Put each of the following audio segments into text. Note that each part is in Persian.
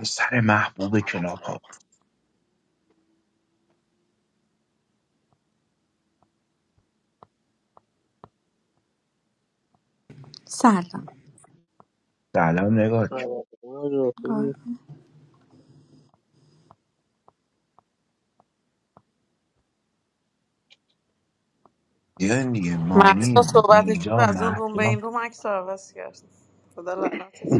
پسر محبوب کلاب ها سلام سلام نگار جون. آره، خوبی آقا دیدن دیگه مانی محسا صحبتش رو نینجا از اون روم به محسا این روم عکس رو عوض کرد خدا لعنتت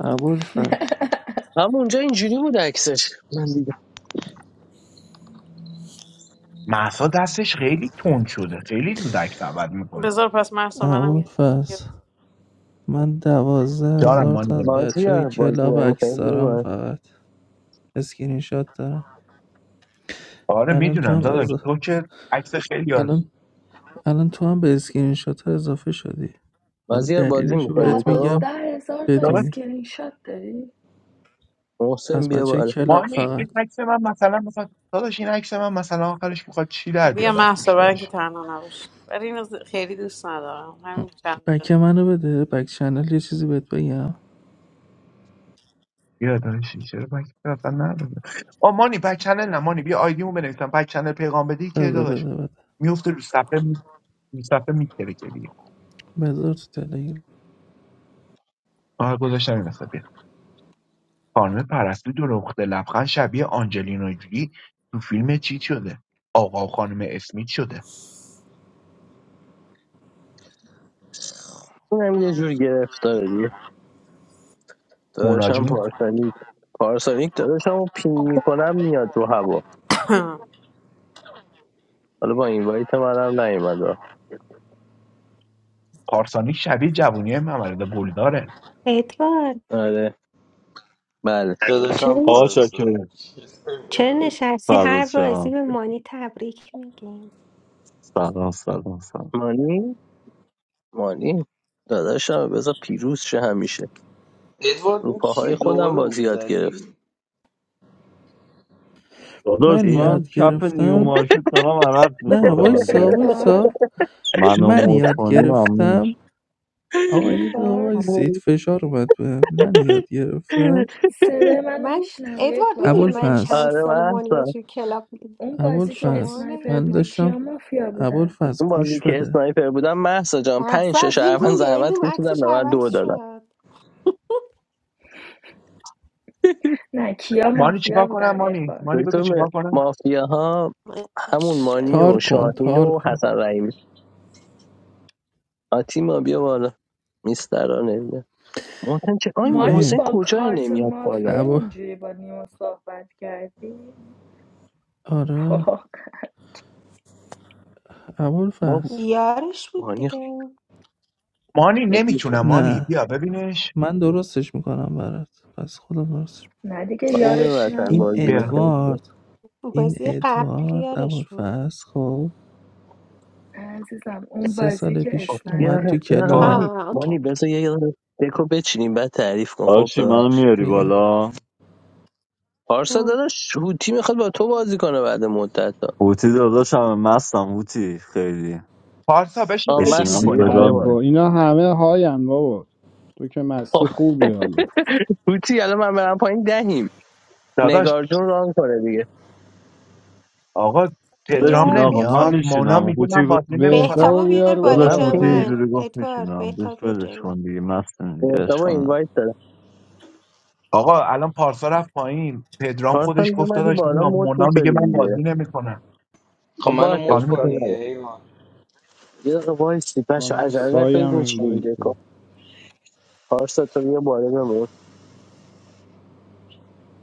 ابوالفضل هم اونجا اینجوری بود عکسش من دیدم محسا دستش خیلی تند شده خیلی دودک سبد میکنه بذار پس محسا منم یه عکس دیگه ابوالفضل بذار من دوازده دارم هزار مانی تا از داره. بچه های مازیار بازی کلاب نمیکنی عکس بیا دارم بالا فقط اسکرین شات دارم آره الان تو میدونم هم داداش از... تو که عکس خیلی آرست الان الان تو هم به اسکرین شات ها اضافه شدی حالا مازیار بازی دلیلش رو میکنی بهت تو دوازده میگم هزار تا داداش بدونی اسکرین شات داری؟ محسن از بیا بچه های بالا کلاب مانی فقط این عکس من مثلا مثلا داداش این عکس من مثلا آخرش میخواد چی در بیا بیاد از محسا توش برای اینکه داشت تنها نباش برای این خیلی دوست ندارم همین چند دقیقه. بک منو بده بک چنل یه چیزی بهت بگم بیا داداش چرا بک اصلا نداره آ مانی بک چنل نه مانی بیا آیدیمو بنویسم بک چنل پیغام بدی که بده داداش بده بده میفته رو صفحه می... رو صفحه میتره بذار تو تلگرام آره گذاشتم این وسط بیا خانم پرستو دلوقته لبخند شبیه آنجلینا جولی تو فیلم چیت شده آقا و خانم اسمیت شده این هم یه جور گرفتار دیگه مونا داداشم جون پارسانیک پارسانیک داداشم رو پین میکنم میاد رو هوا حالا با این وایت منم نیومد پارسانی شبیه جوونی ممرد گلداره ادوارد آره بله The same چرا آقا شاکر parts. چرا نشستی فضل هر بازی شما به مانی تبریک میگیم سلام سلام سلام مانی مانی داداشم بذار پیروز شه همیشه Edward, رو what's she doing in پاهای خودم the بازی room? یاد That I? گرفت داداش من چی؟ یاد من کف نیو گرفتم مارکت دارم عرق نه میخورم وایسا اگه ادوارد وایسا منو من مود یاد کنی ممنون گرفتم می‌شم. آقا یه دقیقه ادوارد وایسید فشار اومد به من یاد گرفتم صدای منو من میشنوی ادوارد میدونی من ادوارد ابوالفضل چند آره سال مانی رو محسا توی کلاب میدونم اون بازی که شما رو ابوالفضل اسنایپر من بودی نمیدونم کیا داشتم مافیا بودن ابوالفضل اون بازی گوش که بده اسنایپر بودم محسا جان پنج محصا شش از این اول روم به این زحمت روم کشیدم عکسش به من عوض دو دادم شد نه کیا مانی مافیا چیکار کنم بودن مانی ادوارد مانی بگو دکتر م- چیکار کنم مافیا ها همون ماشاءالله مانی تار و کن دکتر شاهین تار و کن حسن رحیمی آتیما بیا بالا میسترانه بیا محسن چه آی مانی محسن ببین با کجای کارت نمیاد بالا مافیا ابو اونجوری با نیما صحبت کردی آره ما ابوالفضل یارش بود مانی دیگه مانی خیلی نمیتونم میکنیم مانی نه بیا ببینش من درستش میکنم برات پس خودم درست نه دیگه خانم یارش وطن این نبود بازی بیا دیگه میکنیم ادوارد این بازی قبل ادوارد یارش بود ابوالفضل خب نه عزیزم اون سه بازی سال که خب پیش یه اومد دقیقه تو اسنایپر یه بود دقیقه خب آه مانی کلاب آه، اوکی مانی بذار یه دقیقه دکو بچینیم بعد تعریف کن خب آشی منو ببخشید میاری میگه بالا پارسا آه، داداش هوتی میخواد با تو بازی کنه بعد مدت هوتی داداشم مستم هوتی خیلی پارسا بشین آ عشق بشینم مسی خب میکنی بگاه ای بیا بالا میره با اینا همه های هم بابا تو که مستی خوبی حالا پوچی الان من برم پایین دهیم داداش نگار جون ران کنه دیگه آقا بشین پدرام بیا آقا من اوکی نمیاد مونا میشینم میگه من هوتی گفت بازی بهتاب نمیکنم بهتابا رو بیار بیار بالا من داداش جای بالا هوتی پینگش به من اینجوری گفت ادوارد میشینم بهش بهتاب بیار جای ولش من کن دیگه مستم دیگه حساب اشکال نداره. اینوایت دارم آقا الان پارسا رفت پایین پدرام پارسا خودش گفت میومدی داداش بالا میام مود مونا میگه میشدی من دیگه بازی نمیکنم خب I'm باشه not خانم اشکال going to نداره die, man. یه دقیقه وایسی بچا خانم عجله سایی نکنید هم این میچینیم بایی بکن پارسا تو بیا بالا بمون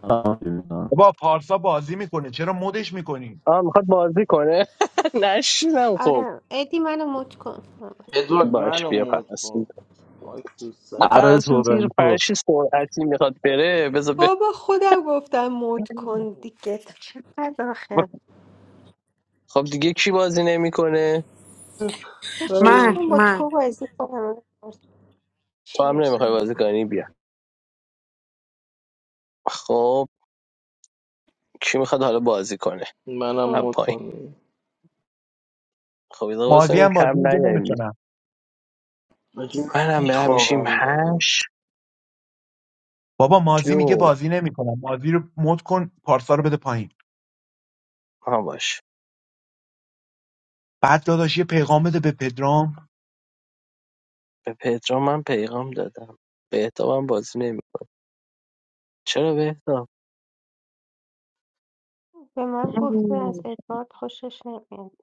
آه، می‌بینم. بابا پارسا بازی میکنه چرا مدش میکنی آ میخواد بازی کنه نشینم خب آره ادی منو مت کن Edward, I'm باش بیا not going. پرستو What's this? نه هر پرستو زیر فرشی سرعتی میخواد بره بذار بره. بابا خودم گفتم موت کن دیگه چقدر آخه خب دیگه کی بازی نمیکنه I'm بشین من با من تو بازی کنم تو چی هم بشه نمیخوای بازی کنی بیا خب کی میخواد حالا بازی کنه not از تو going پایین to خب یه دقیقه مازی بسنیم هم بازی کم میگه نیاییم نمیتونم die. I من هم just برم میشیم want to هشت بابا مازی میگه جون بازی نمیکنم مازی رو مد کن پارسا رو بده پایین ها باش بعد داداش یه پیغام بده به پدرام به پدرام من پیغام دادم به احتابم بازی نمی چرا به احتاب به من گفته از ادوارد خوشش نمیاد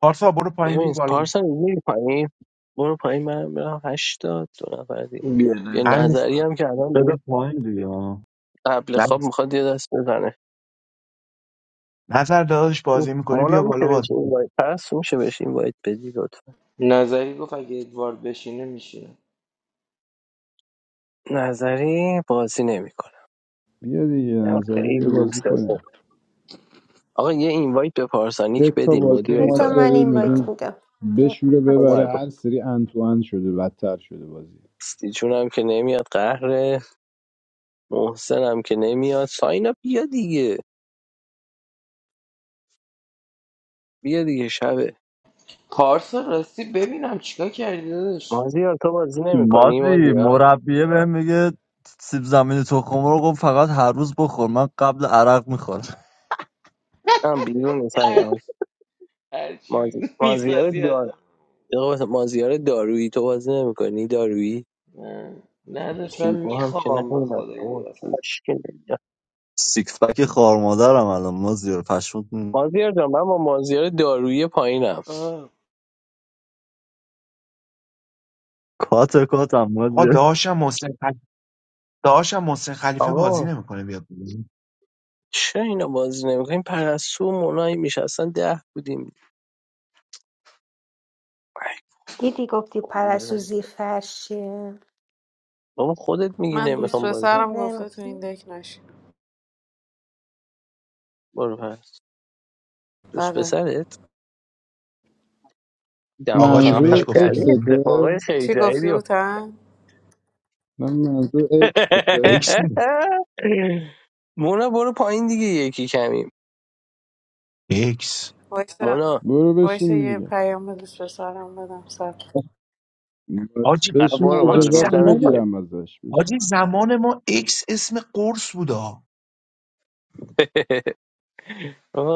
پارسا برو پایین برو ببین بالا پارسا میری پایین برو پایین من برم هشتاد دو نفر دیگه be with you. بیا همین نظری I هم که الان بده دیگه پایین دیگه قبل خواب میخواد یه دست بزنه نظر داداش بازی میکنی مونا بیا میشه بالا بهش بازی این کن وایت پس میشه بهش این وایت بدی لطفا don't want to die. I don't want to die. نظری بازی نمیکنه بیا دیگه من نظری بیا خیلی بازی دوست دارم کنیم آقا یه اینوایت به سه پارسانیک تا بدین بازی مدیر ما ایتورا بذار من داری این وایت میگیم میدم بشوره ببره اومد هر سری ان تو ان شده بدتر شده بازی استیجون هم که نمیاد قهر محسن هم که نمیاد ساینا بیا دیگه بیا دیگه شبه مازیار تو بازی نمیکنی مازی مازیار مربیه بهم میگه سیب زمینی تخم مرغ رو فقط هر روز بخور من قبل عرق میخورم هم بیرون ساینا مازی... مازیار دار یه دقیقه مازیار دارویی تو بازی نمیکنی دارویی هیبا I هم که don't نمیاد بابا، want to هیچ کی نمیاد. سیکس پک خار مادرم الان مازی رو پشمت مازیار جان من با مازیار دارویی پایینم die. کات کاتم مازی آقا داداشم محسن خلیفه داداشم محسن خلیفه بازی آقا نمیکنه بیاد بالا. چه اینا بازی نمیکنیم پرستو مونایی میشه اصلا ده بودیم ای، دیدی گفتی پارو بزنیم پرسوزی فرشه بابا خودت میگی من دوست نمیخوام بازی پسرم گفته تو این دک نشی برو پس دوست آره پسرت دم آقاشون اتاق بهش هم منظور گفته کردی بازی اکسته نمی- اتفاقای خیلی چی گفتی جدیدی بود افتاد. تن؟ نه منظور اکسته اکس نمی- مونا برو پایین دیگه یکی کمیم اکس وایسا مونا برو وایسا بشین یه دیگه پیام به دوست پسرم بدم سب کن. باش. حاجی آه، بشین برو حاجی برو اجازت رو میدم زمان پایین میگیرم ازش بشین حاجی زمان ما اکس اسم قرص بوده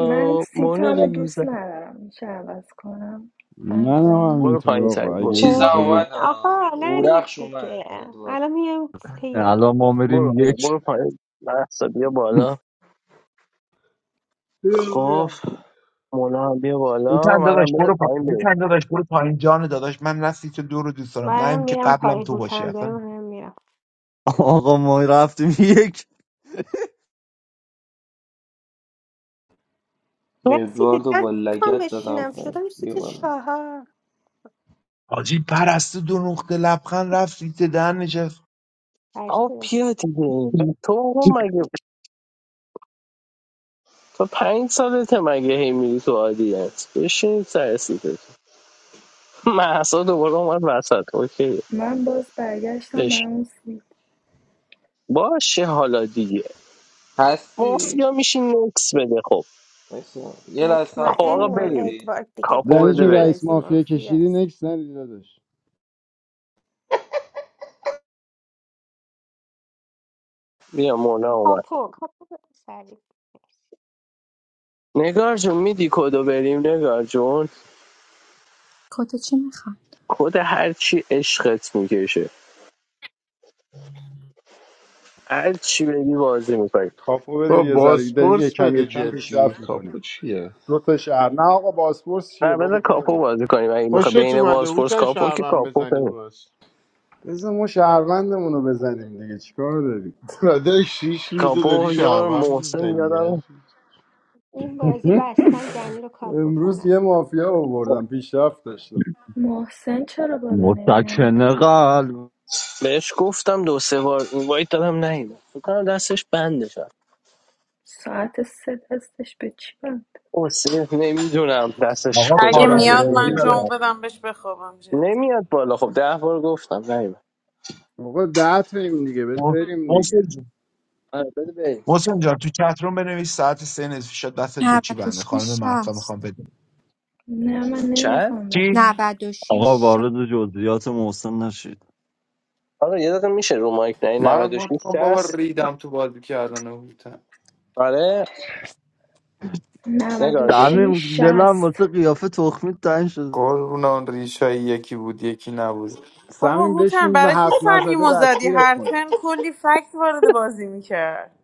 من مونا سیتم رو دوست لیزا ندارم میشه عوض کنم من هم بنابراین برو همینطور پایین سری آقا اگه برو چیزا آره. اجازه بدی اومد ها آقا نرید اورخش اومد دیگه ادوارد الان میام سه یک الان ما برو میریم آقا، یک برو پایین محسا بیا بالا خب مونا هم بیا هوتن بالا منم داداش بده برو پا... پایین بریم هوتن داداش برو پایین جان داداش من رفتی تو دو رو دوست دارم منم نه که میرم قبلم پایین تو باشی هوتم بره اصلا منم میرم آقا ما رفتیم یک نه یه سیت ادواردو ده با میخوام لگت دادم بشینم پایین شدم یه سیت بالا چهار حاجی پرستو دو نقطه لبخند رفت سیت دهن نشست آه بیا دیگه تو آقا مگه تا پنج سالته مگه هی میری تو آدینس بشین سر سیتت محسا دوباره اومد وسط اوکی من باز برگشتم به اش اون سیت باشه حالا دیگه هستی؟ مافیا میشین نکس بده خب بایستا یه لحظه صبر خب کن آقا مطمئنم بریم اومدی ادوارد دیگه کاپو با زنی بده این چون بریم رئیس بازی مافیا مافی کشیدی است نکس ندیدی داداش بیا مونا اومد کاپو کاپو سری نگار جون میدی کدو بریم نگار جون کد چی میخواد کد هرچی عشقت میکشه هرچی بگی بازی میکنی کاپو بده با یه ذره داریم بازپرس یکم بده یکم جدی پیشرفت میکنیم کاپو چیه دو تا شهر نه آقا باسپورس چیه نه بابا بذار کاپو ولمون بازی کنیم اگه میخوای خوشت بین اومده بازپرس هوتن کاپو که شهرون کاپو بزنی کنیم باز بزن ما شهروندمون رو بزنیم دیگه چیکار داریم داده شیش روزه داری کاپو یه بار شهرون محسن یادم میزنی این بازی بستم دنی رو کاپو امروز کنم یه مافیا آوردم پیشرفت داشتم محسن چرا بالا نمیاد متکن قلب بهش گفتم دو سه بار اینوایت دادم نیومد فکر کنم دستش بنده شد ساعت سه دستش به چی بند سه نمیدونم دستش آقا کجا اگه کار و بنده میاد زندگی من نمیدونم جامو دارم بدم بهش بخوابم جدی نمیاد بالا خب ده بار گفتم نیومد آقا ده تاییم دیگه بد- م- بریم دیگه محسن جان آره بده بریم محسن جان تو چتروم بنویس ساعت سه نصف شد دستت به چی بنده 96 خانم مهسا میخوام 60 بدون نه من چند نمیخوام چی بدونم آقا 96 60 وارد جزئیات محسن نشید آره یه دقیقه میشه رو مایک نه منم 96 گفتم بابا 60 ریدم تو بازی کردن هوتن آره نگار جون 96 دمیم 60 دلم واسه قیافه تخمی تنگ شد قربون اون ریشای یکی بود یکی نبود بابا سمین هوتن بشیم به برای چی حرف صمیم نزده و زدی دستگیرت هر کنم تن کلی فکت وارد بازی میکرد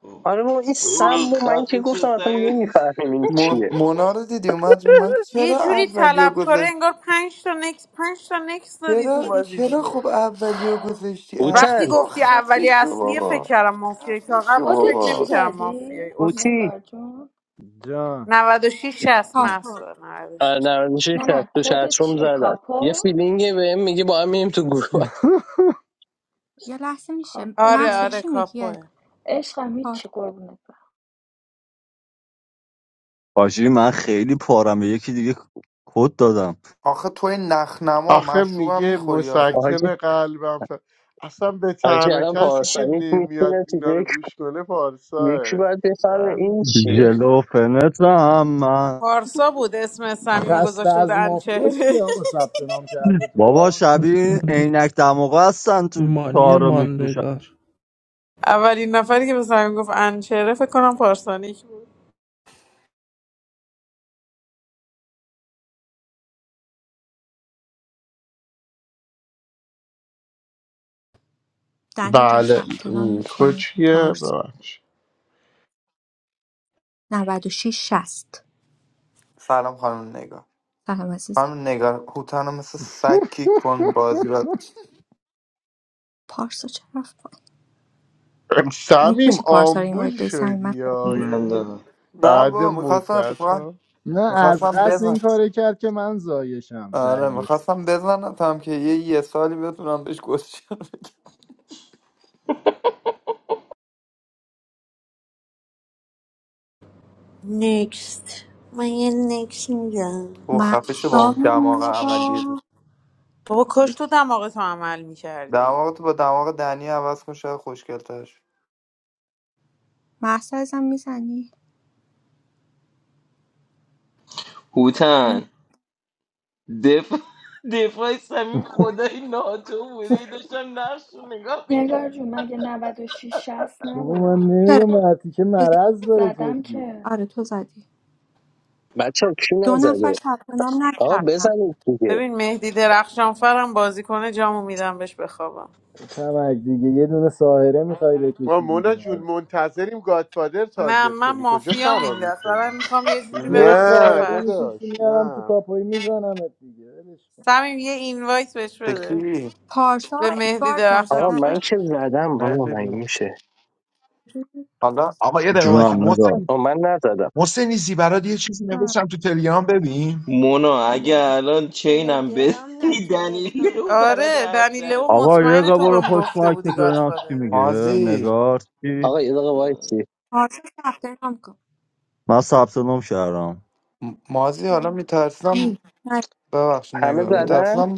خب. آره بابا این اوه، سم و من که خفه شو گفتم اصلا سمی نمیفهمیم این مون... چیه مونا رو دیدی اومد رو من یه چرا جوری اولیو طلبکاره گذاشت انگار پنج تا نکس پنج تا نکس دادی تو چرا بازی چرا خب دیگه اولیو گذاشتی اصلی وقتی اوتن؟ با گفتی خفه اولی شو اصلی فکر بابا کردم مافیایی خفه تا شو کد قبلش فکر بابا چی نمیکردم مافیایی دادی اسکو اوتی؟ نگار جون جان 96 60 جان پاسپورت محسا آره شش 96 نه 60 نه تو چت کد روم چیه زدم یه کاپو فیلینگه بهم میگه با هم میریم تو گروه یه لحظه میشه آره محسا کاپو آره چی میگی از کاپوه عشقم پاس- هیچی قربونت برم حاجی من خیلی پارم به یکی دیگه کد دادم آخه توی نخنما آخه مشروب هم میگه میخوری آخه مسکن قلبم ف... اصلا به حاجی تنها الان کسی که پارسانیک نمیاد میتونه تو اینا رو دک گوش کنه یکی پارساه باید بفهمه این دهنتو سرویس. چیه جلو فنت هم من پارسا بود اسم صمیمو خسته گذاشته بود از مافیا انچهره کی آقا ثبت نام کرده تو بابا باز شبیه عینک دماغ هستن تو مانی تار رو میفروشن ماندگار اولین نفری که به صمیم گفت انچهره فکر کنم پارسانیک بود دنی جان بله ثبت نام م، میکنی کچیه پارس ببخش 96 60 سلام خانم نگار سلام عزیزم خانم نگار هوتن رو مثل سگ کیک کن بازی بعد پارسا چرا رفت پایین؟ م- سمیم میشه پارسا رو آمبول اینوایت بی سمی من شدی یا من یعنی دارم نه بعد بابا میخواستم مدت اتفاقا ها نه از قصد میخواستم این کاره کرد که من آره زایشم میخواستم بزنم که یه یه سالی بتونم بهش گوش نکست من یه نکست میگم و خفش با اون محسا دماغ عملی بود. با بابا کاش یک- تو دماغ تو عمل میکردی دماغ تو با دماغ دنی عوض کن شاید خوشگلتش محسا ازم میزنی هوتن دفاع دفاع سمیم خدای ناتو بوده ای داشتم نقش رو نگاه میکرد نگار جون مگه 96 60 بابا نبود من چرا نمیدونم عتیکه تو زدی. مرض داره زدم جدی که آره تو زدی بچه کی دو نفر نزده ثبت نام آقا نکردن بزنید دیگه ببین مهدی درخشان فرم بازی کنه جامو میدم بهش بخوابم تمک دیگه یه دونه ساهره میخوای ما بکشی مونا دیگه جون حالا منتظریم گادفادر نه تارگت من کنی کجا مافیا فرار میندست برای میکنی میخوام یه جوری یه برم زیر نه ساهره فرش میکشی داداش میارم تو نه کاپوی میزنمت دیگه ولش کن سمیم یه اینوایت بهش بده بکی پارسا و به مهدی ادوارد آقا درخشان نزدن من فر که زدم بابا من ندیدی میشه حالا آقا یه دقیقه وایسی جونم نگار محسن آقا من نزدم محسن ایزی برات یه چیزی نوشتم تو تلگرام ببین مونا اگه الان چینم تلگرام نه بزنی دنیله تلگرام و برات آره حرف دنی در لو آقا یه مطمئن تو قبر رو بهم پشت گفته مایک بودی بزنم چی گادفادره میگه مازی نگار چی آقا یه دقیقه وایسی آرزو ثبت نام کن من ثبت نام کردم م- مازی حالا ببینم. میترسم نه ببخش همه نگاه می‌آره. زدن میترسم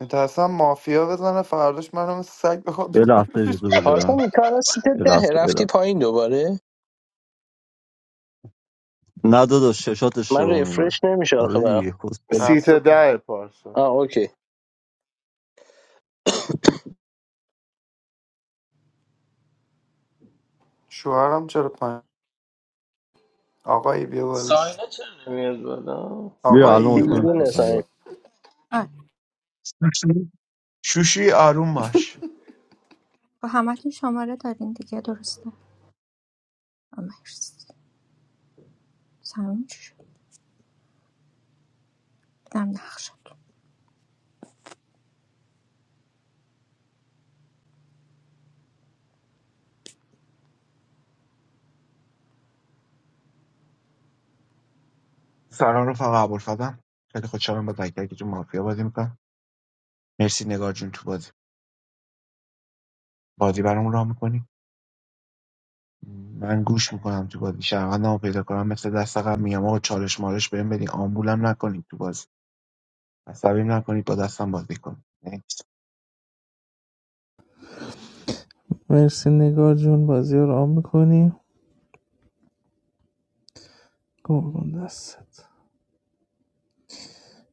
میترسم مافیا بزنه فرداش منو مثل سگ بخواد یه لحظه بکنش اجازه بده پارسانی کارا سیت یه دهه لحظه یه رفتی لحظه پایین دوباره نه داداش ششات من اشتباه میبینه رفرش نمیشه آخه آره برم دیگه کسول سیت رفته ده پارسا آه اوکی شوهرم چرا پایین آقایی بیا بالا Sign up, Amir. Zada. Sign بیا الان up. You آقایی اوکی بیرون forgot شد it. نساییم نگار. آره شوشی شوشی آروم باش خب همتون شماره دارین دیگه درسته آه، مرسی سمیم چی شد دیدم نقشت سلام رفقا ابوالفضل خیلی خوشحالم با تک تکتون مافیا بازی می‌کنم. مرسی نگار جون تو بازی بازی برام راه میکنی من گوش میکنم تو بازی شهروندمو پیدا کنم مثل دست قبل میام آقا چالش مالش بهم بدین آمبولم نکنید تو بازی عصبیم نکنید با دستم بازی کنید Next. مرسی نگار جون بازی رو رام میکنی گرگون دستت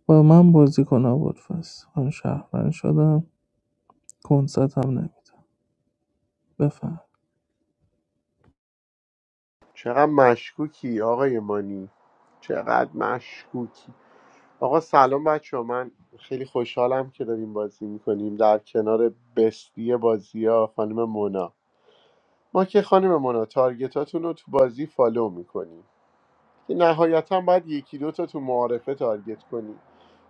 با من بازی کن آبود فس من شهرمند شدم کنست هم نمیدم بفهم چقدر مشکوکی آقای مانی چقدر مشکوکی آقا سلام بچه من خیلی خوشحالم که داریم بازی میکنیم در کنار بستی بازی ها خانم مونا ما که خانم مونا تارگتاتون رو تو بازی فالو میکنیم که نهایتا باید یکی دو تا تو معارفه تارگت کنیم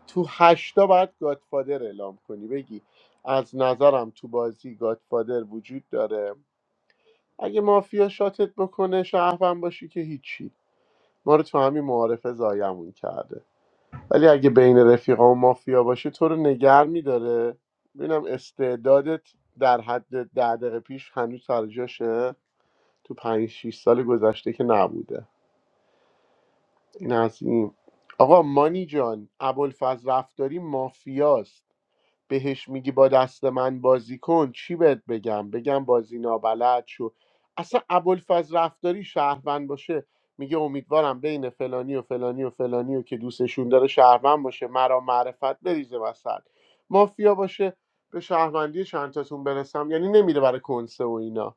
تو هشتا باید گادفادر اعلام کنی بگی از نظرم تو بازی گادفادر وجود داره اگه مافیا شاتت بکنه شهروند باشی که هیچی ما رو تو همین معارفه زایمون کرده ولی اگه بین رفیقا و مافیا باشه تو رو نگر میداره ببینم استعدادت در حد ده دقیقه پیش هنوز سر جاشه تو پنج 6 سال گذشته که نبوده این از این آقا مانی جان ابوالفضل رفتاری مافیاست بهش میگی با دست من بازی کن چی بهت بگم بگم بازی نابلد شو اصلا ابوالفضل رفتاری شهروند باشه میگه امیدوارم بین فلانی و فلانی و فلانی و که دوستشون داره شهروند باشه مرا معرفت بریزه وسط مافیا باشه به شهروندی چند تاتون برسم یعنی نمیره برای کنسه و اینا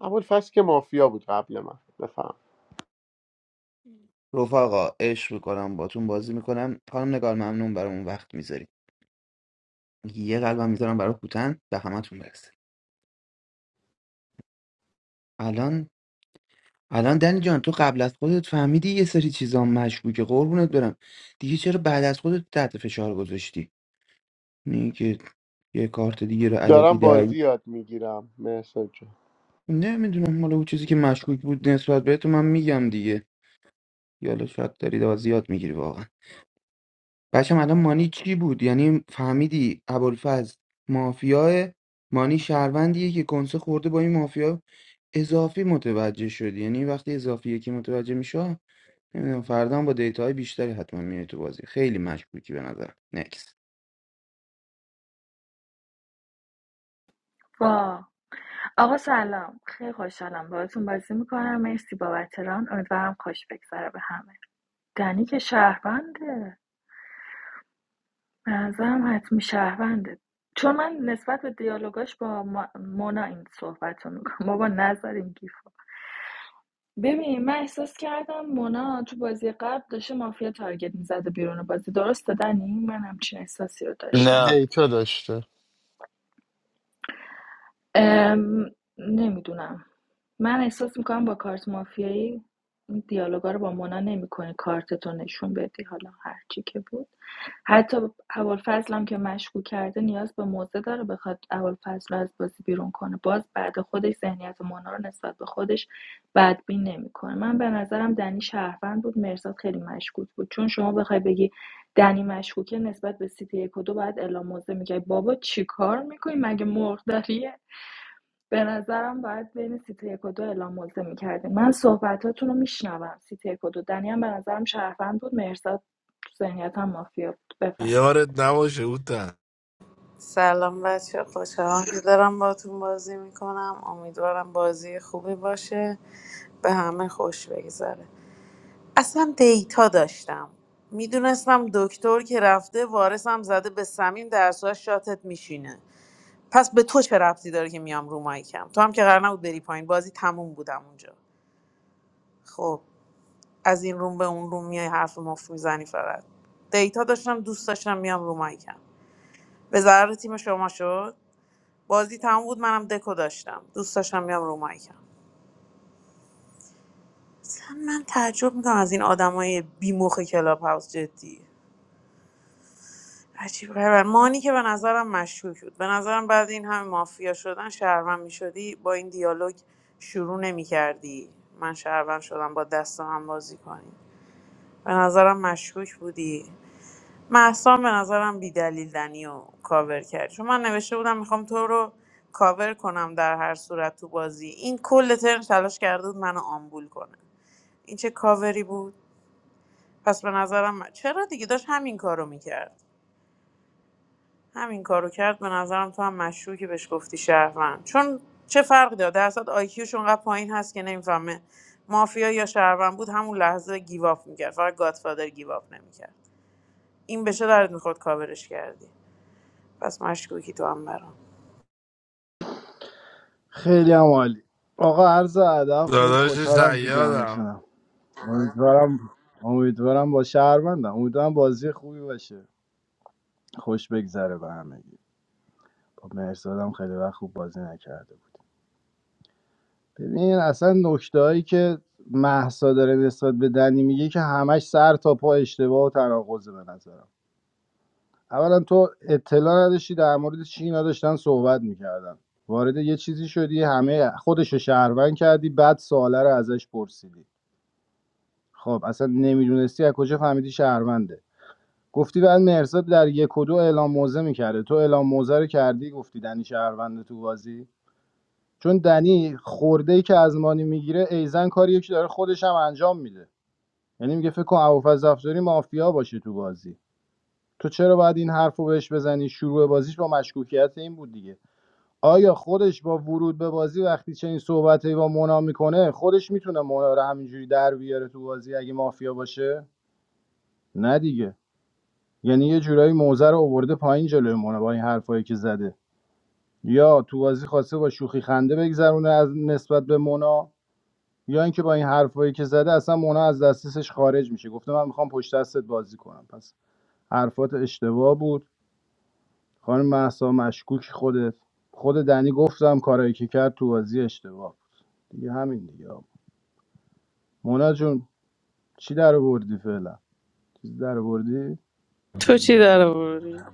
ابوالفضل که مافیا بود قبل من بفهم رفقا عشق میکنم باتون بازی میکنم خانم نگار ممنون برامون وقت میذاری یه قلبم میذارم برای کوتن به همتون برسه الان الان دنی جان تو قبل از خودت فهمیدی یه سری چیزا مشکوکه قربونت برم دیگه چرا بعد از خودت تحت فشار گذاشتی نه که یه کارت دیگه رو الکی دارم بازی دعی یاد میگیرم مرسی جان. نمیدونم حالا اون چیزی که مشکوک بود نسبت به تو من میگم دیگه یالا شاید داری دوا زیاد میگیری واقعا بچه‌م الان مانی چی بود یعنی فهمیدی ابوالفضل مافیاه مانی شهروندیه که کنسه خورده با این مافیا اضافی متوجه شدی یعنی وقتی اضافی یکی متوجه میشه نمیدونم فردا هم با دیتاهای بیشتری حتما میای تو بازی خیلی مشکوکی به نظر نکس وا آقا سلام خیلی خوشحالم باهاتون بازی میکنم مرسی بابت ران امیدوارم خوش بگذره به همه دنی که شهرونده به نظرم حتمی شهرونده چون من نسبت به دیالوگاش با ما- مونا این صحبت رو میکنم بابا نظر این گیفو ببین من احساس کردم مونا تو بازی قبل داشته مافیا تارگت میزده بیرون بازی درست دادنی من همچین احساسی رو داشتم نه دیتا داشته ام، نمیدونم من احساس میکنم با کارت مافیایی این دیالوگا رو با مونا نمیکنی کارتتو نشون بدی حالا هرچی که بود حتی ابوالفضل هم که مشکوک کرده نیاز به موضع داره بخواد ابوالفضل رو از بازی بیرون کنه باز بعد خودش ذهنیت مونا رو نسبت به خودش بدبین نمیکنه من به نظرم دنی شهروند بود مرزاد خیلی مشکوک بود چون شما بخوای بگی دنی مشکوکه نسبت به سیتی یک و دو باید اعلام موضع میگه بابا چیکار میکنی مگه مرغ داری به نظرم باید بین سیت یک و دو اعلام موضع میکردیم من صحبتاتون رو میشنوم سیت یک و دو دنی هم به نظرم شهروند بود مرزاد تو ذهنیت هم مافیا بود بفهم یارت نباشه اوتن سلام بچه خوشحالم که دارم باتون بازی میکنم امیدوارم بازی خوبی باشه به همه خوش بگذره اصلا دیتا داشتم میدونستم دکتر که رفته وارثم زده به سمیم در صورت شاتت میشینه پس به تو چه ربطی داره که میام رو مایکم تو هم که قرار نبود بری پایین بازی تموم بودم اونجا خب از این روم به اون روم میای حرف مفت میزنی فقط دیتا داشتم دوست داشتم میام رو مایکم به ضرر تیم شما شد بازی تموم بود منم دکو داشتم دوست داشتم میام رو مایکم اصلا من تعجب میکنم از این آدمای بی مخ کلاب هاوس جدی عجیب غریب مانی که به نظرم مشکوک بود به نظرم بعد این همه مافیا شدن شهروند میشدی با این دیالوگ شروع نمیکردی من شهروند شدم با دست هم بازی کنی به نظرم مشکوک بودی محسان به نظرم بیدلیل دنی و کاور کرد چون من نوشته بودم میخوام تو رو کاور کنم در هر صورت تو بازی این کل ترم تلاش کرده بود منو آمبول کنه این چه کاوری بود پس به نظرم چرا دیگه داشت همین کارو میکرد همین کارو کرد به نظرم تو هم مشکوکی بهش گفتی شهروند چون چه فرقی داره درصد آیکیوش اونقدر پایین هست که نمیفهمه مافیا یا شهروند بود همون لحظه گیواف میکرد فقط گادفادر گیواف نمیکرد این به چه درد میخورد کاورش کردی پس مشکوکی تو هم برام خیلی هم عالی آقا عرض ادب خیلی داداش خوشحالم تو سیادم جمعتونم امیدوارم امیدوارم با شهروندم امیدوارم بازی خوبی باشه خوش بگذره به همگی با مرزادم خیلی وقت خوب بازی نکرده بود. ببین اصلا نکته هایی که محسا داره نسبت به دنی میگه که همش سر تا پا اشتباه و تناقضه به نظرم اولا تو اطلاع نداشتی در مورد چی اینا داشتن صحبت میکردن وارد یه چیزی شدی همه خودشو شهروند کردی بعد سواله رو ازش پرسیدی خب اصلا نمیدونستی از کجا فهمیدی شهرونده گفتی بعد مرزاد در یک و دو اعلام موزه میکرده تو اعلام موزه رو کردی گفتی دنی شهرونده تو بازی چون دنی خورده ای که از مانی میگیره ایزن کاریه که داره خودش هم انجام میده یعنی میگه فکر کن ابوالفضل افزاری مافیا باشه تو بازی تو چرا باید این حرفو رو بهش بزنی شروع بازیش با مشکوکیت این بود دیگه آیا خودش با ورود به بازی وقتی چنین صحبتی با مونا میکنه خودش میتونه مونا رو همینجوری در بیاره تو بازی اگه مافیا باشه نه دیگه یعنی یه جورایی موزه رو آورده پایین جلوی مونا با این حرفایی که زده یا تو بازی خواسته با شوخی خنده بگذرونه از نسبت به مونا یا اینکه با این حرفایی که زده اصلا مونا از دسترسش خارج میشه گفته من میخوام پشت دستت بازی کنم پس حرفات اشتباه بود خانم مهسا مشکوک خودت خود دنی گفتم کارایی که کرد تو بازی اشتباه بود دیگه همین دیگه مونا جون چی در بردی فعلا چیز در بردی تو چی در آوردی؟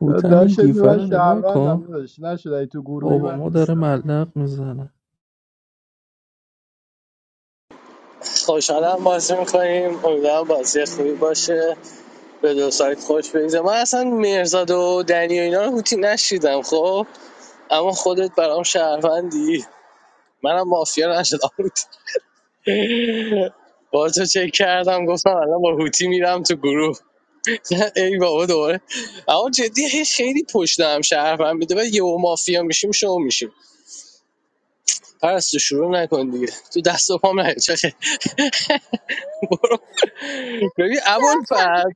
هوتن این داشتی گیفه من رو نگاه شهروندم کن داشت نشد ای تو گروهی من اوباما داره نیستم ملق میزنه خوشحالم بازی میکنیم امیدوارم بازی خوبی باشه به دو سایت خوش بگذره من اصلا مرزاد و دنی و اینا رو هوتی نشیدم خب اما خودت برام شهروندی منم مافیا نشدم بود با تو چک کردم گفتم الان با هوتی میرم تو گروه ای بابا دوباره اما جدی هی خیلی پشت هم شهروند میده و یهو مافیا میشیم شو میشیم پرستو شروع نکن دیگه تو دست و پام نیا چخه برو ببین ابوالفضل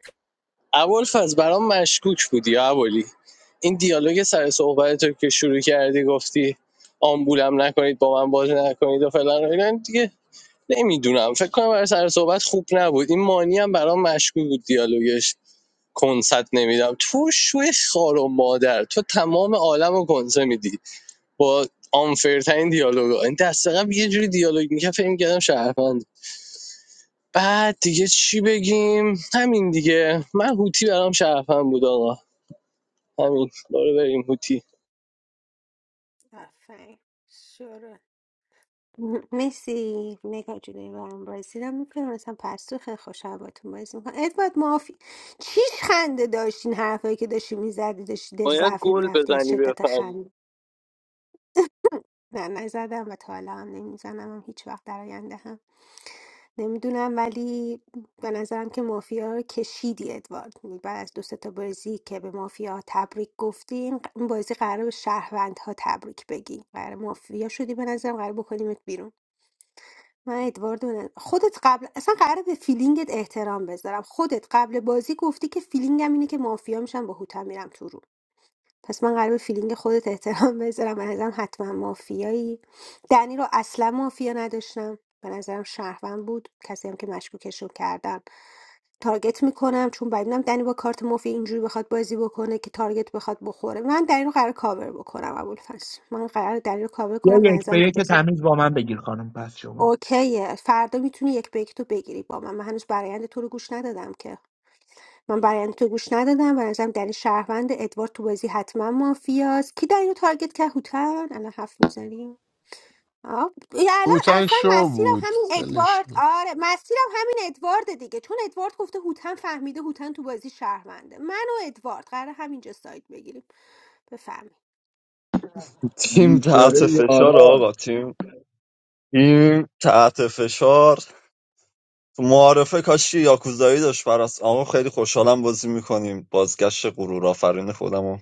ابوالفضل برام مشکوک بودی یا ابولی این دیالوگ سر صحبت تو که شروع کردی گفتی آمبولم نکنید با من بازی نکنید و فلان و اینا دیگه نمیدونم فکر کنم برای سر صحبت خوب نبود این مانی هم برام مشکوک بود دیالوگش کنسرت نمیدم تو شوی خار و مادر تو تمام عالم رو کنسه میدی با آنفرترین دیالوگ ها. این دست قبل یه جوری دیالوگ میکرد فکر میکردم شرفند بعد دیگه چی بگیم همین دیگه من هوتی برام شرفند بود آقا همین برو بریم هوتی آفرین شروع م- مرسی نگاه جلوی برم بازی رو میکنم مثلا پرستو خیلی خوشحال باتون بازی میکنم ادوارد مافی چیش خنده داشتین حرفایی که داشتی میزدی داشتی دل باید ضعفه گل میرفتی از بزنی شدت بفهم خنده نه نزدم و تا حالا هم نمیزنم هم هیچ وقت در آینده هم نمیدونم ولی به نظرم که مافیا رو کشیدی ادوارد بعد از دو سه تا بازی که به مافیا تبریک گفتیم این بازی قرار به شهروندها تبریک بگی قرار مافیا شدی به نظرم قرار بکنیمت بیرون من ادوارد رو نه- خودت قبل اصلا قرار به فیلینگت احترام بذارم خودت قبل بازی گفتی که فیلینگم اینه که مافیا میشم با هوتا میرم تو رو پس من قرار به فیلینگ خودت احترام بذارم به نظرم حتما مافیایی دنی رو اصلا مافیا نداشتم به نظرم شهروند بود کسی هم که مشکوکش رو کردم تارگت میکنم چون بعد دیدم دنی با کارت مافیا اینجوری بخواد بازی بکنه که تارگت بخواد بخوره من دنی رو قرار کاور بکنم ابوالفضل من قرار دنی رو کاور یا کنم به یک به نظرم تو یک بازی تمیز با من بگیر خانم پس شما اوکیه فردا میتونی یک به یک تو بگیری با من من هنوز برایند تو رو گوش ندادم که من برای تو گوش ندادم و نظرم در شهروند ادوارد تو بازی حتما مافیاست کی در اینو تارگت که هوتن الان حرف میزنی آه، یه الان هوتن اصلا شو مسیرم بود همین ولش ادوارد کن. آره مسیرم همین ادوارد دیگه چون ادوارد گفته هوتن فهمیده هوتن تو بازی شهرونده من و ادوارد قرار همینجا سایت بگیریم بفهمی تیم تحت بیچاره فشار یارات آقا تیم تیم تحت فشار تو معارفه کاشی یاکوزایی داشت پرست اما خیلی خوشحالم بازی میکنیم بازگشت غرور آفرین خودمو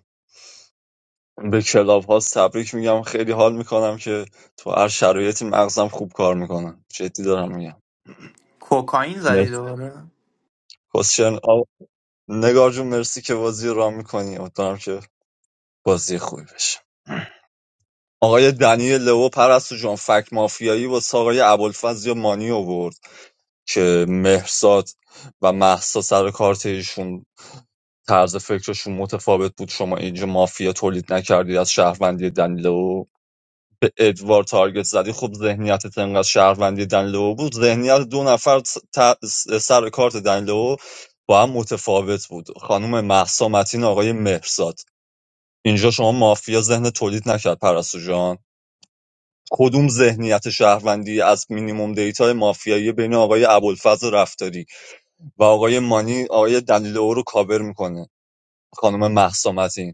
به کلاب ها تبریک میگم خیلی حال میکنم که تو هر شرایطی مغزم خوب کار میکنم جدی دارم میگم کوکائین زدی مرسی دوباره کوشن آب نگار جون مرسی که بازی رو رام میکنی امیدوارم که بازی خوبی بشه آقای دنی لو پرستو جان فکت مافیایی با آقای ابوالفضل یا مانی آورد که مهرزاد و مهسا سر کارت ایشون طرز فکرشون متفاوت بود شما اینجا مافیا تولید نکردی از شهروندی دنلو به ادوار تارگت زدی خب ذهنیتت انقدر شهروندی دنلو بود ذهنیت دو نفر ت- سر کارت دنلو با هم متفاوت بود خانم مهسا متین آقای مهرزاد اینجا شما مافیا ذهن تولید نکرد پرستو جان کدوم ذهنیت شهروندی از مینیموم دیتا مافیایی بین آقای ابوالفضل رفتاری و آقای مانی آقای دنلو رو کاور میکنه خانم مهسا متین.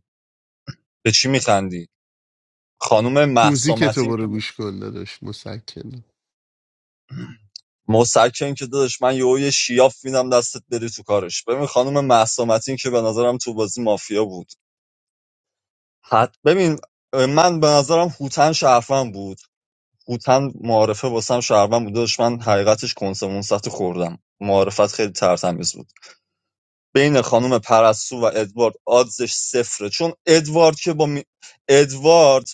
به چی میخندی خانم مهسا موزیک تو متین برو که گوش کن داداش مسکن مسکن که دادش من یهو یه شیاف میدم دستت بری تو کارش ببین خانم مهسا متین که به نظرم تو بازی مافیا بود حد ببین من به نظرم هوتن شرفم بود هوتن معارفه واسم شرفم بود دادش من حقیقتش کنسمون سطح خوردم معارفت خیلی ترتمیز بود بین خانم پرستو و ادوارد آدزش صفره چون ادوارد که با می... ادوارد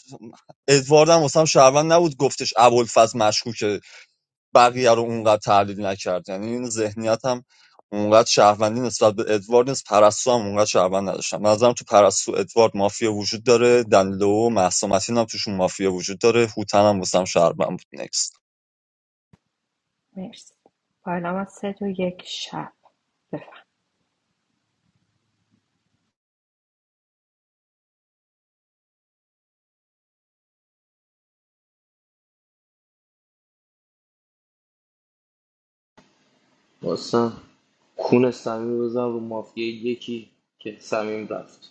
ادوارد هم واسم شهروند نبود گفتش ابوالفضل مشکوکه بقیه رو اونقدر تحلیل نکرد یعنی این ذهنیت هم اونقدر شهروندی نسبت به ادوارد نیست پرستو هم اونقدر شهروند نداشتم به نظرم تو پرستو ادوارد مافیا وجود داره دنلو و مهسا متین هم توشون مافیا وجود داره هوتن هم واسم شهروند بود نکست مرسی پایلا من سه دو یک شب بفهم What's that? Who is Sami Bazal? Who made the one that Sami lost?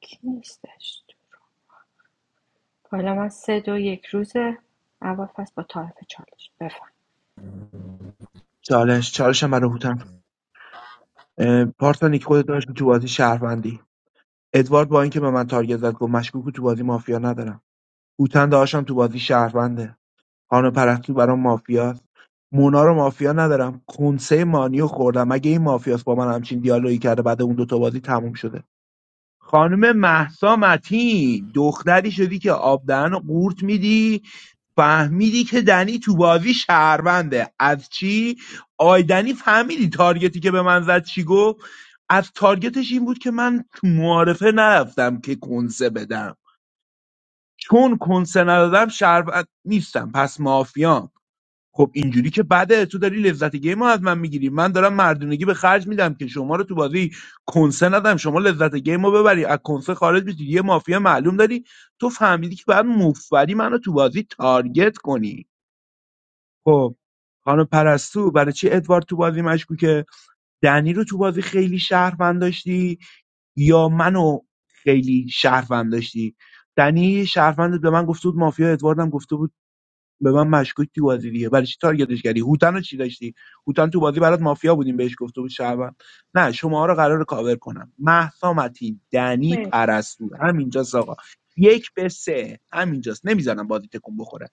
کی نیستش پایلا من سه دو یک روزه اول فصل با طرف چالش بفهم چالش چالش من رو هوتم اه، پارسانیک خودت داشتی تو بازی شهروندی ادوارد با اینکه به من تارگت زد گفت مشکوک تو بازی مافیا ندارم هوتن داشتم تو بازی شهرونده هانو پرستو برام مافیاست مونا رو مافیا ندارم کنسه مانیو رو خوردم مگه این مافیاست با من همچین دیالوگی کرده بعد اون دوتا بازی تموم شده خانم مهسا متین دختری شدی که آب دهن رو قورت میدی فهمیدی که دنی تو بازی شهرونده از چی آی دنی فهمیدی تارگتی که به من زد چی گفت از تارگتش این بود که من تو معارفه نرفتم که کنسه بدم چون کنسه ندادم شهروند نیستم پس مافیام خب اینجوری که بده تو داری لذت گیم رو از من میگیری من دارم مردونگی به خرج میدم که شما رو تو بازی کنسه ندم شما لذت گیم رو ببری از کنسه خارج بشی یه مافیا معلوم داری تو فهمیدی که باید مفبری منو تو بازی تارگت کنی خب خانم پرستو برای چی ادوارد تو بازی مشکوکه دنی رو تو بازی خیلی شهروند داشتی یا منو خیلی شهروند داشتی دنی شهروند به من گفته بود مافیا ادواردم گفته بود به من مشکوک تو بازی دیگه برای چی تارگتش کردی هوتن رو چی داشتی هوتن تو بازی برات مافیا بودیم بهش گفته بود شعبان نه شما رو قرار کاور کنم مهسا متین دنی مرسی پرستو همینجاست آقا یک به سه همینجاست نمیذارم بازی تکون بخوره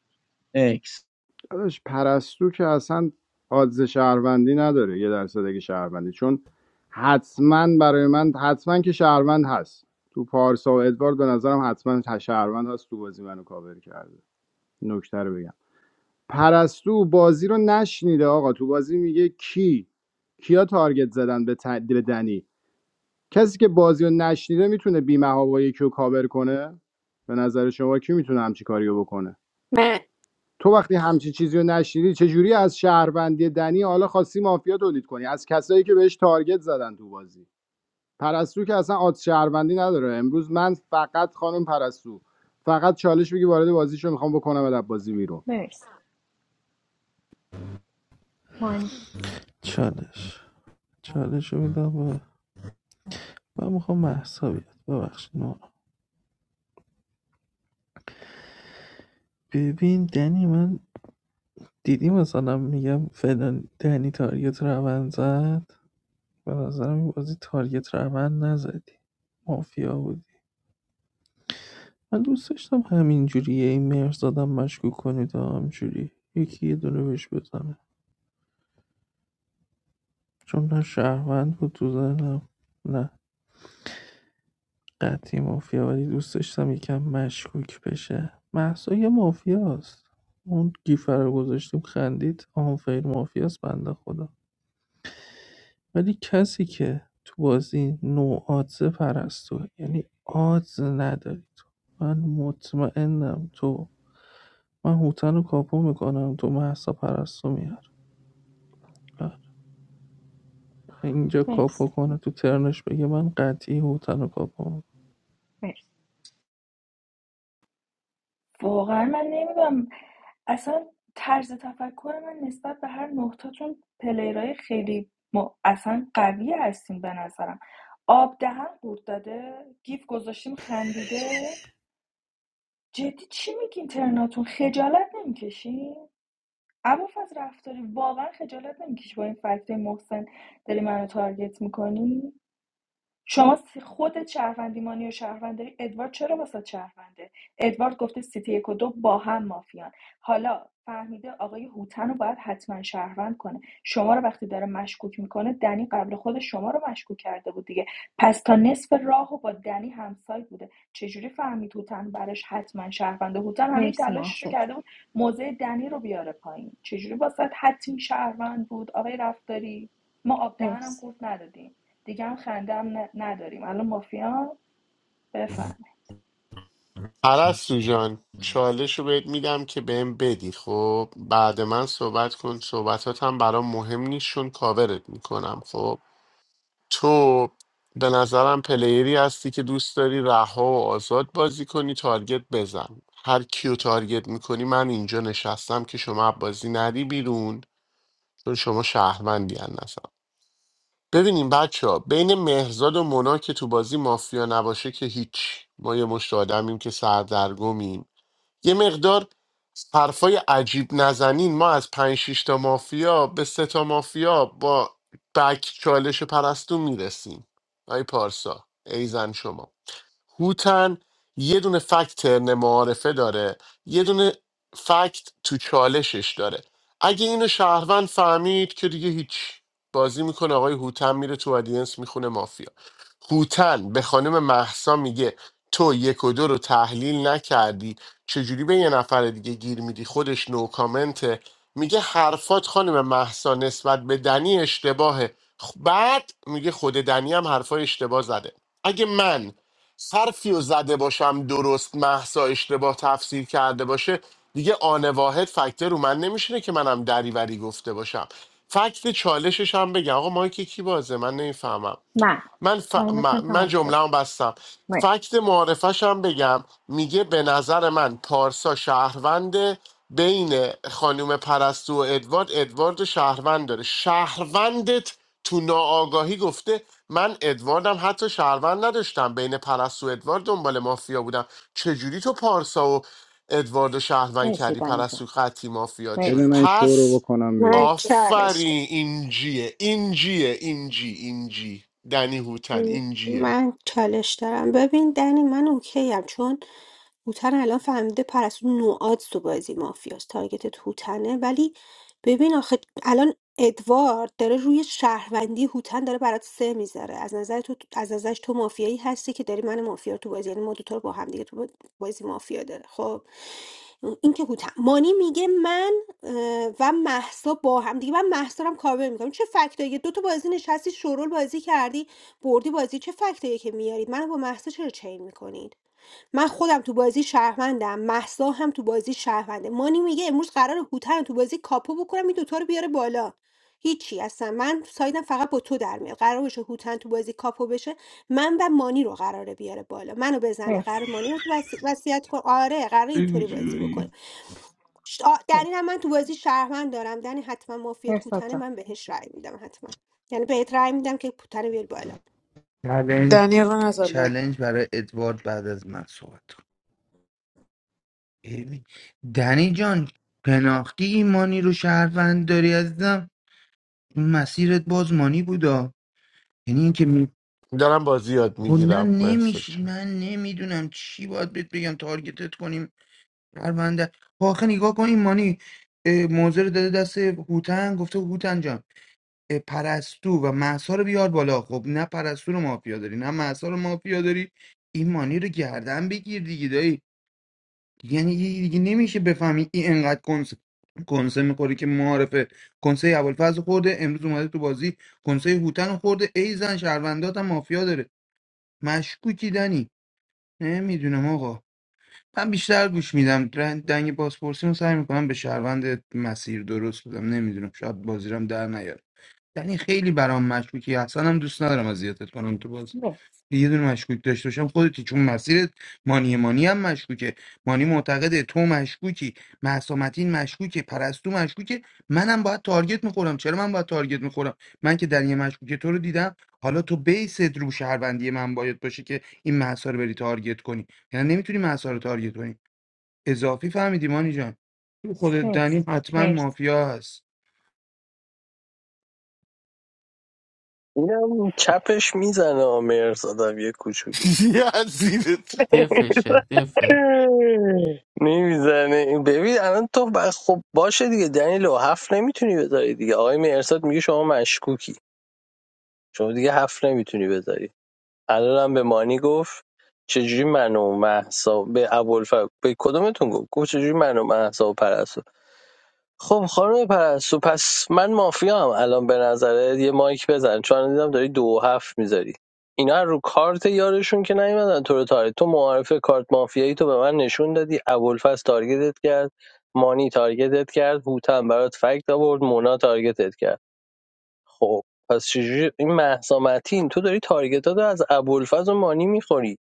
اکس داداش پرستو که اصلا آدز شهروندی نداره یه درصد اگه شهروندی چون حتما برای من حتما که شهروند هست تو پارسا و ادوارد به نظرم حتما شهروند هست تو بازی منو کاور کرده نکته رو بگم پرستو بازی رو نشنیده آقا تو بازی میگه کی کیا تارگت زدن به, ت- به دنی کسی که بازی رو نشنیده میتونه بیمه هوایی رو کاور کنه به نظر شما کی میتونه همچی کاریو بکنه من تو وقتی همچین چیزی رو نشنیدی چجوری از شهروندی دنی حالا خواستی مافیا تولید کنی از کسایی که بهش تارگت زدن تو بازی پرستو که اصلا آد شهروندی نداره امروز من فقط خانم پرستو فقط چالش بگی وارد بازیشو میخوام بکنم از بازی بیرون مرسی مانی چالش چالش رو میدم به من میخوام محسا بیاد ببخشید نورا. ببین دنی من دیدی مثلا میگم فلان دنی تارگت روند زد به نظرم این بازی تارگت روند نزدی مافیا بودی من دوست داشتم همینجوری یه ایمرز زدم مشکوک کنید و همینجوری یکی یه دونه بهش بزنه چون نه شهروند بود تو ذهنم نه قطعی مافیا ولی دوست داشتم یکم مشکوک بشه محسا یه مافیاست اون گیفر رو گذاشتیم خندید آنفیر مافیاست بنده خدا ولی کسی که تو بازی نو آدزه پرستو یعنی آدز نداری تو من مطمئنم تو من هوتن رو کاپو میکنم تو محسا پرستو میار اینجا کاپو مرسی کنه تو ترنش بگه من قطعی هوتن رو کاپو می‌کنم. مرسی واقعا من نمیدونم اصلا طرز تفکر من نسبت به هر نقطاتون پلیرای خیلی م... اصلا قوی هستین به نظرم آب دهن قورت داده گیف گذاشتیم خندیده جدی چی میگین ترناتون خجالت نمیکشین ابوالفضل رفتاری واقعا خجالت نمیکش با این فکتای محسن داری منو تارگت میکنی شما س- خودت شهروندی مانی و شهروند داری ادوارد چرا واسه شهرونده ادوارد گفته سیتی یک و دو با هم مافیان حالا فهمیده آقای هوتن رو باید حتما شهروند کنه شما رو وقتی داره مشکوک میکنه دنی قبل خود شما رو مشکوک کرده بود دیگه پس تا نصف راه و با دنی همسایه بوده چجوری فهمید هوتن براش حتما شهرونده هوتن همین مرسی تلاشش رو محسا جون. کرده بود موضع دنی رو بیاره پایین چجوری واسه حتمی شهروند بود آقای رفتاری ما آب دهنم مرسی قورت ندادیم دیگه هم خنده هم نداریم الان مافیا بفهم پرستو جان چالش رو بهت میدم که بهم بدی خب بعد من صحبت کن صحبتات هم برام مهم نیست چون کاورت میکنم خب تو به نظرم پلیری هستی که دوست داری رها و آزاد بازی کنی تارگت بزن هر کیو تارگت میکنی من اینجا نشستم که شما از بازی نری بیرون چون شما شهروندی هستم ببینیم بچه ها بین مهرزاد و مونا که تو بازی مافیا نباشه که هیچ ما یه مشت آدمیم که سردرگمیم یه مقدار حرفای عجیب نزنین ما از پنج شیش تا مافیا به سه تا مافیا با بک چالش پرستو میرسیم آی پارسا ایزن شما هوتن یه دونه فکت ترن معارفه داره یه دونه فکت تو چالشش داره اگه اینو شهروند فهمید که دیگه هیچ بازی میکنه آقای هوتن میره تو ادینس میخونه مافیا هوتن به خانم محسا میگه تو یک و دو رو تحلیل نکردی چجوری به یه نفر دیگه گیر میدی خودش نو کامنته میگه حرفات خانم محسا نسبت به دنی اشتباهه خ- بعد میگه خود دنی هم حرفای اشتباه زده اگه من حرفی رو زده باشم درست محسا اشتباه تفسیر کرده باشه دیگه آن واحد فکتر رو من نمیشینه که منم دریوری گفته باشم فکت چالشش هم بگم آقا مایک کی بازه من نمیفهمم من من, ف... م- تایمتون من تمام شده جمله بستم مرسی فکت معارفش هم بگم میگه به نظر من پارسا شهرونده بین خانوم پرستو و ادوارد ادوارد و شهروند داره شهروندت تو ناآگاهی گفته من ادواردم حتی شهروند نداشتم بین پرستو و ادوارد دنبال مافیا بودم چجوری تو پارسا و ادوارد و شهروند مرسی کردی دنی جان پرستو قطعی مافیات شد بده من این شو رو پس بکنم من بیرون چالش آفرین این جیه این جیه این جی این دنی هوتن این من چالش دارم ببین دنی من اوکی هم چون هوتن الان فهمیده پرستو نوآدز تو بازی مافیاست تارگت هوتنه ولی ببین آخه الان ادوارد داره روی شهروندی هوتن داره برات سه میذاره از نظر تو از نظرش تو مافیایی هستی که داری من مافیا رو تو بازی یعنی ما دوتا رو با هم دیگه تو بازی مافیا داره خب این که هوتم مانی میگه من و مهسا با هم دیگه من محسا رو هم کاور میکنم چه فکتاییه دو تا بازی نشستی شورول بازی کردی بردی بازی چه فکتاییه که میارید منو با مهسا چرا چین میکنید من خودم تو بازی شهروندم مهسا هم تو بازی شهرونده مانی میگه امروز قرار هوتن تو بازی کاپو بکنم این دوتا رو بیاره بالا هیچی اصلا من تو سایدم فقط با تو در میاد قرار بشه هوتن تو بازی کاپو بشه من و مانی رو قراره بیاره بالا منو بزنه مرسی قرار مانی رو وصی- وصیت کن آره قرار اینطوری بازی بکنه اینجوری ش- آ، دنی مرسی هم من تو بازی شهروند دارم دنی حتما مافیات مرساد هوتن جان من بهش رأی میدم حتما یعنی بهت رأی میدم که هوتن بیاری بالا چلنج دنیل رو نزالا چلنج برای ادوارد بعد از من صحبت کن ببین دنی جان پناختی این مانی رو شهروند داری عزیزم مسیرت باز مانی بودا یعنی اینکه دارم بازی یاد کلا میگیرم مرسد نمیشه جان من نمیدونم چی باید بهت بگم تارگتت کنیم پرونده آخه نگاه کن این مانی اه، موزه رو داده دست هوتن گفته هوتن جان اه، پرستو و محسا رو بیار بالا خب نه پرستو رو مافیا داری نه محسا رو مافیا داری این مانی رو گردن بگیر دیگه دایی یعنی یه- دیگه نمیشه بفهمی این انقدر کنس کنسه میخوری که معارفه کنسه ابوالفضل خورده امروز اومده تو بازی کنسه هوتن رو خورده ای زن شهروندات هم مافیا داره مشکوکی دنی نمیدونم آقا من بیشتر گوش میدم دنگ بازپرسی رو سعی میکنم به شهروند مسیر درست بدم نمیدونم شاید بازیرم در نیاد یعنی خیلی برام مشکوکی اصلا هم دوست ندارم اذیتت کنم تو بازی مرسی یه دونه مشکوک داشته باشم خودتی چون مسیرت مانی مانی هم مشکوکه مانی معتقده تو مشکوکی محسامتین مشکوکه پرستو مشکوکه منم باید تارگت میخورم چرا من باید تارگت میخورم من که در یه مشکوک تو رو دیدم حالا تو بیست رو شهروندی من باید باشه که این محسا رو بری تارگت کنی یعنی نمیتونی محسا رو تارگت کنی اضافی فهمیدی مانی جان تو خودت مرسی دنی حتما مرسی مافیا هست اینم چپش میزنه مرزادم یه کوچولو یزیدت دفشه دفه نمیزنه ببین الان تو ب- خب باشه دیگه دنیلو هفت نمیتونی بذاری دیگه آقای مرساد میگه شما مشکوکی شما دیگه هفت نمیتونی بذاری الان هم به مانی گفت چجوری من و مهسا به ابوالفضل به کدومتون گفت گفت چجوری من و مهسا و خب خانم پرستو پس من مافیا هم الان به نظرت یه مایک بزن چون دیدم داری دو و هفت میذاری اینا رو کارت یارشون که نیومدن تو رو تارگت تو معارف کارت مافیایی تو به من نشون دادی ابوالفضل تارگتت کرد مانی تارگتت کرد هوتن برات فکت آورد مونا تارگتت کرد خب پس چجوری این مهسا متین تو داری تارگتات رو از ابوالفضل و مانی میخوری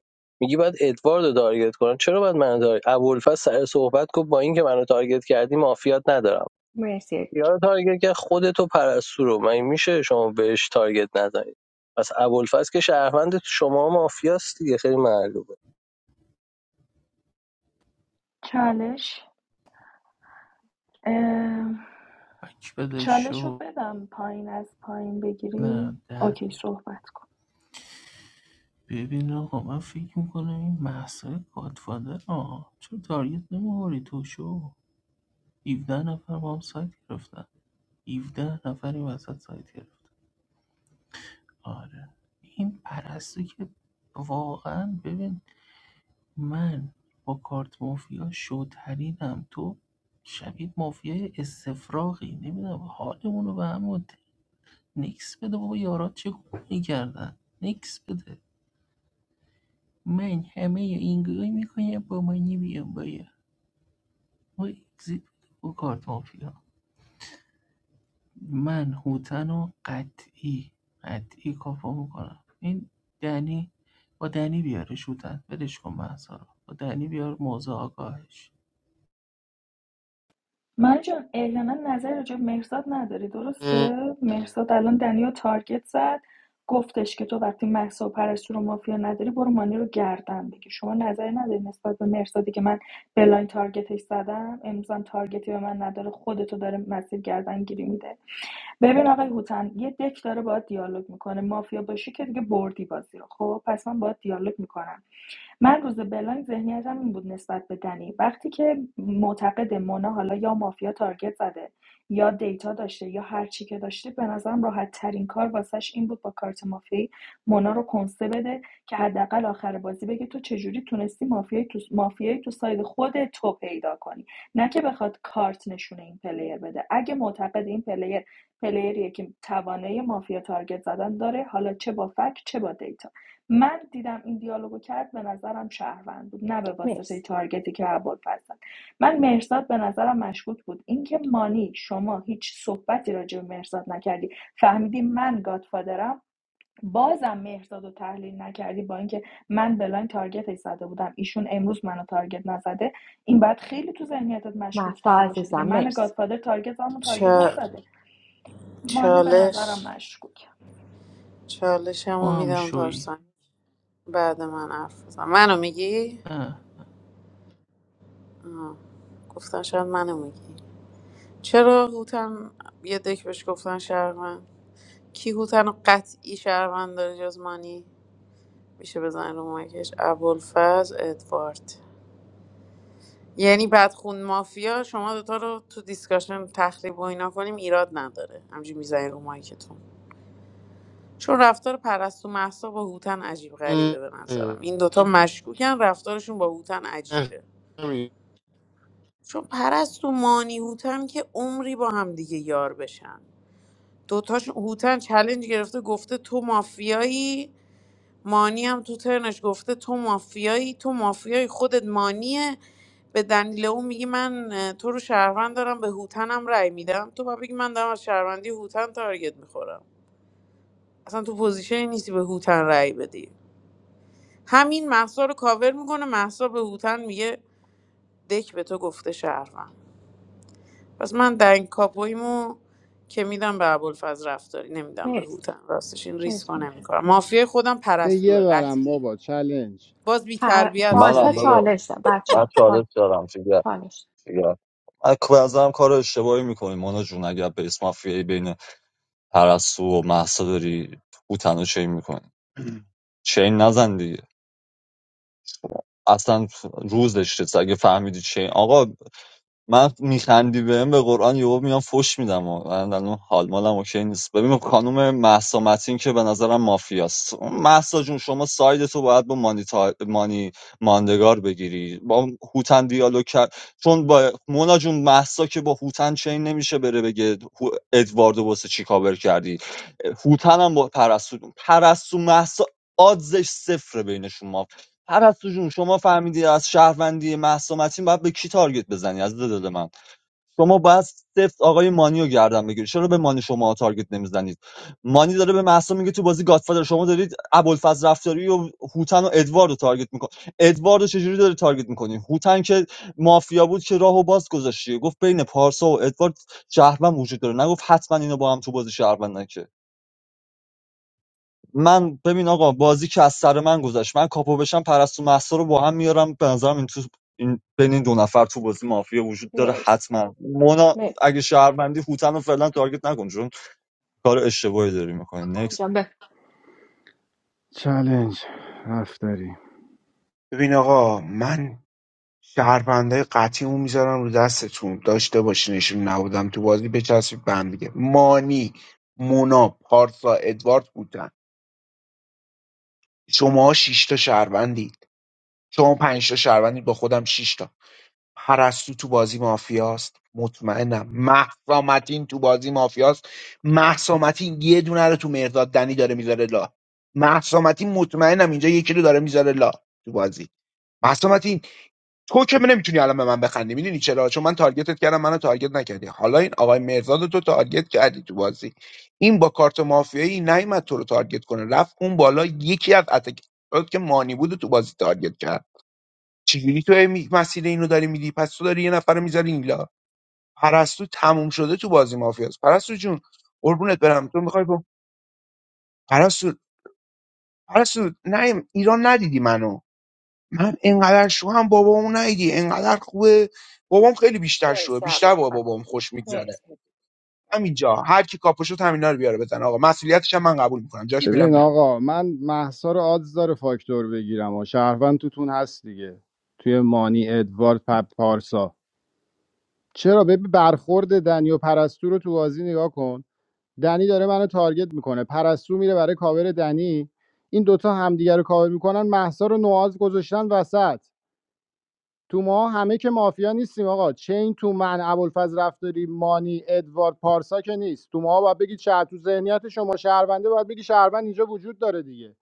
میگی باید ادوارد تارگت کنن چرا باید منو تارگت ابوالفضل سر صحبت گفت با اینکه منو تارگت کردی مافیات ندارم مرسی یارو تارگت که خودتو پرستو رو مگه میشه شما بهش تارگت نزنید پس ابوالفضل که شهروند تو شما مافیاست دیگه خیلی معلومه چالش بک بده چالش رو شو بدم پایین از پایین نه بگیری در اوکی صحبت کن ببین آقا من فکر میکنم این محصای گادفادر آه چرا تارگت نمیخوری تو شو 17 نفر با هم سایت گرفتن 17 نفر این وسط سایت گرفتن آره این پرستو که واقعا ببین من با کارت مافیا شوترینم تو شبیه مافیای استفراغی نمیدونم حالمون رو به هم مت- نکس بده بابا یارات چه میکردن نکس بده من همه این گروه میکنم با منی بیام بایا ما اگزیت بده با کارت مافیا من هوتن و قطعی قطعی کاپو میکنم این دنی با دنی بیارش هوتن ولش کن محسا رو با دنی بیار موزه آگاهش من جان اعلما نظر راجع به مرزاد نداری م- درسته مرزاد الان دنیا تارگت زد گفتش که تو وقتی محسا و پرستو رو مافیا نداری برو مانی رو گردن بگی شما نظری نداری نسبت به مرزادی که من بلاین تارگتش زدم امروزم تارگتی به من نداره خودتو داره مسیر گردن گیری میده ببین آقای هوتن یه دک داره باید دیالوگ میکنه مافیا باشی که دیگه بردی بازی رو خب پس من باید دیالوگ میکنم من روز بلاین ذهنیتم این بود نسبت به دنی وقتی که معتقد مونا حالا یا مافیا تارگت زده یا دیتا داشته یا هر چی که داشته به نظرم راحت ترین کار واسش این بود با کارت مافیایی مونا رو کنسه بده که حداقل آخر بازی بگه تو چجوری تونستی مافیای تو مافیایی تو ساید خود تو پیدا کنی نه که بخواد کارت نشونه این پلیر بده اگه معتقد این پلیر پلیریه که توانایی مافیا تارگت زدن داره حالا چه با فک چه با دیتا من دیدم این دیالوگو کرد به نظرم شهروند بود نه به واسطه مرسی تارگتی که ابوالفضل زد. من مهرزاد به نظرم مشکوک بود اینکه مانی شما هیچ صحبتی راجع به مهرزاد نکردی فهمیدی من گادفادرم بازم مهرزاد رو تحلیل نکردی با اینکه من بلاین تارگت زده بودم ایشون امروز منو تارگت نزده این باید خیلی تو ذهنیتت مشکوک محسا تر باشه دیگه عزیزم من مرسی گادفادر تارگت زدم و تارگت چا... نزده مانی به نظرم چالش مشکوک تو چالشمو هم میدم شوی پارسان بعد من حرف بزن منو میگی نه گفتم شاید منو میگی چرا هوتن یه دک بهش گفتن شهروند کی هوتن رو قطعی شهروند داره جز مانی میشه بزن رو مایکش ابوالفضل ادوارد یعنی بدخون مافیا شما دوتا رو تو دیسکاشن تخریب و اینا کنیم ایراد نداره همجی میزنین رو مایکتون چون رفتار پرستو محسا با هوتن عجیب م- غریبه به م- نظرم این دوتا مشکوکن رفتارشون با هوتن عجیبه همین. چون پرستو مانی هوتن که عمری با هم دیگه یار بشن دوتاشون هوتن چلنج گرفته گفته تو مافیایی مانی هم تو ترنش گفته تو مافیایی تو مافیایی خودت مانیه به دلیل اون میگی من اه، تو رو شهروند دارم به هوتنم رأی میدم تو باید بگی من دارم از شهروندی هوتن تارگت میخورم اصلا تو پوزیشنی نیستی به هوتن رأی بدی همین محسا رو کاور میکنه محسا به هوتن میگه دک به تو گفته شهروند پس من دنگ کاپویمو که میدم به ابوالفضل رفتاری نمیدم به مرسی هوتن راستش این ریسک رو مرسی نمیکنم مافیای خودم به یه پرستوه برم قطعی بابا چلنج باز بی پ- تربیت من پارسا هم دادا شدی چالش دار بچه من ها پا... چالش دارم فیگر چالش دار. فیگر من که به نظرم کار اشتباهی میکنی مانا جون اگر بیس مافیایی بین پرستو و مهسا داری هوتن رو چین میکنی چین نزن دیگه اصلا روزش رسه اگه فهمیدی چین آقا من میخندی بهم به قرآن یهو میام فوش میدم و من الان حال مالم اوکی نیست ببینم خانم مهسا متین که به نظرم مافیاست مهسا جون شما ساید تو باید با مانی, تا... مانی ماندگار بگیری با هوتن دیالوگ کرد چون با مونا جون مهسا که با هوتن چین نمیشه بره بگه هو... ادواردو واسه چی کاور کردی هوتن هم با پرستو پرستو مهسا آدزش صفر بینشون پرستو جون شما فهمیدی از شهروندی مهسا متین باید به کی تارگت بزنی از دل من شما باید صفت آقای مانی رو گردن بگیری چرا به مانی شما تارگت نمیزنید مانی داره به مهسا میگه تو بازی گادفادر شما دارید ابوالفضل رفتاری و هوتن و ادوارد رو تارگت میکنی ادوارد رو چجوری داری تارگت میکنی هوتن که مافیا بود که راهو باز گذاشتی گفت بین پارسا و ادوارد شهروند وجود داره نگفت حتما اینو با هم تو بازی شهروند من ببین آقا بازی که از سر من گذشت من کاپو بشم پرستو مهسا رو با هم میارم به نظرم این تو این بین این دو نفر تو بازی مافیا وجود داره مرسی حتما مونا مرسی اگه شهروندی هوتن رو فعلا تارگت نکن چون کار اشتباهی داری میکنی نکس انجام به چلنج حرف ببین آقا من شهروندای قطعیمو میذارم رو دستتون داشته باشینشون نبودم تو بازی بچسبید به هم دیگه مانی مونا پارسا ادوارد بودن شما شش تا شهروندی چون پنج تا شهروندی با خودم 6 تا پرستو تو بازی مافیاست مطمئنم مهسا متین تو بازی مافیاست مهسا متین یه دونه رو تو مرداد دنی داره میذاره لا مهسا متین مطمئنم اینجا یکی رو داره میذاره لا تو بازی مهسا متین تو که نمیتونی الان به من بخندی میدونی چرا چون من تارگتت کردم منو تارگت نکردی حالا این آقای مرداد رو تو تارگت کردی تو بازی این با کارت مافیایی نیومد تو رو تارگت کنه رفت اون بالا یکی از اتک که مانی بود رو تو بازی تارگت کرد چجوری تو هی می- مسیر اینو داری میدی پس تو داری یه نفر رو میذاری اینلا پرستو تموم شده تو بازی مافیاس پرستو جون قربونت برم تو میخوای با پرستو پرستو نه ایران ندیدی منو من انقدر شو هم بابامو ندیدی انقدر خوبه بابام خیلی بیشتر شوه مرسی بیشتر عباد با بابام خوش میگذره مرسی همینجا هر کی کاپوشو همینا رو بیاره بزن آقا مسئولیتش هم من قبول میکنم جاش میرم ببین بیرون آقا من محسا رو آدز داره فاکتور بگیرم و شهروند توتون هست دیگه توی مانی ادوارد پپ پارسا چرا به برخورد دنی و پرستو رو تو بازی نگاه کن دنی داره منو تارگت میکنه پرستو میره برای کاور دنی این دوتا همدیگه رو کاور میکنن محسا رو نواز گذاشتن وسط تو ما همه که مافیا نیستیم آقا چین تو من ابوالفضل رفتاری مانی ادوارد پارسا که نیست تو ما باید بگی چه تو ذهنیت شما شهرونده باید بگی شهروند اینجا وجود داره دیگه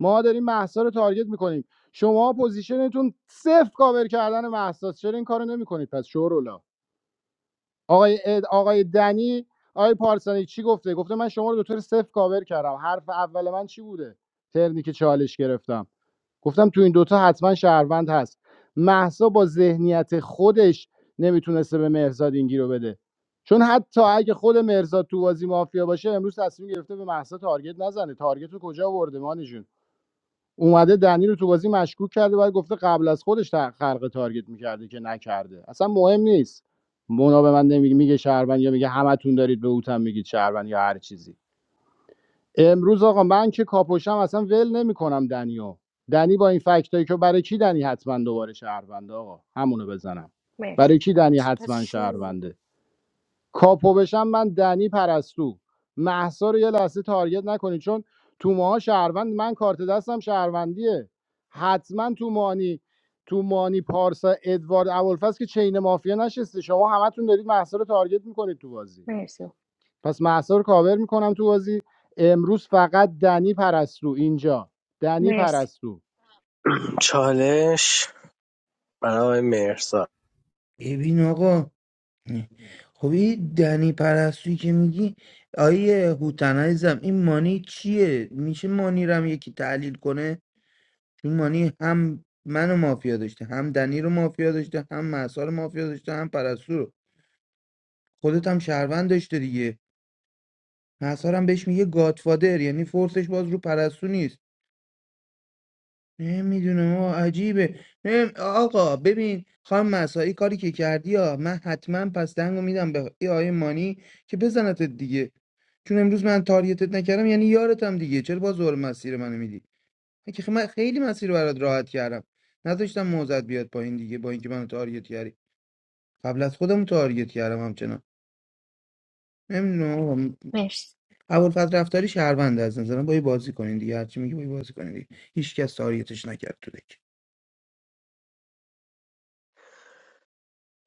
ما داریم محسا رو تارگت میکنیم شما پوزیشنتون صفر کاور کردن محساس چرا این کارو نمیکنید پس شورولا آقای اد- آقای دنی آقای پارسانی چی گفته گفته من شما رو دو طور صفر کاور کردم حرف اول من چی بوده ترنی که چالش گرفتم گفتم تو این دوتا حتما شهروند هست محسا با ذهنیت خودش نمیتونسته به مرزاد این گیرو بده چون حتی اگه خود مرزاد تو بازی مافیا باشه امروز تصمیم گرفته به محسا تارگت نزنه تارگت رو کجا ورده مانی جون؟ اومده دنی رو تو بازی مشکوک کرده و گفته قبل از خودش تا- خلق تارگت میکرده که نکرده اصلا مهم نیست مونا به من نمیگه میگه شهروند یا میگه همتون دارید به اوتم میگید شهروند یا هر چیزی امروز آقا من که کاپوشم اصلا ول نمیکنم دنیو دنی با این فکتایی که برای کی دنی حتما دوباره شهرونده آقا همونو بزنم مرسی برای کی دنی از حتما شو شهرونده کاپو بشم من دنی پرستو محسا رو یه لحظه تارگت نکنید چون تو ماها شهروند من کارت دستم شهروندیه حتما تو مانی تو مانی پارسا ادوارد اولفس که چین مافیا نشسته شما همتون دارید محسا رو تارگت میکنید تو بازی مرسی پس محسا رو کاور میکنم تو بازی امروز فقط دنی پرستو اینجا دنی مرسی پرستو چالش برای آقای ببین آقا خب این دنی پرستویی که میگی آیه هوتنایزم این مانی چیه میشه مانی رو هم یکی تحلیل کنه چون مانی هم منو مافیا داشته هم دنی رو مافیا داشته هم محسا رو مافیا داشته هم پرستو رو خودت هم شهروند داشته دیگه محسا رو هم بهش میگه گادفادر یعنی فورسش باز رو پرستو نیست نمیدونم آقا عجیبه نم- آقا ببین خانم مسایی کاری که کردی آ من حتما پس دنگو میدم به ای آیه مانی که بزنتت دیگه چون امروز من تاریتت نکردم یعنی یارتم دیگه چرا باز دور مسیر منو میدی من که خ- من خیلی مسیر رو برات راحت کردم نذاشتم موزت بیاد پایین دیگه با اینکه منو تاریت کردی قبل از خودم تاریت کردم همچنان نمیدونم آقا م- مرسی ابوالفضل رفتاری شهروند از نظرم با یه بازی کنین دیگه هرچی میگه با یه بازی کنین دیگه هیچ کس تارگتش نکرد تو دک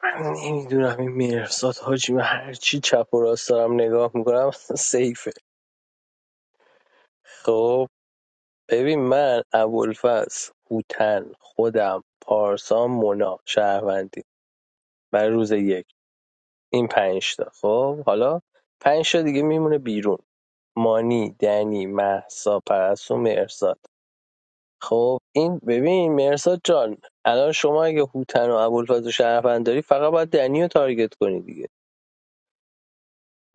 من نمیدونم این مرزاد حاجی من هرچی چپ و راست دارم نگاه میکنم سیفه خب ببین من ابوالفضل هوتن خودم پارسا مونا شهروندی برای روز یک این پنج تا خب حالا پنج تا دیگه میمونه بیرون مانی دنی مهسا پرستو مرزاد خب این ببین مرزاد جان الان شما اگه هوتن و ابوالفضل و شهروند داری فقط باید دنی رو تارگت کنی دیگه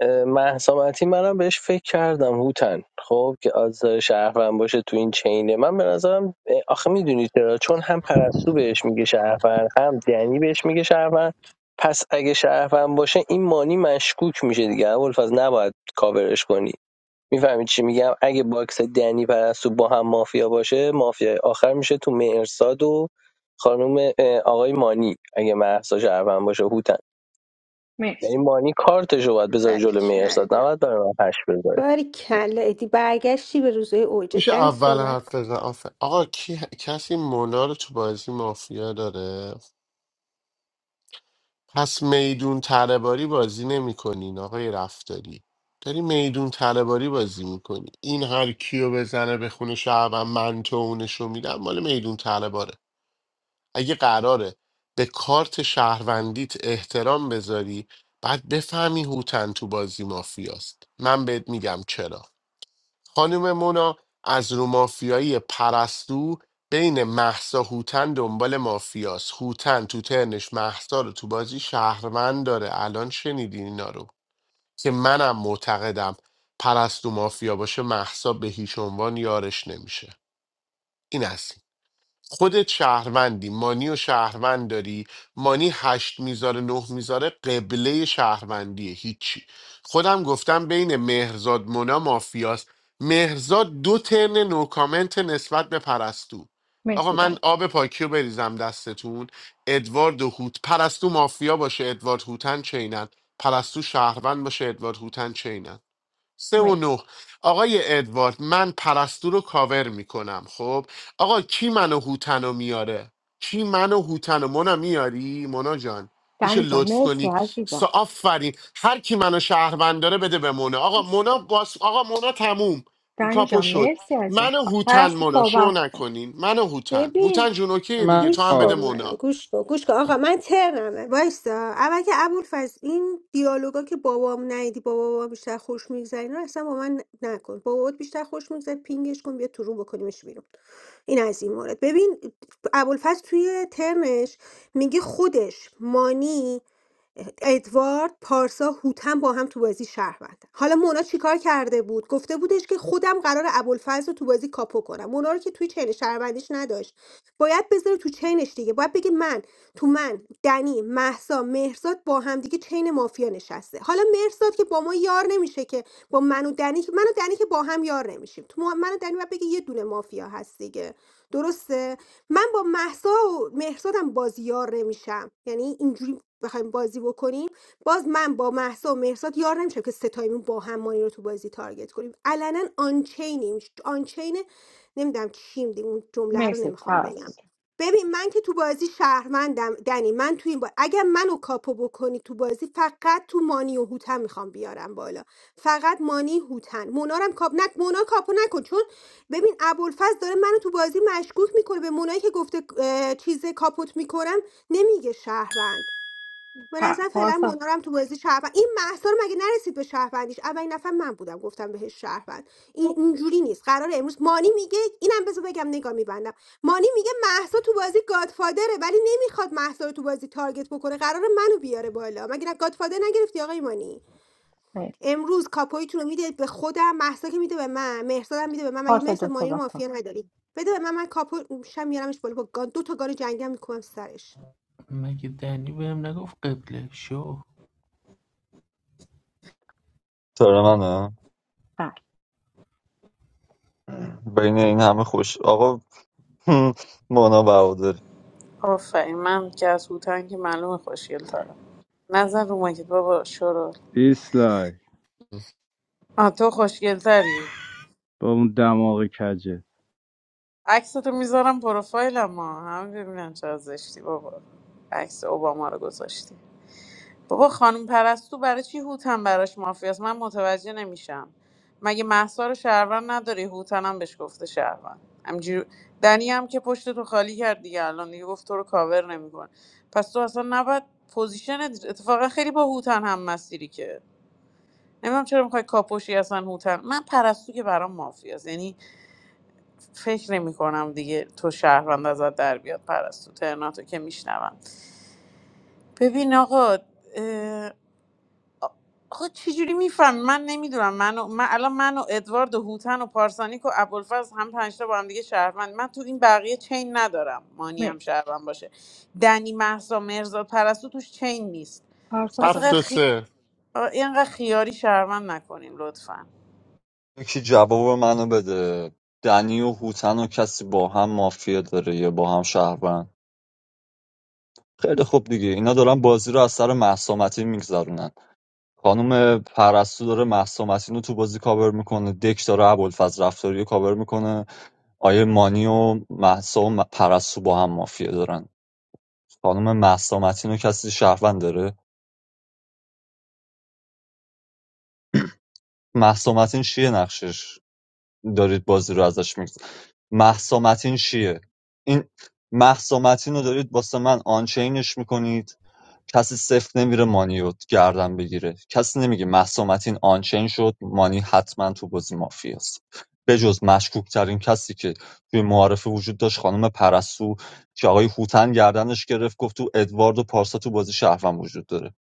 اه، مهسا متی منم بهش فکر کردم هوتن خب که آزار شهروند باشه تو این چینه من به نظرم اه، آخه میدونی چرا چون هم پرستو بهش میگه شهروند هم دنی بهش میگه شهروند پس اگه شهروند باشه این مانی مشکوک میشه دیگه ابوالفضل نباید کاورش کنی میفهمی چی میگم اگه باکس دنی پرستو با هم مافیا باشه مافیا آخر میشه تو مرساد و خانم آقای مانی اگه محسا شهروند باشه هوتن یعنی مرسی مانی کارتش رو باید بذاره جلو مرساد نباید برای من پش بذاره باری مرسی کلا ادی برگشتی به روزای اوجت میشه دنی اول صحبت حرف کن بزن آفر آقا کی... کسی مونا رو تو بازی مافیا داره پس میدون تلهباری بازی نمیکنین آقای رفتاری داری میدون تلهباری بازی میکنی این هر کیو بزنه به خونه شهروند من تو اونشو میدم مال میدون تلهباره اگه قراره به کارت شهروندیت احترام بذاری بعد بفهمی هوتن تو بازی مافیاست من بهت میگم چرا خانم مونا از رو مافیایی پرستو بین محسا هوتن دنبال مافیاس هوتن تو ترنش محسا رو تو بازی شهروند داره الان شنیدین اینا رو که منم معتقدم پرستو مافیا باشه محسا به هیچ عنوان یارش نمیشه این است خودت شهروندی مانی و شهروند داری مانی هشت میذاره نه میذاره قبله شهروندیه هیچی خودم گفتم بین مهرزاد مونا مافیاست مهرزاد دو ترن نو کامنت نسبت به پرستو آقا مرسی من دنی آب پاکی رو بریزم دستتون ادوارد و هوت پرستو مافیا باشه ادوارد هوتن چینن پرستو شهروند باشه ادوارد هوتن چینن سه و مرسی نه آقای ادوارد من پرستو رو کاور میکنم خب آقا کی منو هوتنو میاره کی منو هوتنو مونا میاری مونا جان میشه دنی جان لطف مرسی کنی سا عزیزم آفرین هر کی منو شهروند داره بده به مونا آقا مونا باس... آقا مونا تموم دنی کاپو جان شد مرسی عزیزم منو هوتن پرست مونا شو صحبت کن. نکنین منو هوتن ببین هوتن جون اوکی من دیگه تو گوش هم کن بده منو مونا گوش کن گوش کن آقا من ترمه وایسا اول که ابول این دیالوگا که بابام نیدی بابا بابا بیشتر خوش میگذره اینا رو اصلا با من ن- نکن بابات بیشتر خوش میگذره پینگش کن بیا تو روم بکنیمش بیرون این از این مورد ببین ابوالفضل توی ترنش میگه خودش مانی ادوارد پارسا هوتن با هم تو بازی شهر شهروندن حالا مونا چیکار کرده بود گفته بودش که خودم قرار ابوالفضل رو تو بازی کاپو کنم مونا رو که توی چین شهروندیش نداشت باید بذاره تو چینش دیگه باید بگه من تو من دنی محسا مهرزاد با هم دیگه چین مافیا نشسته حالا مهرزاد که با ما یار نمیشه که با من و دنی که من و دنی که با هم یار نمیشیم تو ما- من و دنی باید بگه یه دونه مافیا هست دیگه درسته من با محسا و مهرزادم بازی یار نمیشم یعنی اینجوری بخوایم بازی بکنیم باز من با محسا و مهرزاد یار نمیشم که ستایمون با هم مانی رو تو بازی تارگت کنیم علنا آنچینیم آنچین نمیدونم کیم دی اون جمله رو مرسی نمیخوام پرست بگم جان ببین من که تو بازی شهروندم دنی من تو این با... اگر منو کاپو بکنی تو بازی فقط تو مانی و هوتن میخوام بیارم بالا فقط مانی هوتن مونارم کاپ نک مونا کاپو نکن چون ببین ابوالفضل داره منو تو بازی مشکوک میکنه به مونایی که گفته اه، چیز کاپوت میکنم نمیگه شهروند به پ- نظر فعلا پارسا مونا رو هم تو بازی شهروند این محصار مگه نرسید به شهروندیش اولین نفر من بودم گفتم بهش شهروند این اینجوری نیست قرار امروز مانی میگه اینم بذار بگم نگاه میبندم مانی میگه محسا تو بازی گادفادره ولی نمیخواد محسا رو تو بازی تارگت بکنه قرار منو بیاره بالا مگه نه گادفادر نگرفتی آقای مانی امروز کاپویتون رو میده به خودم محسا که میده به من مهرزاد هم میده به من مگه پارسا جان مهرزاد مانی رو صحبت کن مافیا نداری بده به من من کاپو شم میارمش بالا با گان دو تا گان جنگی هم میکنم سرش مگه دنی بهم نگفت قبله شو سر منه بله بین این همه خوش آقا مونا برادر آفرین من که از هوتن که معلومه خوشگل ترم نظر رو مایکت بابا شروع دیسلای آه تو خوشگل تری با اون دماغ کجه عکستو میذارم پروفایلم ها همه ببینن چه زشتی بابا عکس اوباما رو گذاشتی بابا خانم پرستو برای چی هوتن براش مافیاست من متوجه نمیشم مگه محسا رو شهروند نداری هوتن هم بهش گفته شهروند همجور دنی هم که پشت تو خالی کرد دیگه الان دیگه گفت تو رو کاور نمیکنه پس تو اصلا نباید پوزیشن اتفاقا خیلی با هوتن هم مسیری که نمیدونم چرا میخوای کاپوشی اصلا هوتن من پرستو که برام مافیاست یعنی فکر نمیکنم دیگه تو شهروند ازت در بیاد پرستو ترناتو که میشنوم ببین آقا آخه چجوری میفهم من نمیدونم من, و... من الان من و ادوارد و هوتن و پارسانیک و ابوالفضل هم پنجتا با هم دیگه شهروند من تو این بقیه چین ندارم مانی هم مرسی شهروند باشه دنی محسا مرزاد پرستو توش چین نیست پارسا پس هفت اینقدر, صحبت و خی... سه آه، اینقدر خیاری شهروند نکنین لطفا یکی جواب منو بده دنی و هوتن و کسی با هم مافیا داره یا با هم شهروند خیلی خوب دیگه اینا دارن بازی رو از سر محسامتی میگذرونن خانم پرستو داره مهسا مسین رو تو بازی کاور میکنه دک داره ابوالفضل رفتاری رو کاور میکنه آیه مانی و مهسا و م- پرستو با هم مافیه دارن خانم مهسا مسین رو کسی شهروند داره مهسا مسین چیه نقشش دارید بازی رو ازش میگید مهسا مسین چیه این مهسا مسین رو دارید واسه من آنچینش میکنید کسی سفت نمیره مانی گردن بگیره کسی نمیگه مهسا متین آنچین شد مانی حتما تو بازی مافیاست بجز مشکوک ترین کسی که توی معارفه وجود داشت خانم پرستو که آقای هوتن گردنش گرفت گفت تو ادوارد و پارسا تو بازی شهروند وجود داره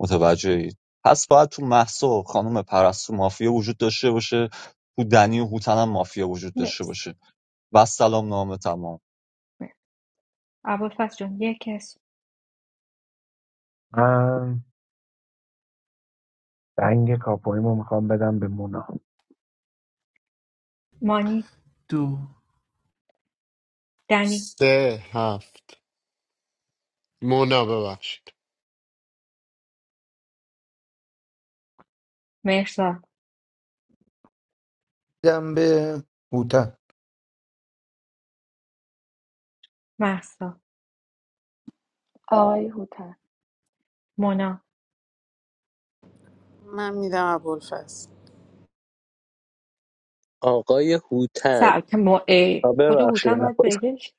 متوجه اید پس باید تو مهسا و خانم پرستو مافیا وجود داشته باشه تو دنی و هوتن هم مافیا وجود داشته مرسی باشه و سلام نامه تمام مرسی ابوالفضل جان یک من دنگ کاپویمو میخوام بدم به مونا مانی دو دنی سه هفت مونا ببخشید مرسا دیدم به هوتن محسا آقای هوتن مونا من میدم ابوالفضل آقای هوتن سعد که مو ای آه، خود ببخشید هوتن باید بگیش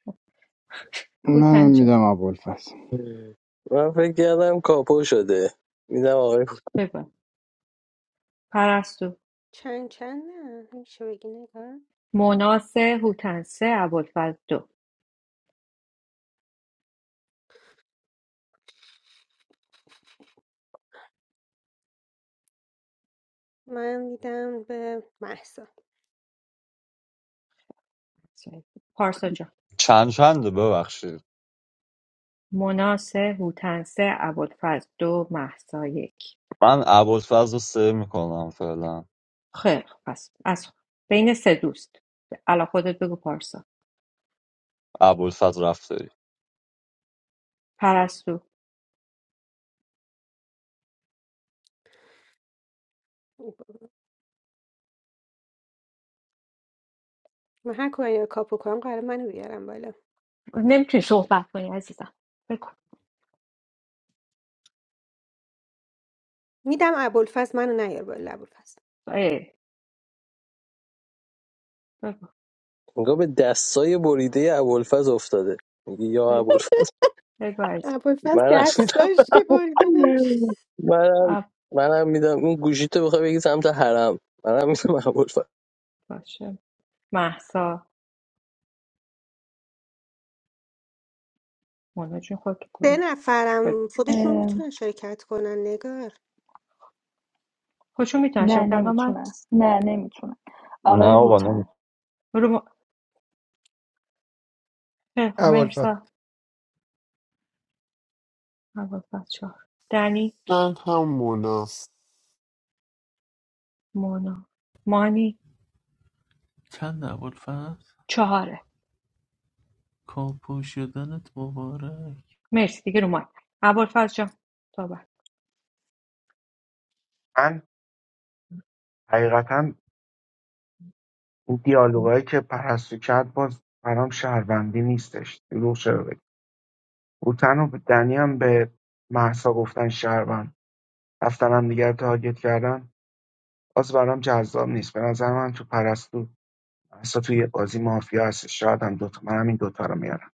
منم هوتن جان میدم ابوالفضل من فکر کردم کاپو شده میدم آقای هوتن. بگو پرستو چند چند نه میشه بگی نگار مونا سه هوتن سه ابوالفضل دو من میدم به محسا پارسا جان چند چنده ببخشید مونا سه هوتن سه ابوالفضل دو محسا یک من ابوالفضل رو سه میکنم فعلا خیر پس از بین سه دوست علا خودت بگو پارسا ابوالفضل رفتاری پرستو من هر کاری رو کاپو کنم قرار منو بیارم بالا نمیتونی صحبت کنی عزیزم بگو میدم ابوالفضل منو نیار بالا ابوالفضل ای بگو انگار به دستای بریده ابوالفضل افتاده میگه یا بگو ابوالفضل بگو عزیزم ابوالفضل منم دست داشت که بریدنش میدم منم آب منم میدم اون گوشیتو بخوای بگی سمت حرم منم میدم ابوالفضل باشه محسا مونا جون خود تو سه گروه بگو نفرم خودشون میتونن شرکت کنن نگار خودشون میتونن نه شرکت کنن. من نمیتونم نه نمیتونم نه آقای آقا نمی‌تونم. هوتن رو م... خیلی خب ابوالفضل مرسا اول چهار دنی من هم مونا مونا مانی چند ابوالفضل چهاره کاپو شدنت مبارک مرسی دیگه رو مانی اول جان تا بعد من حقیقتا این دیالوگایی که پرستو کرد باز برام شهروندی نیستش دروغ شده بگم هوتن و دنی هم به محسا گفتن شهروند رفتن هم دیگر تارگت کردن باز برام جذاب نیست به نظر من تو پرستو محسا توی بازی مافیا هست شاید هم دوتا من هم این دوتا رو میارم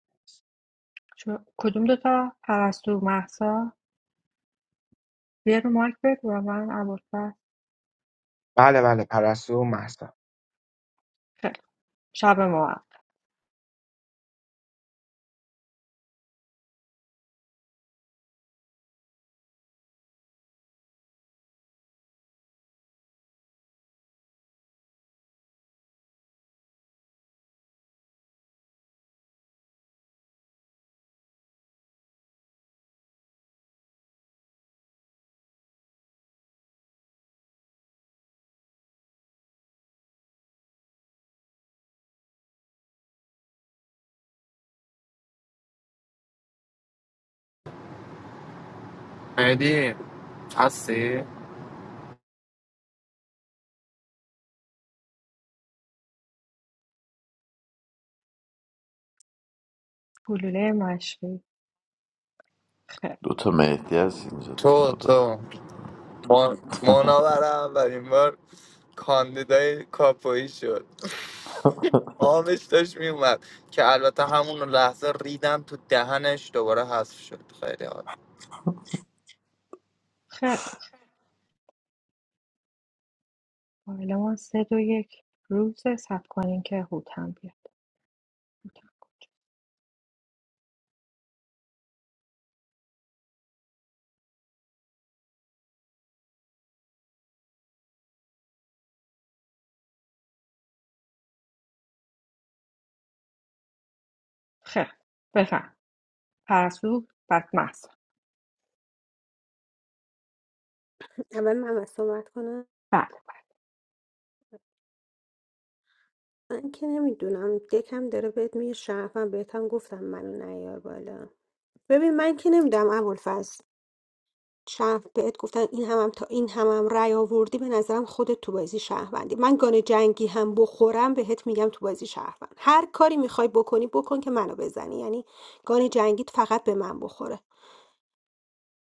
شما کدوم دوتا پرستو محسا بیا رو مایک بگو و من اول بله بله پرستو و محسا خیلی خوب. شب ما مهدی هستی؟ گلوله مشقی خیلی دوتا مهدی هست اینجا تو تو مدا تو ما- ماناور اولین بار کاندیدای کاپویی شد آبش داشت میومد که البته همون لحظه ریدم تو دهنش دوباره حذف شد خیلی حال خیر فایل ما ۳ دو یک روزه صبر کنین که هوتم بیاد هوتم. خیر بفهم پرستو بدمست اول من صحبت کنم بله بله من که نمیدونم دکم داره بهت میگه شرفم بهت هم گفتم منو نیار بالا ببین من که نمیدونم ابوالفضل شرف بهت گفتن این همم تا این همم رأی آوردی به نظرم خودت تو بازی شهروندی من گانه جنگی هم بخورم بهت میگم تو بازی شهروند هر کاری میخوای بکنی بکن که منو بزنی یعنی گانه جنگیت فقط به من بخوره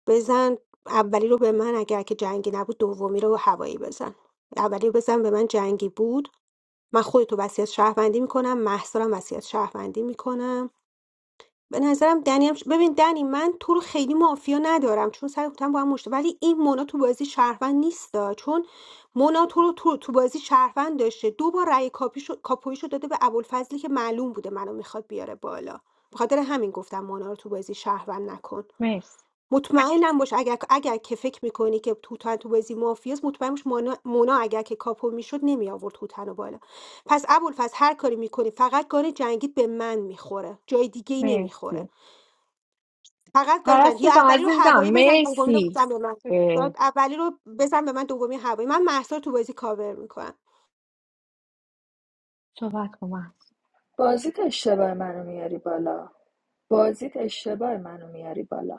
بزن اولی رو به من اگر که جنگی نبود دومی رو هوایی بزن اولی رو بزن به من جنگی بود من خودتو وصیت شهروندی میکنم محصارم وصیت شهروندی میکنم به نظرم دنی هم ش- ببین دنی من تو رو خیلی مافیا ندارم چون سعی گفتم با هم مشت ولی این مونا تو بازی شهروند نیستا چون مونا تو رو تو, تو بازی شهروند داشته دو بار رأی کاپیشو کاپویشو داده به ابوالفضلی که معلوم بوده منو میخواد بیاره بالا بخاطر همین گفتم مونا رو تو بازی شهروند نکن مرسی مطمئنم باش اگر اگر که فکر میکنی که توتن تو بازی مافیاس مطمئن باش مونا, مونا اگر که کاپو میشد نمی آورد توتن رو بالا پس ابوالفضل هر کاری میکنی فقط گان جنگید به من میخوره جای دیگه ای نمیخوره مرسی فقط گان جنگید پرستو یا جان اولی رو عزیزم هوایی بزن دومی رو مرسی بزن به من یا اه، اولی رو بزن به من دومی هوایی من مهسا رو تو بازی کاور میکنم صحبت کن محسا بازیت اشتباه منو میاری بالا بازیت اشتباه منو میاری بالا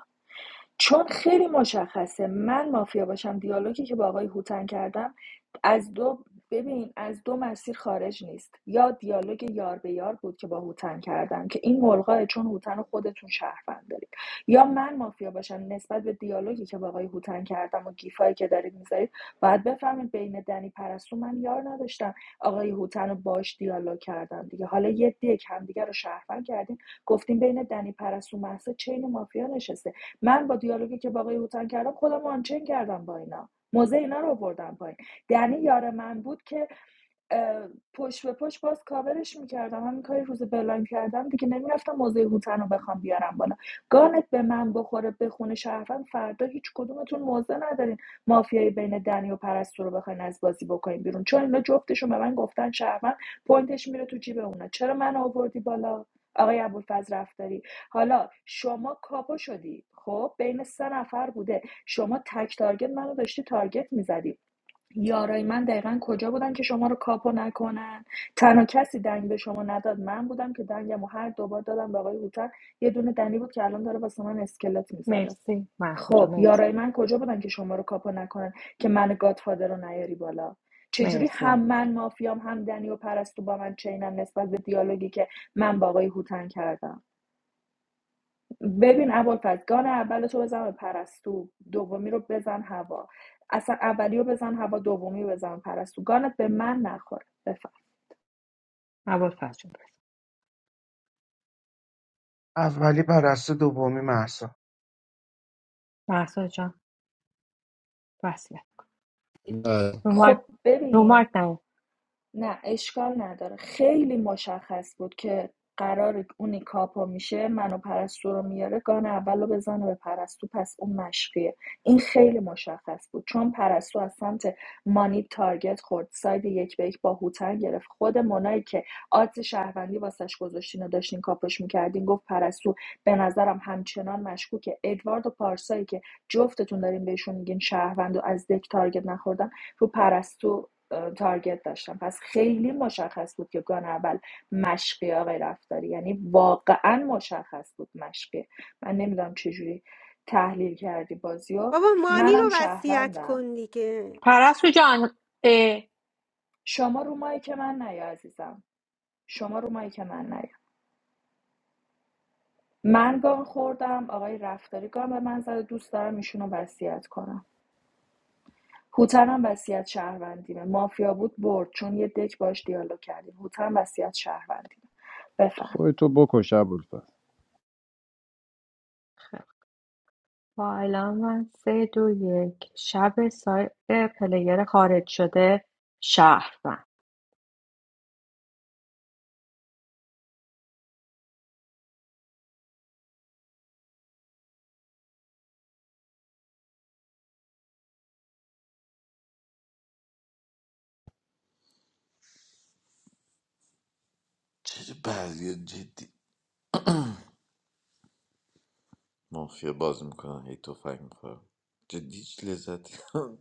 چون خیلی مشخصه من مافیا باشم دیالوگی که با آقای هوتن کردم از دو ببین از دو مسیر خارج نیست یا دیالوگ یار به یار بود که با هوتن کردم که این ملغا چون هوتن رو خودتون شهروند دارید یا من مافیا باشم نسبت به دیالوگی که با آقای هوتن کردم و گیفایی که دارید میذارید باید بفهمید بین دنی پرستو من یار نداشتم آقای هوتن رو باش دیالوگ کردم دیگه حالا یه دیگه همدیگه رو شهروند کردیم گفتیم بین دنی پرستو محسا چین مافیا نشسته من با دیالوگی که با آقای هوتن کردم خودم آنچین کردم با اینا موزه اینا رو آوردم پایین دنی یار من بود که اه، پشت به پشت باز کاورش میکردم همین کاری روز بلاین کردم دیگه نمیرفتم موزه هوتن رو بخوام بیارم بالا گانت به من بخوره به خونه شهروند فردا هیچ کدومتون موزه ندارین مافیایی بین دنی و پرستو رو بخواین از بازی بکنین بیرون چون اینا جفتشون به من گفتن شهروند پوینتش میره تو جیب اونا چرا من آوردی بالا آقای ابوالفضل رفتاری حالا شما کاپو شدی خب بین سه نفر بوده شما تک تارگت منو داشتی تارگت میزدی یارای من دقیقا کجا بودن که شما رو کاپو نکنن تنها کسی دنگ به شما نداد من بودم که دنگم و هر دوبار دادم به آقای هوتن یه دونه دنی بود که الان داره واسه من اسکلت میذاره مرسی محسا جان خب مرسی یارای من کجا بودن که شما رو کاپو نکنن که من گادفادر رو نیاری بالا چجوری هم مرسی من مافیام هم دنی و پرستو با من چینم نسبت به دیالوگی که من با آقای هوتن کردم ببین ابوالفضل گان اول تو بزن به پرستو دومی رو بزن هوا اصلا اولی رو بزن هوا دومی رو بزن پرستو گانت به من نخوره بفهم عباد فرجون برس اولی پرستو دومی محسا محسا جان وصلت کن رو مایک خب رو ببین مایک نیا. نه اشکال نداره خیلی مشخص بود که قرار اونی کاپو میشه منو پرستو رو میاره گان اولو رو بزنه به پرستو پس اون مشقیه این خیلی مشخص بود چون پرستو از سمت مانی تارگت خورد ساید یک به یک با هوتن گرفت خود منایی که آدز شهروندی واسش گذاشتین و داشتین کاپش میکردین گفت پرستو به نظرم همچنان مشکوکه ادوارد و پارسایی که جفتتون دارین بهشون میگین شهروند و از دک تارگت نخوردن رو پرستو تارگت داشتم پس خیلی مشخص بود که گان اول مشقی آقای رفتاری یعنی واقعا مشخص بود مشقی من نمیدونم چجوری تحلیل کردی بازی بابا مانی منم رو وصیت شهروندم کن دیگه پرستو جان اه. شما رو مایی که من نیا عزیزم شما رو مایی که من نیا من گان خوردم آقای رفتاری گان به من زد دوست دارم ایشونو وصیت کنم هوتنم وصیت شهروندیمه مافیا بود برد چون یه دک باش دیالوگ کردیم هوتن وصیت شهروندیمه بفهم خودتو بکش ابوالفضل با الان من سه دو یک شب سایت پلیر خارج شده شهروند چه بعضی جدی مافیا باز میکنن هی تفنگ میخورم جدی هیچ لذتی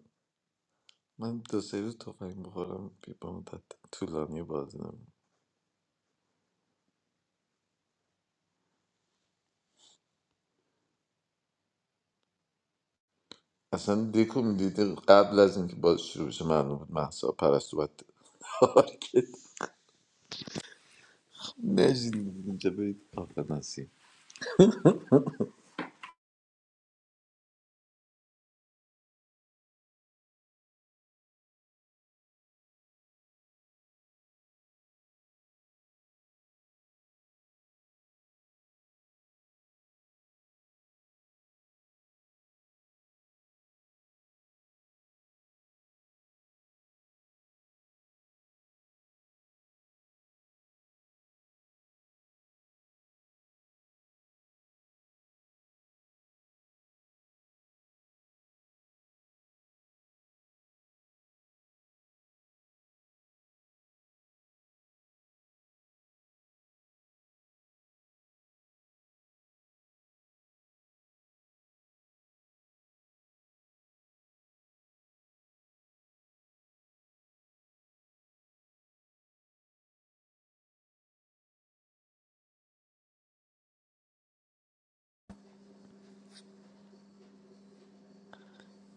من دو سه روز تفنگ بخورم بی- با مدت طولانی بازی نمیم اصلا دیکو میدیده قبل از اینکه باز شروع بشه معلوم بود محسا پرستو باید تارگت نشین اینجا برید آقا نسیم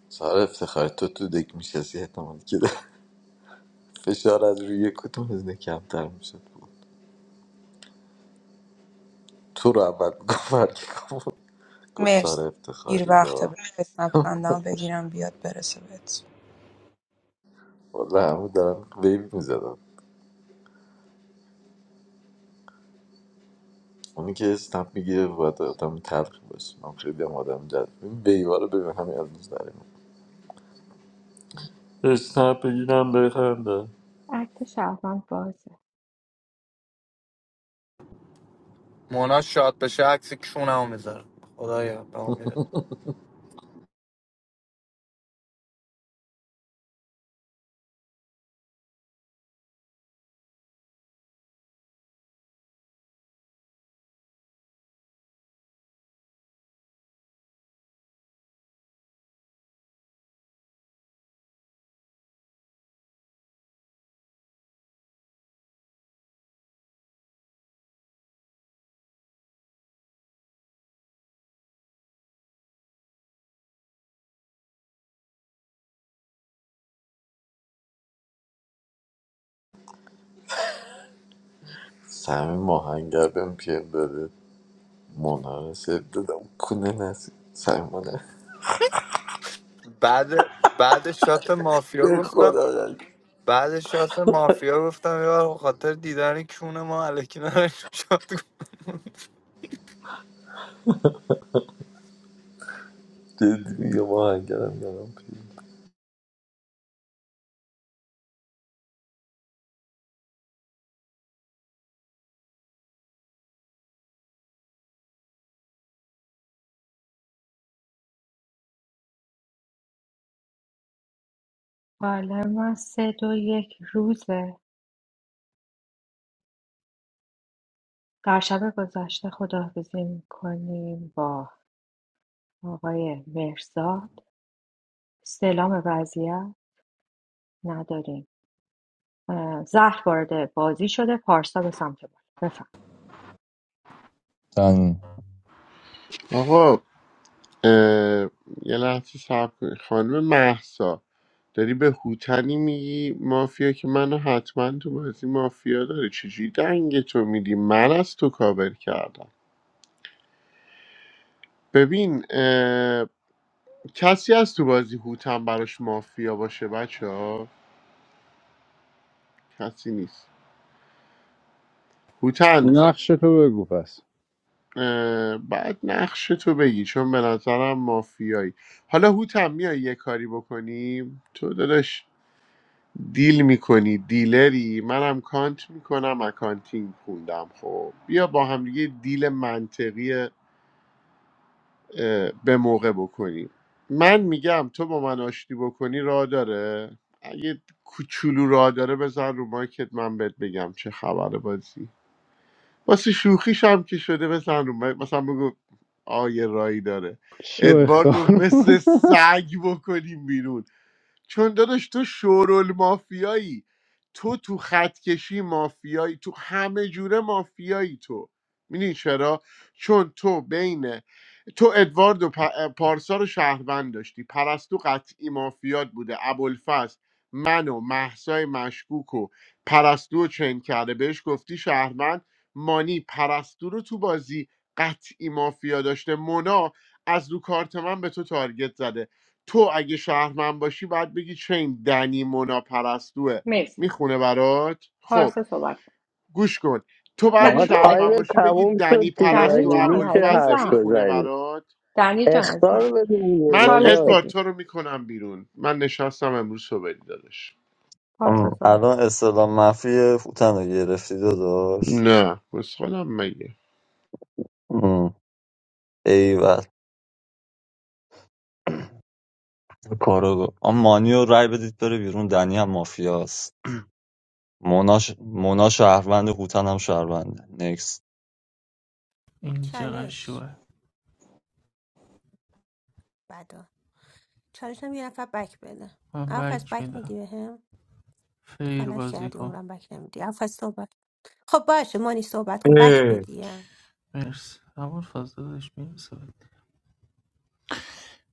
سهار افتخار تو تو دک میشستی احتمال که فشار از روی کدوم از اینا کمتر میشد تو رو اول میگفت گفتار Merci. Ir افتخاری vaqte با besnat khanda begiram biat beresavet. والا همه دارم ویب میزدم اونی که اسنپ میگیره باید آدم تلخ باشه من خیلی هم آدم جد این ویبا رو ببین همین از دوست داریم اسنپ بگیرم بخنده اکت شهروند بازه مونا شاد بشه عکس کونمو میذاره خدایا به امید. سمیم آهنگر بهم پیر داده مونا رو سر دادم کنه نسی سمیمانه بعد بعد شات مافیا به گفتم خدا قلب. بعد شات مافیا گفتم یه بار به خاطر دیدن کون ما الکی نریم شات کن. جدی میگم آهنگرم دارم پیر با الان من سه دو یک روزه در شب گذشته خداحافظی میکنیم با آقای مرزاد سلام وضعیت نداریم زهر وارد بازی شده پارسا به سمت بالا بفهم تن آقا اه، یه لحظه صبر کنید خانم محسا داری به هوتنی میگی مافیا که منو حتما تو بازی مافیا داره چجوری دنگ تو میدی من از تو کاور کردم ببین اه، کسی از تو بازی هوتن براش مافیا باشه بچه ها کسی نیست هوتن نقش تو بگو پس اه، بعد نقش تو بگی چون به نظرم مافیایی حالا هوتن میای یه کاری بکنیم تو داداش دیل میکنی دیلری منم کانت میکنم اکانتینگ خوندم خب بیا با هم دیگه دیل منطقی اه، به موقع بکنیم من میگم تو با من آشتی بکنی راه داره اگه کوچولو راه داره بزن رو مایکت من بهت بگم چه خبر بازی واسه شوخیش هم که شده بزن رو مایک مثلا بگو آه، یه رایی داره شو ادواردو خار مثل مادر. سگ بکنیم بیرون چون داداش تو شورول مافیایی تو تو خط کشی مافیایی تو همه جوره مافیایی تو میدونی چرا چون تو بین تو ادوارد و پ- پارسا رو شهروند داشتی پرستو قطعی مافیات بوده ابوالفضل من و محسای مشکوک و پرستو رو چنگ کرده بهش گفتی شهروند مانی پرستو رو تو بازی قطعی مافیا داشته مونا از رو کارت من به تو تارگت زده تو اگه شهرمن باشی باید بگی چین دنی مونا پرستوه مرسی میخونه برات خب پارسا صحبت کن گوش کن تو باید نه آقا دیگه تایم شهرمن یاده باشی بگی تموم شد دنی دیگه دنی پرستو مگه جان میشه ابوالفضل حرف عزیزم میخونه بزنی برات دنی جان عزیزم اختار بده دیگه من چالش نگار ادوارد بگیر تو رو میکنم بیرون من نشستم امروز صبح دادش پارسا ام، صحبت الان اصطلاح منفی فوتن رو گرفتی داداش نه مسخالم مگه ام، ایول کارو آن مانیو رای بدید بره بیرون دنی هم مافیاست مناش مونا شهروند هوتن هم شهرونده نکس این چقدر چالش شوه بدا چالش هم یه نفر بک بده من اول از بک بک میدی میدم بهم تو خیر غلط بازی کردی کن عمرم بک نمیدی اول صحبت خب باشه مانی صحبت کن بک اه، بدی مرسی ابوالفضل داداش میرسه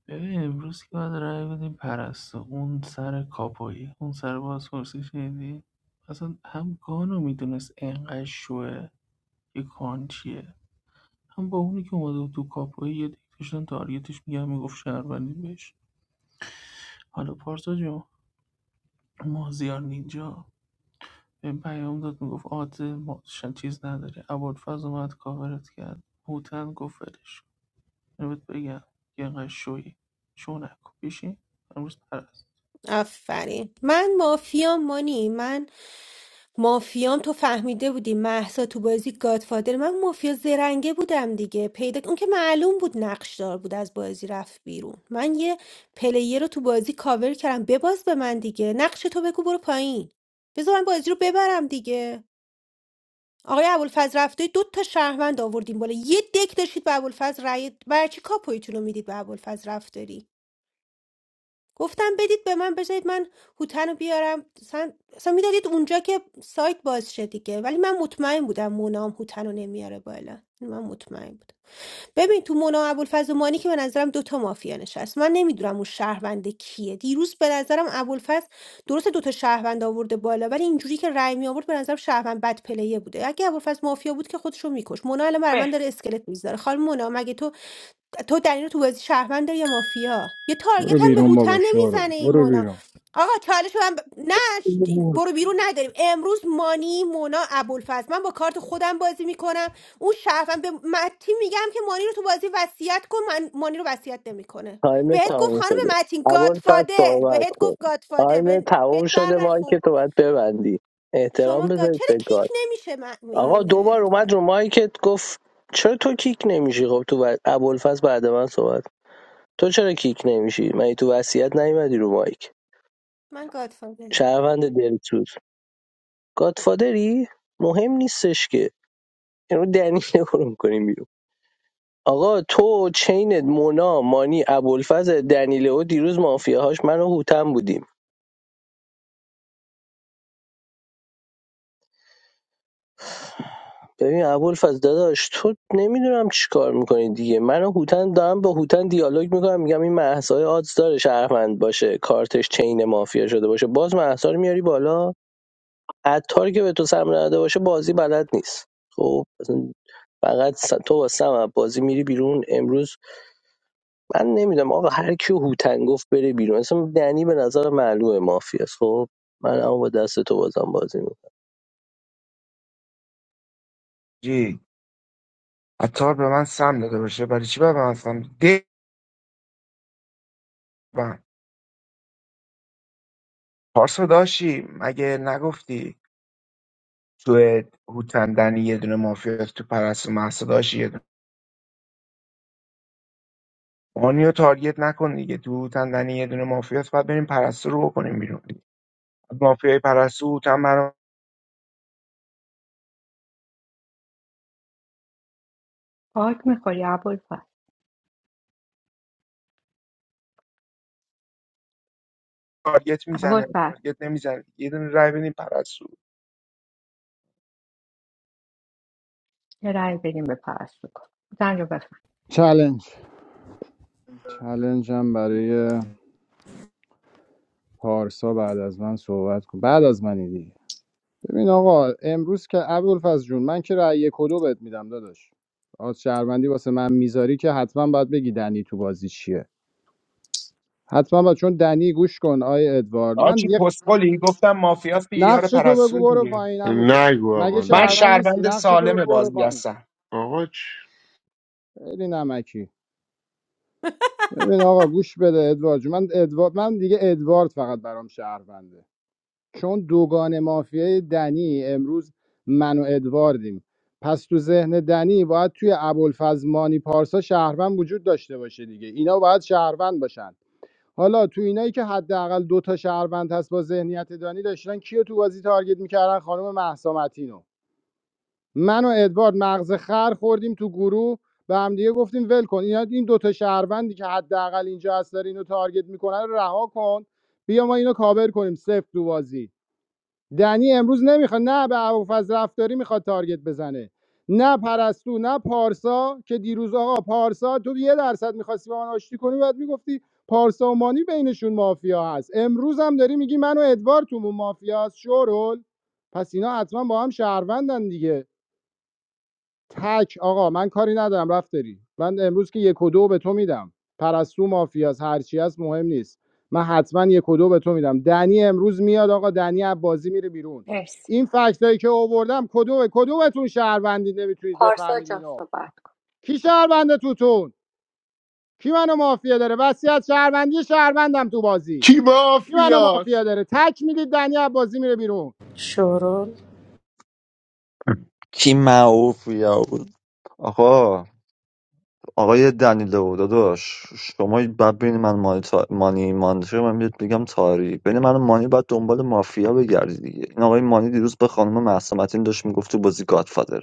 ببین امروز که باید رأی بدیم پرستو اون سر کاپایی اون سر بازپرسی شنیدی اصلا هم گانو میدونست انقدر شوه که کان چیه هم با اونی که اومده بود تو کاپایی یه دیگه داشتن تارگتش میگن میگفت شهروندی بهش حالا پارسا جون مازیار نینجا به پیام داد میگفت آت ماشن چیز نداره ابوالفضل اومد کاورت کرد هوتن گفت ولش کن. اینو بهت بگم که انقدر شوی شو نکن بشین امروز پرست آفرین من مافیام مانی من مافیام تو فهمیده بودی محسا تو بازی گادفادر من مافیا زرنگه بودم دیگه پیدا اون که معلوم بود نقش دار بود از بازی رفت بیرون من یه پلیر رو تو بازی کاور کردم بباز به من دیگه نقش تو بگو برو پایین بذار من بازی رو ببرم دیگه آقای ابوالفضل رفته دو تا شهروند آوردیم بالا یه دک داشتید به ابوالفضل رأی برای چی کاپویتون رو میدید به ابوالفضل رفتاری گفتم بدید به من بذارید من هوتن رو بیارم سن... اصلا میدادید اونجا که سایت باز شه دیگه ولی من مطمئن بودم مونام هوتن رو نمیاره بالا من مطمئن بودم ببین تو مونا و ابوالفضل و مانی که به نظرم دوتا مافیا نشست من نمیدونم اون شهروند کیه دیروز به نظرم ابوالفضل درست دوتا شهروند آورده بالا ولی اینجوری که رای می آورد به نظرم شهروند بد پلیه بوده اگه ابوالفضل مافیا بود که خودشو میکش مونا الان برای من مرسی داره اسکلت میذاره خال مونا مگه تو تو دنی رو تو بازی شهروند داری یا مافیا یه برو تارگت هم به بیرون هوتن بابا شورو نمیزنه این برو مونا بیرون آقا چالش من ب... نه ش- برو بیرون نداریم امروز مانی مونا ابوالفضل من با کارت خودم بازی میکنم اون شهروند به متی میگم که مانی رو تو بازی وصیت کن من مانی رو وصیت نمیکنه تایم بهت گفت تموم خانم شده متین اول پس گادفادر صحبت بهت کن گفت گادفادر تایم به- تموم بهت بر شده مایک نخورد تو باید ببندی احترام شما گاد بذارید چرا به کیک گاد نمیشه من آقا این دوبار اومد ادوار رو مایکت گفت چرا تو کیک نمیشی خب تو بعد ابوالفضل بعد من صحبت تو چرا کیک نمیشی؟ مگه تو وصیت نیومدی رو مایک؟ من گادفادرم شهروند دلسوز گادفادری؟ مهم نیستش که این رو دنیله رو میکنیم بیرون آقا تو چینت مونا مانی ابوالفضل دنیله و دیروز مافیاهاش من و هوتن بودیم ببین ابوالفضل داداش تو نمیدونم چی کار میکنی دیگه من و هوتن دارم با هوتن دیالوگ میکنم میگم این مهسا آدز داره شهروند باشه کارتش چین مافیا شده باشه باز مهسا رو میاری بالا عطاری که به تو سم نده باشه بازی بلد نیست خب اصلا فقط س- تو با سم بازی میری بیرون امروز من نمیدونم آقا هر کیو هوتن گفت بره بیرون اصلا دنی به نظر معلومه مافیاست خب من اما با دست تو بازم بازی میکنم جی عطار به من سم داده باشه برای چی باید به من سم ده من پارسا داشی مگه نگفتی سوئد هوتندنی یه دونه مافیاس تو پرستو مهسا داشت یه دونه مانیو تارگت نکن دیگه تو هوتندنی یه دونه مافیاس بعد بریم پرستو رو بکنیم بیرون دیگه از مافیای پرستو هوتن برام پاک میخوری عبول فر تارگت عبول میزنه فر تارگت نمیزنه یه دونه رای بدیم پرستو یه رای بگیم به پرستو کن زن رو بفهم چلنج چلنج هم برای پارسا بعد از من صحبت کن بعد از منی دیگه ببین آقا امروز که ابوالفضل جون من که رأی یک و دو بهت میدم داداش آز شهروندی واسه من میذاری که حتما باید بگی دنی تو بازی چیه حتما باید چون دنی گوش کن آی ادوارد من آچی یه پسپولی گفتم مافیاس دیگه یار نقش تو پرستو بگو برو دیگه پایین عمو جون نگو مگه آقا من نگو شهروند نیستی شهروند نقش تو سالم بگو برو بازی پایین هستم آقا چی خیلی نمکی ببین آقا گوش بده ادوارد جون. من ادوارد من دیگه ادوارد فقط برام شهرونده چون دوگان مافیای دنی امروز من و ادواردیم پس تو ذهن دنی باید توی ابوالفضل مانی پارسا شهروند وجود داشته باشه دیگه اینا باید شهروند باشن حالا تو اینایی که حداقل دو تا شهروند هست با ذهنیت دانی داشتن کیو تو بازی تارگت میکردن خانم مهسا متینو. من و ادوارد مغز خر خوردیم تو گروه به هم دیگه گفتیم ول کن اینا این دوتا شهروندی که حداقل اینجا هست داره اینو تارگت میکنن رو رها کن بیا ما اینو کاور کنیم صفر تو بازی دنی امروز نمیخواد نه به ابوالفضل رفتاری میخواد تارگت بزنه نه پرستو نه پارسا که دیروز آقا پارسا تو یه درصد میخواستی با من آشتی کنی بعد میگفتی پارسا و مانی بینشون مافیا هست امروز هم داری میگی من و ادوارد تو مافیا هست شورول پس اینا حتما با هم شهروندن دیگه تک آقا من کاری ندارم رفت داری من امروز که یک و دو به تو میدم پرستو مافیاس هرچی هست مهم نیست من حتما یک و دو به تو میدم دنی امروز میاد آقا دنی از بازی میره بیرون مرسی این فکتایی که آوردم کدومه کدومتون شهروندی نمیتونید پارسا بفهمید جان اینو صحبت کی شهرونده توتون کی منو مافیا داره وصیت شهروندی شهروندم تو بازی کی کی منو مافیاست مافیا داره تک میدید دنی از بازی میره بیرون شورول کی معوف یا بود آقا آقای دنیلو داداش شما بعد بین من مانی, تا... مانی منطقه من بهت میگم تاری بین من و مانی باید دنبال مافیا بگردی دیگه این آقای مانی دیروز به خانم مهسا متین داشت میگفت تو بازی گادفادر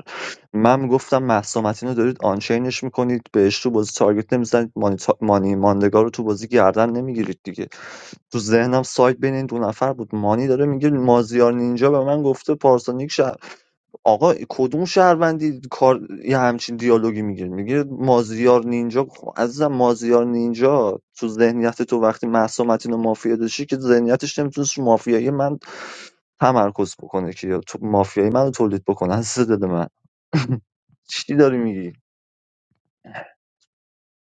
من میگفتم مهسا متین رو دارید آنچینش میکنید بهش تو بازی تارگت نمیزنید مانی, تا... مانی ماندگار رو تو بازی گردن نمیگیرید دیگه تو ذهنم سایت بین این دو نفر بود مانی داره میگه مازیار نینجا به من گفته پارسونیک آقا کدوم شهروندی کار یه همچین دیالوگی میگه میگه مازیار نینجا خب عزیزم مازیار نینجا تو ذهنیت تو وقتی مهسا متین و مافیا داشتی که ذهنیتش نمیتونست رو مافیایی من تمرکز بکنه که یا تو مافیایی منو تولید بکنه از دل من چی داری میگی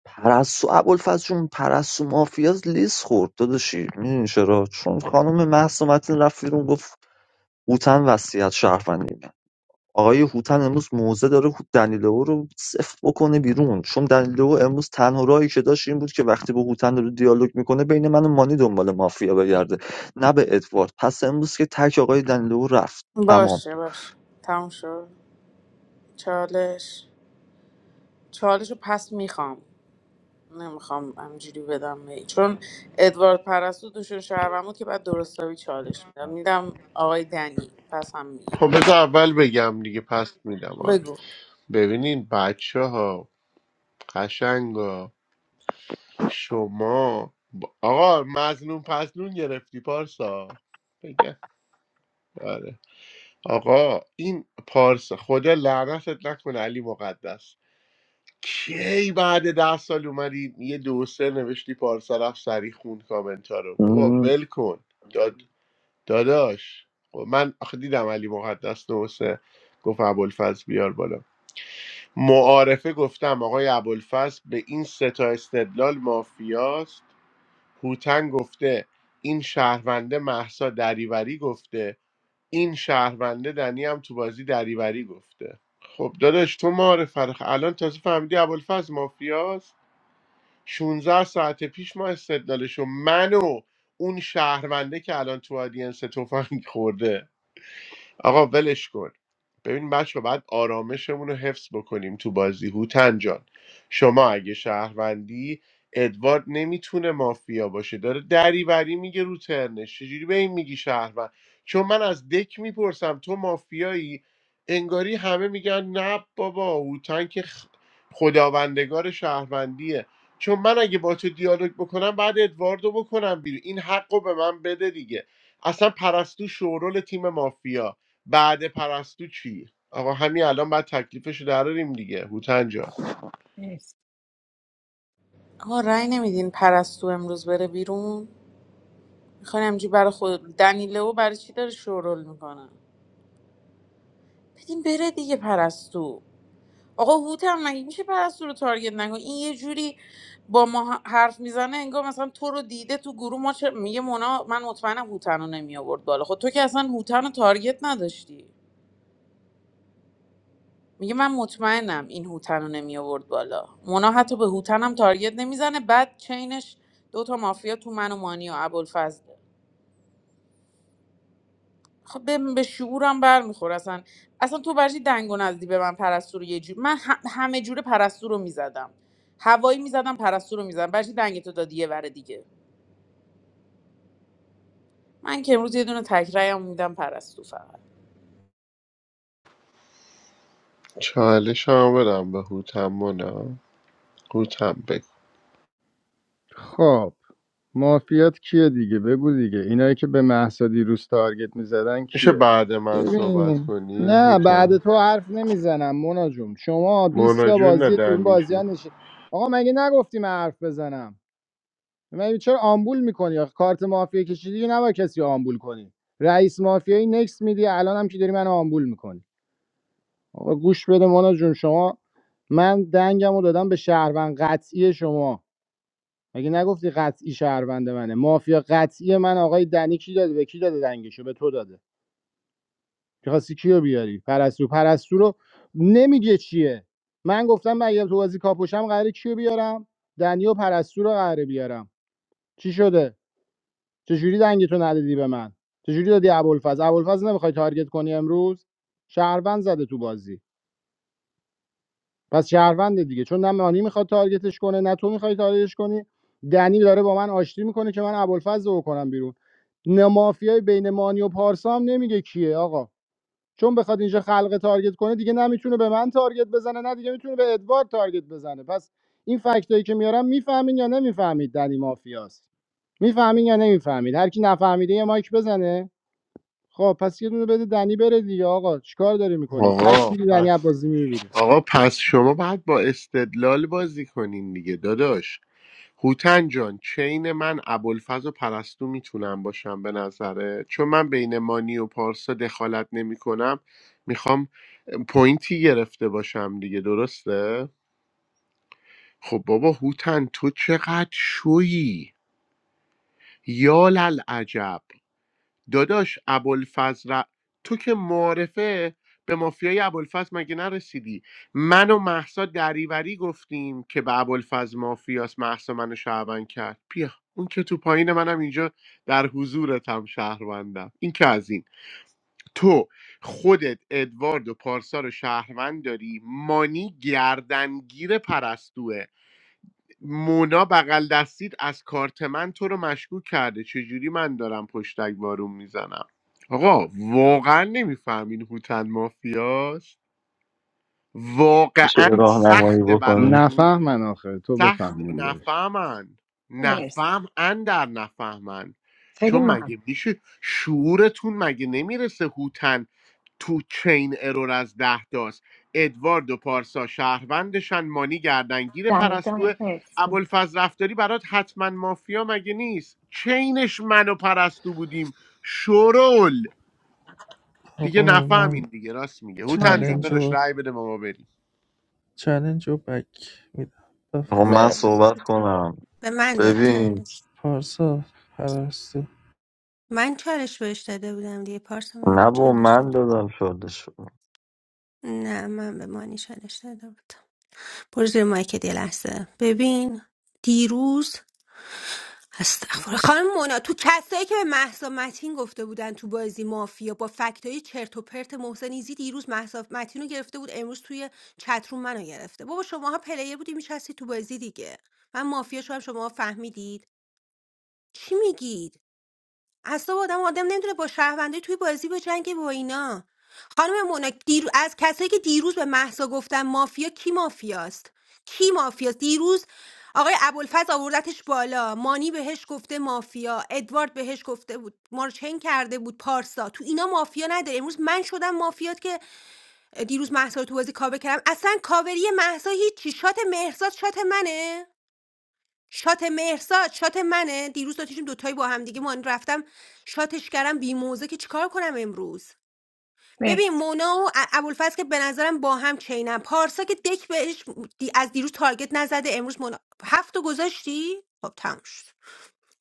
پرسو ابوالفضل جون پرسو مافیاز لیس خورد داداشی میدونی چرا چون خانم مهسا متین رفت بیرون گفت بوتن وصیت شهروندی آقای هوتن امروز موزه داره دنیلو رو صفر بکنه بیرون چون دنیلو امروز تنها راهی که داشت این بود که وقتی با هوتن رو دیالوگ میکنه بین من و مانی دنبال مافیا بگرده نه به ادوارد پس امروز که تک آقای دنیلو رفت تمام باشه باشه تموم شد چالش چالش رو پس میخوام نمیخوام همجوری بدم هی. چون ادوارد پرستو دوشون شهرم بود که بعد درستاوی چالش میدم میدم آقای دنی پس هم خب میگیرم بذار اول بگم دیگه پس میدم آره بگو ببینین بچه ها قشنگا شما ب- آقا مظلوم پسلون گرفتی پارسا بگه آره آقا این پارسا خدا لعنتت نکنه علی مقدس کی بعد ده سال اومدی یه دو سه نوشتی پارسا رفت سری خون کامنت ها رو بابا م، ول کن داد... داداش خب من آخه دیدم علی مقدس دو سه گفت ابوالفضل بیار بالا معارفه گفتم آقای ابوالفضل به این سه تا استدلال مافیاست هوتن گفته این شهرونده محسا دریوری گفته این شهرونده دنی هم تو بازی دریوری گفته خب داداش تو معارف فرخ الان تازه فهمیدی ابوالفضل مافیاست 16 ساعت پیش ما استدلالشو من و اون شهرونده که الان تو آدینس تفنگ خورده آقا ولش کن ببین بچه باید آرامشمون رو حفظ بکنیم تو بازی هوتن جان شما اگه شهروندی ادوارد نمیتونه مافیا باشه داره دریوری میگه رو ترنش چجوری به این میگی شهروند چون من از دک میپرسم تو مافیایی انگاری همه میگن نه بابا هوتن که خ- خداوندگار شهروندیه چون من اگه با تو دیالوگ بکنم بعد ادواردو بکنم بیرون این حق رو به من بده دیگه اصلا پرستو شورول تیم مافیا بعد پرستو چی آقا همین الان باید تکلیفش رو دراریم دیگه هوتن جان مرسی آقا رأی نمیدین پرستو امروز بره بیرون میخوان همجوری برای خود دنی لو برای چی داره شورول میکنه بدین بره دیگه پرستو آقا هوت هم مگه میشه پرستو رو تارگت نکن این یه جوری با ما حرف میزنه انگار مثلا تو رو دیده تو گروه ما چه... میگه مونا من مطمئنم هوتن رو نمی آورد بالا خود تو که اصلا هوتن رو تارگت نداشتی میگه من مطمئنم این هوتن رو نمی آورد بالا مونا حتی به هوتنم تارگت نمیزنه بعد چینش دوتا مافیا تو من و مانی و ابوالفضله خب به, به شعورم بر میخور اصلا اصلا تو برشی دنگ و نزدی به من پرستو رو یه جور من هم- همه جوره پرستو رو میزدم هوایی میزدم پرستو رو میزدم برشی دنگ تو دادی یه ور دیگه من که امروز یه دونه تکرایم میدم پرستو فقط چالش هم بدم به هوتن مونا هوتن بگو خب مافیات کیه دیگه بگو دیگه اینایی که به مهسا دیروز تارگت میزدن میشه کیه بعد من صحبت ببین کنی نه بعد هوتن تو حرف نمیزنم مونا جون شما بیست مونا تا جون بازی تو این ندنی بازی ها شد نشید آقا مگه نگفتی من حرف بزنم مگه چرا آمبول میکنی آخه کارت مافیا کشیدی دیگه نباید کسی رو آمبول کنی رئیس مافیایی نکس میدی الان هم که داری من آمبول میکنی آقا گوش بده مونا جون شما من دنگم رو دادم به شهروند قطعی شما مگه نگفتی قطعی شهروند منه مافیا قطعی من آقای دنی کی داده به کی داده دنگشو به تو داده میخواستی کیو بیاری پرستو پرستو رو نمیگه چیه من گفتم من تو بازی کاپوشم قراره کیو بیارم دنی و پرستو رو قراره بیارم چی شده چجوری دنگتو ندادی به من چجوری دادی ابوالفضل ابوالفضل نمیخوای تارگت کنی امروز شهروند زده تو بازی پس شهرونده دیگه چون نه مانی میخواد تارگتش کنه نه تو میخوای تارگتش کنی دنی داره با من آشتی میکنه که من ابوالفضل رو کنم بیرون نه مافیای بین مانی و پارسا هم نمیگه کیه آقا چون بخواد اینجا خلق تارگت کنه دیگه نه میتونه به من تارگت بزنه نه دیگه میتونه به ادوارد تارگت بزنه پس این فکتایی که میارم میفهمین یا نمیفهمید دنی مافیاست میفهمین یا نمیفهمید هر کی نفهمیده یه مایک بزنه خب پس یه دونه بده دنی بره دیگه آقا چیکار داری میکنی تک آقا می‌دی دنی پس عباسی میره بیرون. آقا پس شما باید با استدلال بازی کنین دیگه داداش هوتن جان چین من ابوالفضل و پرستو میتونم باشم به نظره چون من بین مانی و پارسا دخالت نمی کنم میخوام پوینتی گرفته باشم دیگه درسته خب بابا هوتن تو چقدر شویی یا عجب داداش ابوالفضل ر- تو که معرفه به مافیای ابوالفضل مگه نرسیدی من و محسا دریوری گفتیم که به ابوالفضل مافیاس محسا منو شهروند کرد بیا اون که تو پایین منم اینجا در حضورتم شهروندم این که از این تو خودت ادوارد و پارسا رو شهروند داری مانی گردنگیر پرستوه مونا بغل دستید از کارت من تو رو مشکوک کرده چجوری من دارم پشتک بارون میزنم آقا واقعا نمیفهمین هوتن مافیاست میشه واقعا یه راهنمایی سخته بکنی براتون نفهمن آخه تو سخت بفهمون بهش نفهمن مرسی نفهم در نفهمن خیلی چون مگه ممنون میشه شعورتون مگه نمیرسه هوتن تو چین ارور از ده داست ادوارد و پارسا شهروندشن مانی گردنگیر دنی پرستوه جان مرسی ابوالفضل رفتاری برات حتما مافیا مگه نیست چینش من و پرستو بودیم شرول دیگه آقا من نفهمین دیگه راست میگه هوتن مانی جون جان چلنج بگو. داداش و رأی بده ما ما بریم چلنج و بک میدم بفهم آقا من آفرین من مرسی صحبت کنم به من داد ببین چالش پارسا پرستو من چالش بهش داده بودم دیگه پارسا مگه نه تو با چالش من داده دادم شده شد نه من به مانی چالش داده بودم برو زیر مایکت یه لحظه ببین دیروز استغفر خانم مونا تو کسایی که به مهسا متین گفته بودن تو بازی مافیا با فکتای چرت و پرت محسن ایزی دیروز مهسا متین رو گرفته بود امروز توی چتروم منو گرفته بابا شماها پلیر بودی میشستی تو بازی دیگه من مافیا شدم شما فهمیدید چی میگید اصلا آدم آدم نمیتونه با شهروندی توی بازی بجنگه با اینا خانم مونا دیرو... از کسایی که دیروز به محسا گفتن مافیا کی مافیاست کی مافیاست دیروز آقای ابوالفضل آوردتش بالا مانی بهش گفته مافیا ادوارد بهش گفته بود مارچین کرده بود پارسا تو اینا مافیا نداره امروز من شدم مافیات که دیروز محسا رو تو بازی کاوه کردم اصلا کاوری محسا هیچ چی شات مهرزاد شات منه شات مهرسا شات منه دیروز داشتیم دوتایی با هم دیگه من رفتم شاتش کردم بی موزه که چیکار کنم امروز ببین مرسی مونا و ا- ابوالفضل که به نظرم با هم چینم پارسا که دک بهش دی- از دیروز تارگت نزده امروز مونا هفت تا گذاشتی خب تموم شد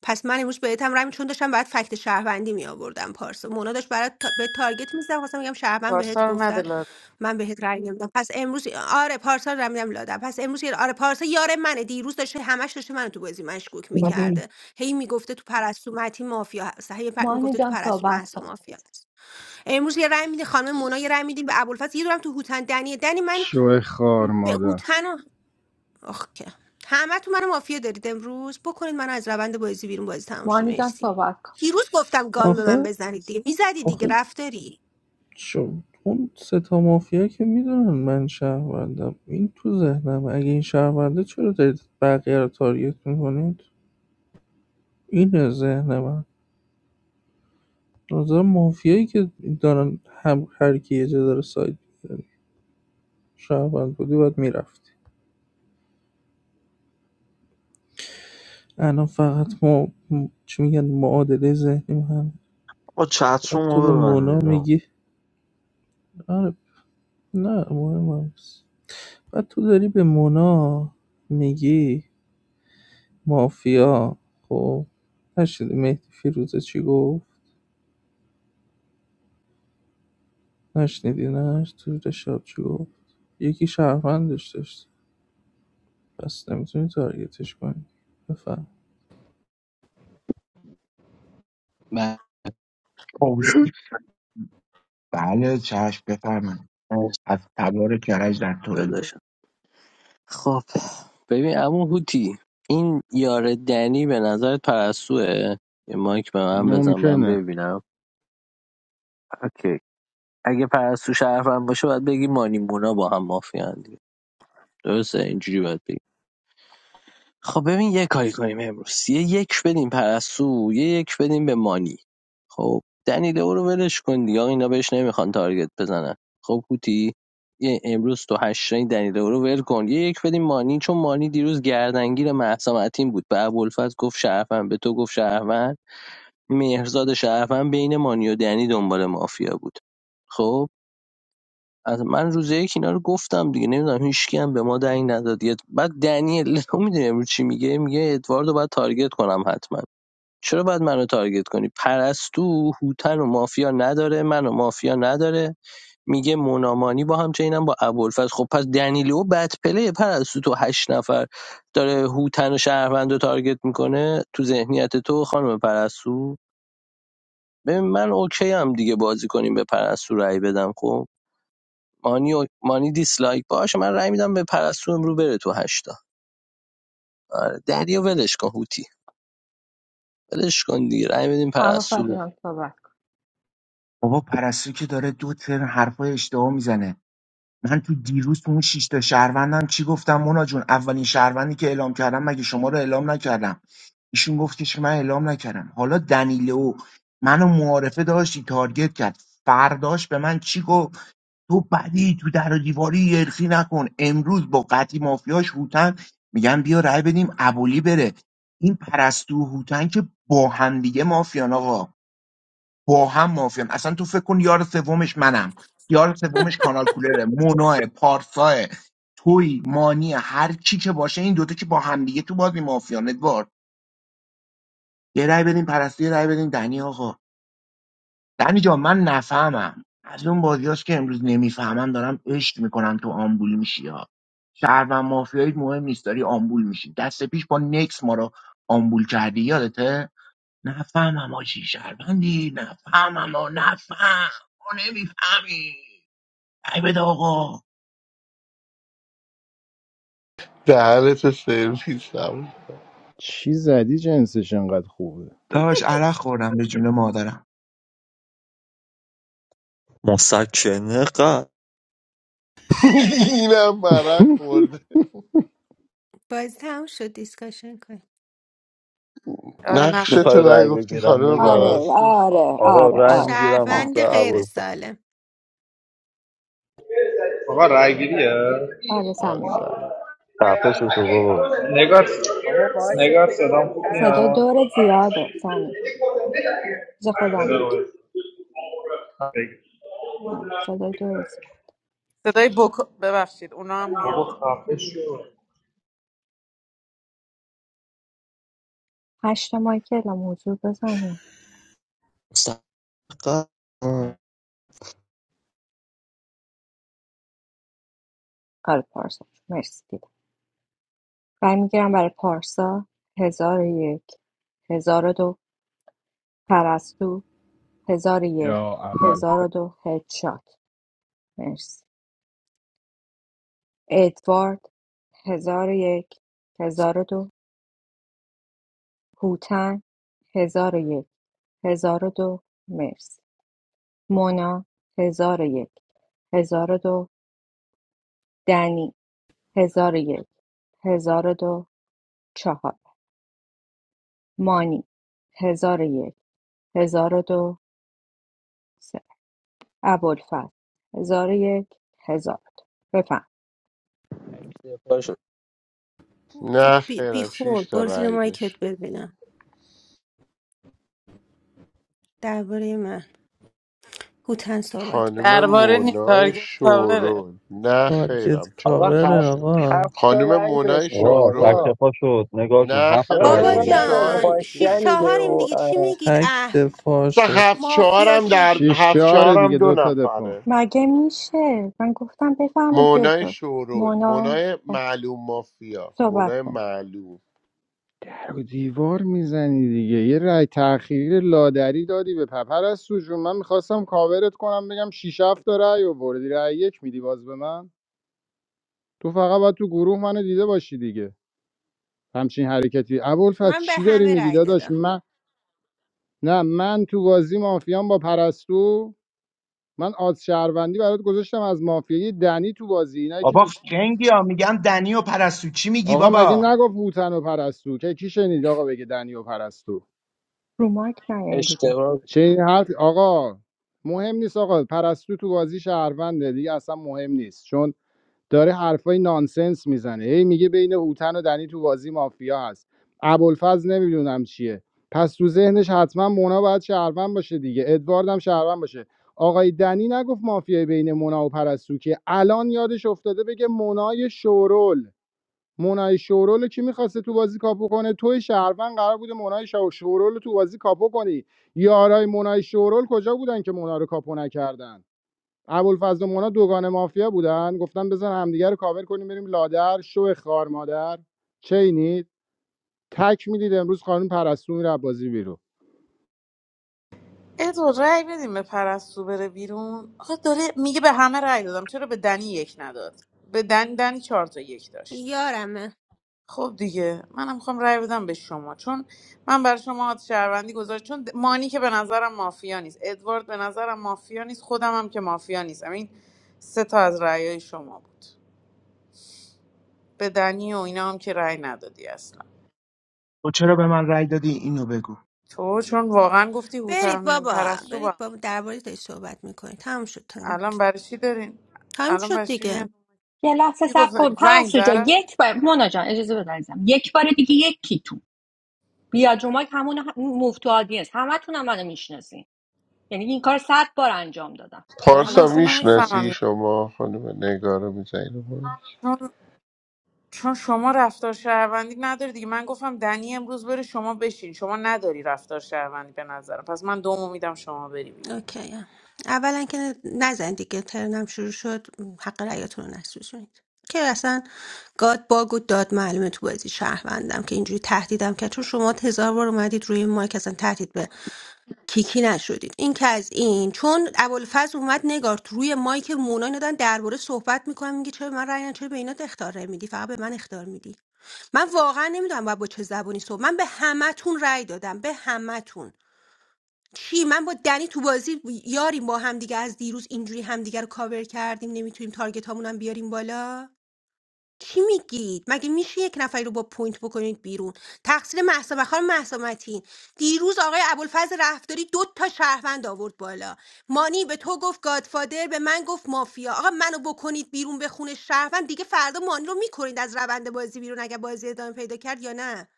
پس من امروز بهت هم رای می- چون داشتم برات فکت شهروندی می آوردم پارسا مونا داشت برات تا... به تارگت میزدم خواستم بگم شهروند بهت پارسا رو نده گفتن من بهت رای نمیدم پس امروز آره پارسا رو میدم لادم پس امروز یه- آره پارسا یار منه دیروز داشته همش داشته منو تو بازی مشکوک میکرده هی میگفته تو پرستو متی مافیا هست هی پ... مانی میگفته تو جان پرستو صحبت مهسا کن مافیا هست امروز یه رای میده خانم مونا یه رای میدیم به ابوالفضل یه دورم تو هوتن دنیه دنی من شو خار به مادر هوتن آخ که همه تو من مافیا دارید امروز بکنید من از روند بازی بیرون بازی تموم شه مانی جان مرسی صحبت کن دیروز گفتم گال به من آخه بزنید دیگه میزدی دیگه آخه رفتاری شو اون سه تا مافیا که میدونن من شهروندم این تو ذهنم اگه این شهرونده چرا دارید بقیه رو تارگت میکنید اینه ذهن من نظر مافیایی که دارن هم هر کی یه جا داره سایت می‌زنه. شهروند بودی باید میرفتی الان فقط ما چی میگن معادله ذهنی هم آقا باید چتروم تو به رو مونا ببندید آقا. میگی آره نه مهم هم نیست بعد تو داری به مونا میگی مافیا خب نشنیدی مهدی فیروزه چی گفت نشنیدی نه تو شب چی گفت یکی شهروندش داشت پس نمیتونی تارگتش کنی بفهم خب، بله چشم بفرمایید مرسی. از تبار کرج در تورنتو داداشم خب ببین عمو هوتی این یار دنی به نظرت پرستوه یه مایک به من بزن من ممکنه ببینم اوکی اگه پرستو شرفم باشه باید بگی مانیمونا با هم مافیان دیگه درسته اینجوری باید بگی خب ببین یه کاری کنیم امروز یه یک بدیم پرستو یه یک بدیم به مانی خب دنیلو رو ولش کن دیگه آقا اینا بهش نمیخوان تارگت بزنن خب هوتی یه امروز تو هشت رنگ دنیلو رو ول کن یه یک بدیم مانی چون مانی دیروز گردنگیر مهسا معتین بود به ابوالفضل گفت شرفن به تو گفت شرفن مهرزاد شرفن بین مانی و دنی دنبال مافیا بود خب از من روز یک اینا رو گفتم دیگه نمیدونم هیچکی هم به ما دنگ نداد بعد دنیل لو میدونی امروز چی میگه میگه ادواردو رو باید تارگت کنم حتما چرا باید منو تارگت کنی پرستو هوتن و مافیا نداره منو مافیا نداره میگه منامانی با هم چینم با ابوالفضل خب پس دنیلو بد پله پرستو تو هشت نفر داره هوتن و شهروند تارگت میکنه تو ذهنیت تو خانم پرستو ببین من اوکی هم دیگه بازی کنیم به پرستو رأی بدم خب مانی, و... مانی دیسلایک باشه من رأی میدم به پرستو امرو بره تو هشتا آره دریا ولش کن هوتی ولش کن دیگه رأی بدیم هوا پرستو بره. جان صحبت کن بابا پرستو که داره دو ترن حرفای اشتباه میزنه من تو دیروز تو اون شیش تا شهروندم چی گفتم مونا جون اولین شهروندی که اعلام کردم مگه شما رو اعلام نکردم ایشون گفت که من اعلام نکردم حالا دنیلو منو معارفه داشتی تارگت کرد فرداش به من چی گفت تو بدی تو در و دیواری ارخی نکن امروز با قطعی مافیاش هوتن میگن بیا رای بدیم ابولی بره این پرستو و هوتن که با هم دیگه مافیان آقا با هم مافیان اصلا تو فکر کن یار سومش منم یار سومش کانال کولره مونا پارسا توی مانی هر چی که باشه این دوتا که با هم دیگه تو بازی مافیان ادوارد یه رای بدین پرستی یه رای بدین دنی آقا دنی جان من نفهمم از اون بازیاست که امروز نمیفهمم دارم عشق میکنم تو آمبول میشی ها شهر و مافیایی مهم نیست داری آمبول میشی دست پیش با نکس ما رو آمبول کردی یادته نفهمم آجی شهروندی نفهمم آ نفهم ما نمیفهمی ای بده آقا دهنتو سرویس چی زدی جنسش انقدر خوبه داش عرق خوردم به جون مادرم مسکنه قد اینم برق خورده بازی تموم شد دیسکاشن کن آره نقش نقش تو میخوای تو رای بود نگفتی بگیرم خانم نگار آره پرستو آ- آره آقا آره رای آره میگیرم آره واسه شهروند غیر ابوالفضل سالم آقا رای گیریه آره آره سمیم بگو سر. خفه شد و بابا नेगर آقا مایکت नेगर رو सदम ببند تر क्या صدای شد دور زیاده سمیم नेगर ز خودم میگم آره، صدای دور زیاد صدای بکو ببخشید اونا هم میاد هشت ماه که اعلام حضور بزنیم مستقر آره پارسا مرسی دیدم رای میگیرم برای پارسا هزار و یک هزار و دو پرستو هزار و یک یا اول هزار و دو هدشات مرسی ادوارد هزار و یک هزار و دو هوتن هزار و یک هزار و دو مرسی مونا هزار و یک هزار و دو دنی هزار و یک هزار و دو چهار مانی هزار و یک هزار و دو سه ابوالفضل هزار و یک هزار و دو بفرمایید. باشه. تو نه بی, بی خیرم خور شیش تا برو زیر رأی مایکت داشت ببینم درباره من هوتن صحبت خانم کن درباره نیست مونای تارگت کاوره شورول نه تارگت خیرم آقا چهار کاور شیشم هفت بود. آقا هفت تا خانم رنگ مونای داشته آقا شورول آقا تکتفا شد نگار جون نه هفت خیر آقا یه آقا رای بابا دقیقه شیش بود نگه رو شاره جان مایک چی شیش میگی؟ دنیله چهاریم و دیگه اه، چی میگید تک اه دفاع سه شد هفت مافیا چهارم در شدی شیش هفت چهاره چهارم دیگه دو دوتا دفاع نفره مگه میشه من گفتم بفهمید که مونای شورول مونا مونای خب، معلوم مافیا صحبت مونای کن معلوم رو دیوار میزنی دیگه یه رای تأخیری لادری دادی به پپر از سوجون من میخواستم کاورت کنم بگم شیش هفت تا رای آوردی رای یک میدی باز به من تو فقط باید تو گروه منو دیده باشی دیگه همچین حرکتی ابوالفضل من به چی داری همه میگی رأی داداش دادم من نه من تو بازی مافیام با پرستو من آز شهروندی برات گذاشتم از مافیای دنی تو بازی اینایی که بابا میش خنگی ها میگم دنی و پرستو چی میگی آقا مگه بابا نگفت هوتن و پرستو که کی شنید آقا بگه دنی و پرستو رو مایک نیاین دیگه اشتباه چه این حرف آقا مهم نیست آقا پرستو تو بازی شهرونده دیگه اصلا مهم نیست چون داره حرفای نانسنس میزنه هی میگه بین هوتن و دنی تو بازی مافیا هست ابوالفضل نمیدونم چیه پس تو ذهنش حتما مونا باید شهروند باشه دیگه ادوارد هم شهروند باشه آقای دنی نگفت مافیای بین مونا و پرستو که الان یادش افتاده بگه مونای شورول مونای شورول رو کی میخواسته تو بازی کاپو کنه توی شهروند قرار بوده مونای شورول رو تو بازی کاپو کنی یارای مونای شورول کجا بودن که مونا رو کاپو نکردن ابوالفضل و مونا دوگان مافیا بودن گفتن بزن همدیگه رو کاور کنیم بریم لادر شو خار مادر چینی تک میدید امروز خانم پرستو میره بازی بیرو ادو رای بدیم به پرستو بره بیرون آخه داره میگه به همه رای دادم چرا به دنی یک نداد به دن دنی چهار تا یک داشت یارمه خب دیگه منم میخوام رای بدم به شما چون من برای شما آت شهروندی گذاشت چون د- مانی که به نظرم مافیا نیست ادوارد به نظرم مافیا نیست خودم هم که مافیا نیستم این سه تا از رأیای شما بود به دنی و اینا هم که رأی ندادی اصلا تو چرا به من رأی دادی اینو بگو تو چون واقعا گفتی برید هوتن بابا پرستو با هم. برید بابا درباره تا صحبت میکنید تموم شد تایم الان برای چی دارین تموم الان شد برای چی میاد دیگه یه لحظه کی سب گفت کن زنگ پرستو جا زد یک بار مونا جان اجازه بده عزیزم. یک بار دیگه یکیتون بیا جمعه که همون موو تو آدینس همتون هم منو میشناسین یعنی این کار صد بار انجام دادم آره من حالا پارسا اصلا صحبت کن مونا نمیفهمم میشناسی جان یعنی شما خانم نگار میزنی چون چون شما رفتار شهروندی نداری دیگه من گفتم دنی امروز بره شما بشین شما نداری رفتار شهروندی به نظرم پس من دومو میدم شما بری بیرون اوکی اولا که ن- نزن دیگه ترنم شروع شد حق رأیاتون رو نسوزونید که اصلا گاد باگ و داد معلومه تو بازی شهروندم که اینجوری تهدیدم که چون شما هزار بار اومدید روی مایک اصلا تهدید به کیکی نشدید این که از این چون ابوالفضل اومد نگار تو روی مایک مونا اینا دارن درباره صحبت میکنم میگه چرا به من رأی ندی؟ چرا به اینا اختار میدی فقط به من اختار میدی من واقعا نمیدونم باید با چه زبونی صحبت من به همتون رأی دادم به همتون چی من با دنی تو بازی یاریم با همدیگه از دیروز اینجوری همدیگه رو کاور کردیم نمیتونیم تارگت هامون هم بیاریم بالا چی میگید مگه میشه یک نفری رو با پوینت بکنید بیرون تقصیر مهسا و خانم مهسا متین دیروز آقای ابوالفضل رفتاری دو تا شهروند آورد بالا مانی به تو گفت گادفادر به من گفت مافیا آقا منو بکنید بیرون به خونه شهروند دیگه فردا مانی رو میکنید از روند بازی بیرون اگه بازی ادامه پیدا کرد یا نه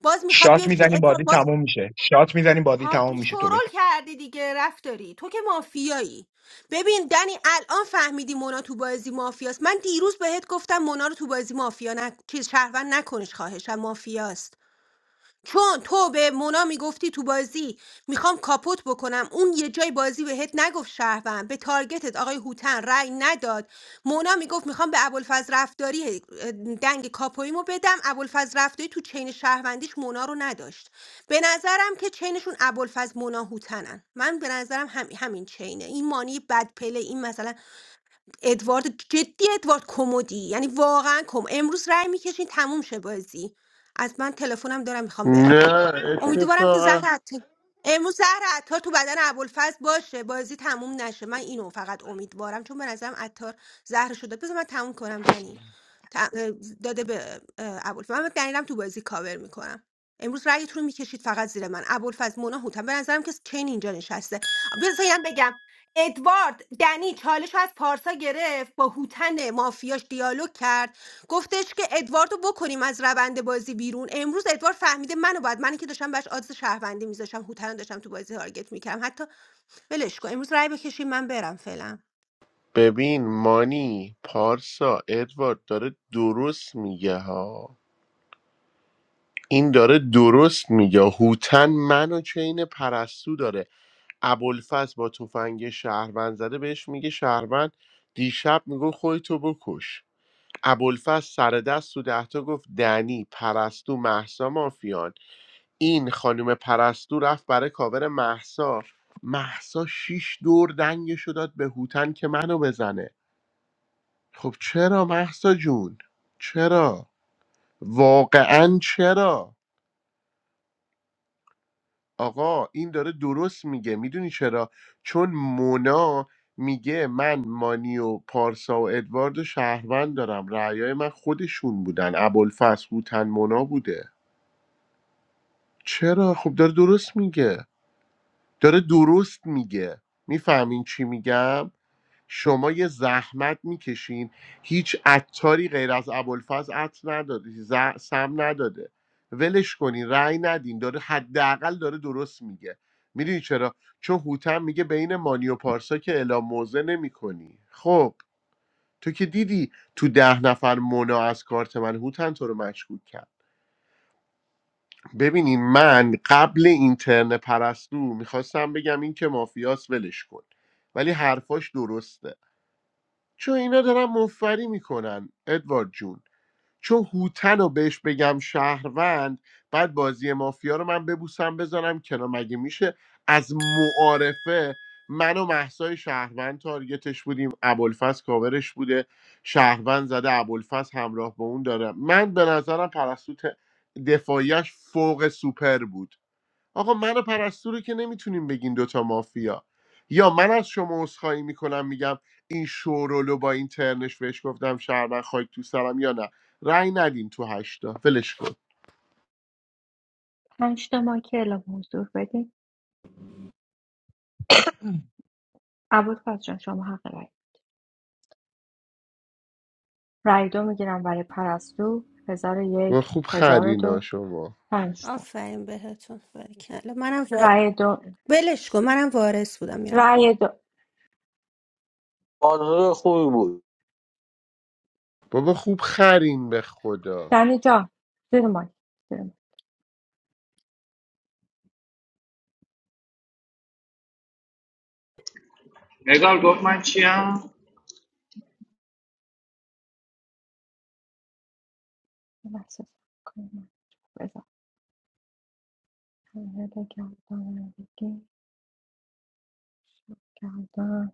باز میخواد شات بیاد بشینه میزنیم بازی تموم میشه شات میزنیم بازی عادی تموم میشه تو شورول بگی کردی دیگه رفتاری تو که مافیایی ببین دنی الان فهمیدی مونا تو بازی مافیاست من دیروز بهت گفتم مونا رو تو بازی مافیا نه چیز شهروند نکنش خواهشم مافیاست چون تو به مونا میگفتی تو بازی میخوام کاپوت بکنم اون یه جای بازی بهت نگفت شهروند به تارگتت آقای هوتن رأی نداد مونا میگفت میخوام به ابوالفضل رفتاری اه، دنگ کاپویمو بدم ابوالفضل رفتاری تو چین شهروندیش مونا رو نداشت به نظرم که چینشون ابوالفضل مونا هوتنن من به نظرم هم همین چینه این مانی بد پله این مثلا ادوارد جدی ادوارد کمدی یعنی واقعا کم امروز رأی میکشین تموم شه بازی از من تلفنم دارم میخوام برم نه امیدوارم که زهر اتفاقا عط- امروز زهر عطار تو بدن ابوالفضل باشه بازی تموم نشه من اینو فقط امیدوارم چون به نظرم عطار زهر شده بذار من تموم کنم دنی ت- داده به اه، ابوالفضل من دنیلم تو بازی کاور میکنم امروز رأیتون رو میکشید فقط زیر من ابوالفضل مونا هوتم به نظرم که چین اینجا نشسته بذارم بگم ادوارد دنی چالش رو از پارسا گرفت با هوتن مافیاش دیالوگ کرد گفتش که ادوارد رو بکنیم از روند بازی بیرون امروز ادوارد فهمیده منو باید منی که داشتم بهش آدرس شهروندی میذاشتم هوتن رو داشتم تو بازی تارگت میکردم حتی ولش کن امروز رأی بکشید من برم فعلا ببین مانی پارسا ادوارد داره درست میگه ها این داره درست میگه هوتن منو چین پرستو داره ابوالفضل با تفنگ شهروند زده بهش میگه شهروند دیشب میگو خودتو بکش ابوالفضل سر دست تو دهتا گفت دنی پرستو محسا مافیان این خانم پرستو رفت برای کاور محسا محسا شیش دور دنگشو داد به هوتن که منو بزنه خب چرا محسا جون چرا واقعا چرا آقا این داره درست میگه میدونی چرا چون مونا میگه من مانی و پارسا و ادوارد و شهروند دارم رعیای من خودشون بودن ابوالفضل هوتن مونا بوده چرا خب داره درست میگه داره درست میگه میفهمین چی میگم شما یه زحمت میکشین هیچ عطاری غیر از ابوالفضل عط نداده ز- سم نداده ولش کنین رأی ندین داره حداقل داره درست میگه میدونی چرا چون هوتن میگه بین مانی و پارسا که اعلام موضع نمیکنی خب تو که دیدی تو ده نفر مونا از کارت من هوتن تو رو مشکوک کرد ببینین من قبل اینترن پرستو میخواستم بگم این که مافیاس ولش کن ولی حرفاش درسته چون اینا دارن مفری میکنن ادوارد جون چون هوتن رو بهش بگم شهروند بعد بازی مافیا رو من ببوسم بزنم کنار مگه میشه از معارفه من و محسای شهروند تارگتش بودیم ابوالفضل کاورش بوده شهروند زده ابوالفضل همراه با اون داره من به نظرم پرستو ت- دفاعیش فوق سوپر بود آقا من و پرستو رو که نمیتونیم بگین دوتا مافیا یا من از شما عذرخواهی میکنم میگم این شورولو با این ترنش بهش گفتم شهروند خاک تو سرم یا نه رأی ندین تو هشتا ولش کن پنج تا مایک اعلام حضور بدین ابوالفضل جان شما حق رای رای دو میگیرم برای پرستو هزار و یک بابا خوب هزار و خرینا دو شما پنج تا آفرین بهتون برکلا منم رای دو ولش کن منم وارث بودم میرم خب رای دو قانون بود بابا خوب خرین به خدا دنی جان زیر مایک زیر مایک नेगर गवर्नमेंट क्या یه لحظه صبر کن. بذار. پنل گردانندگی، گردان.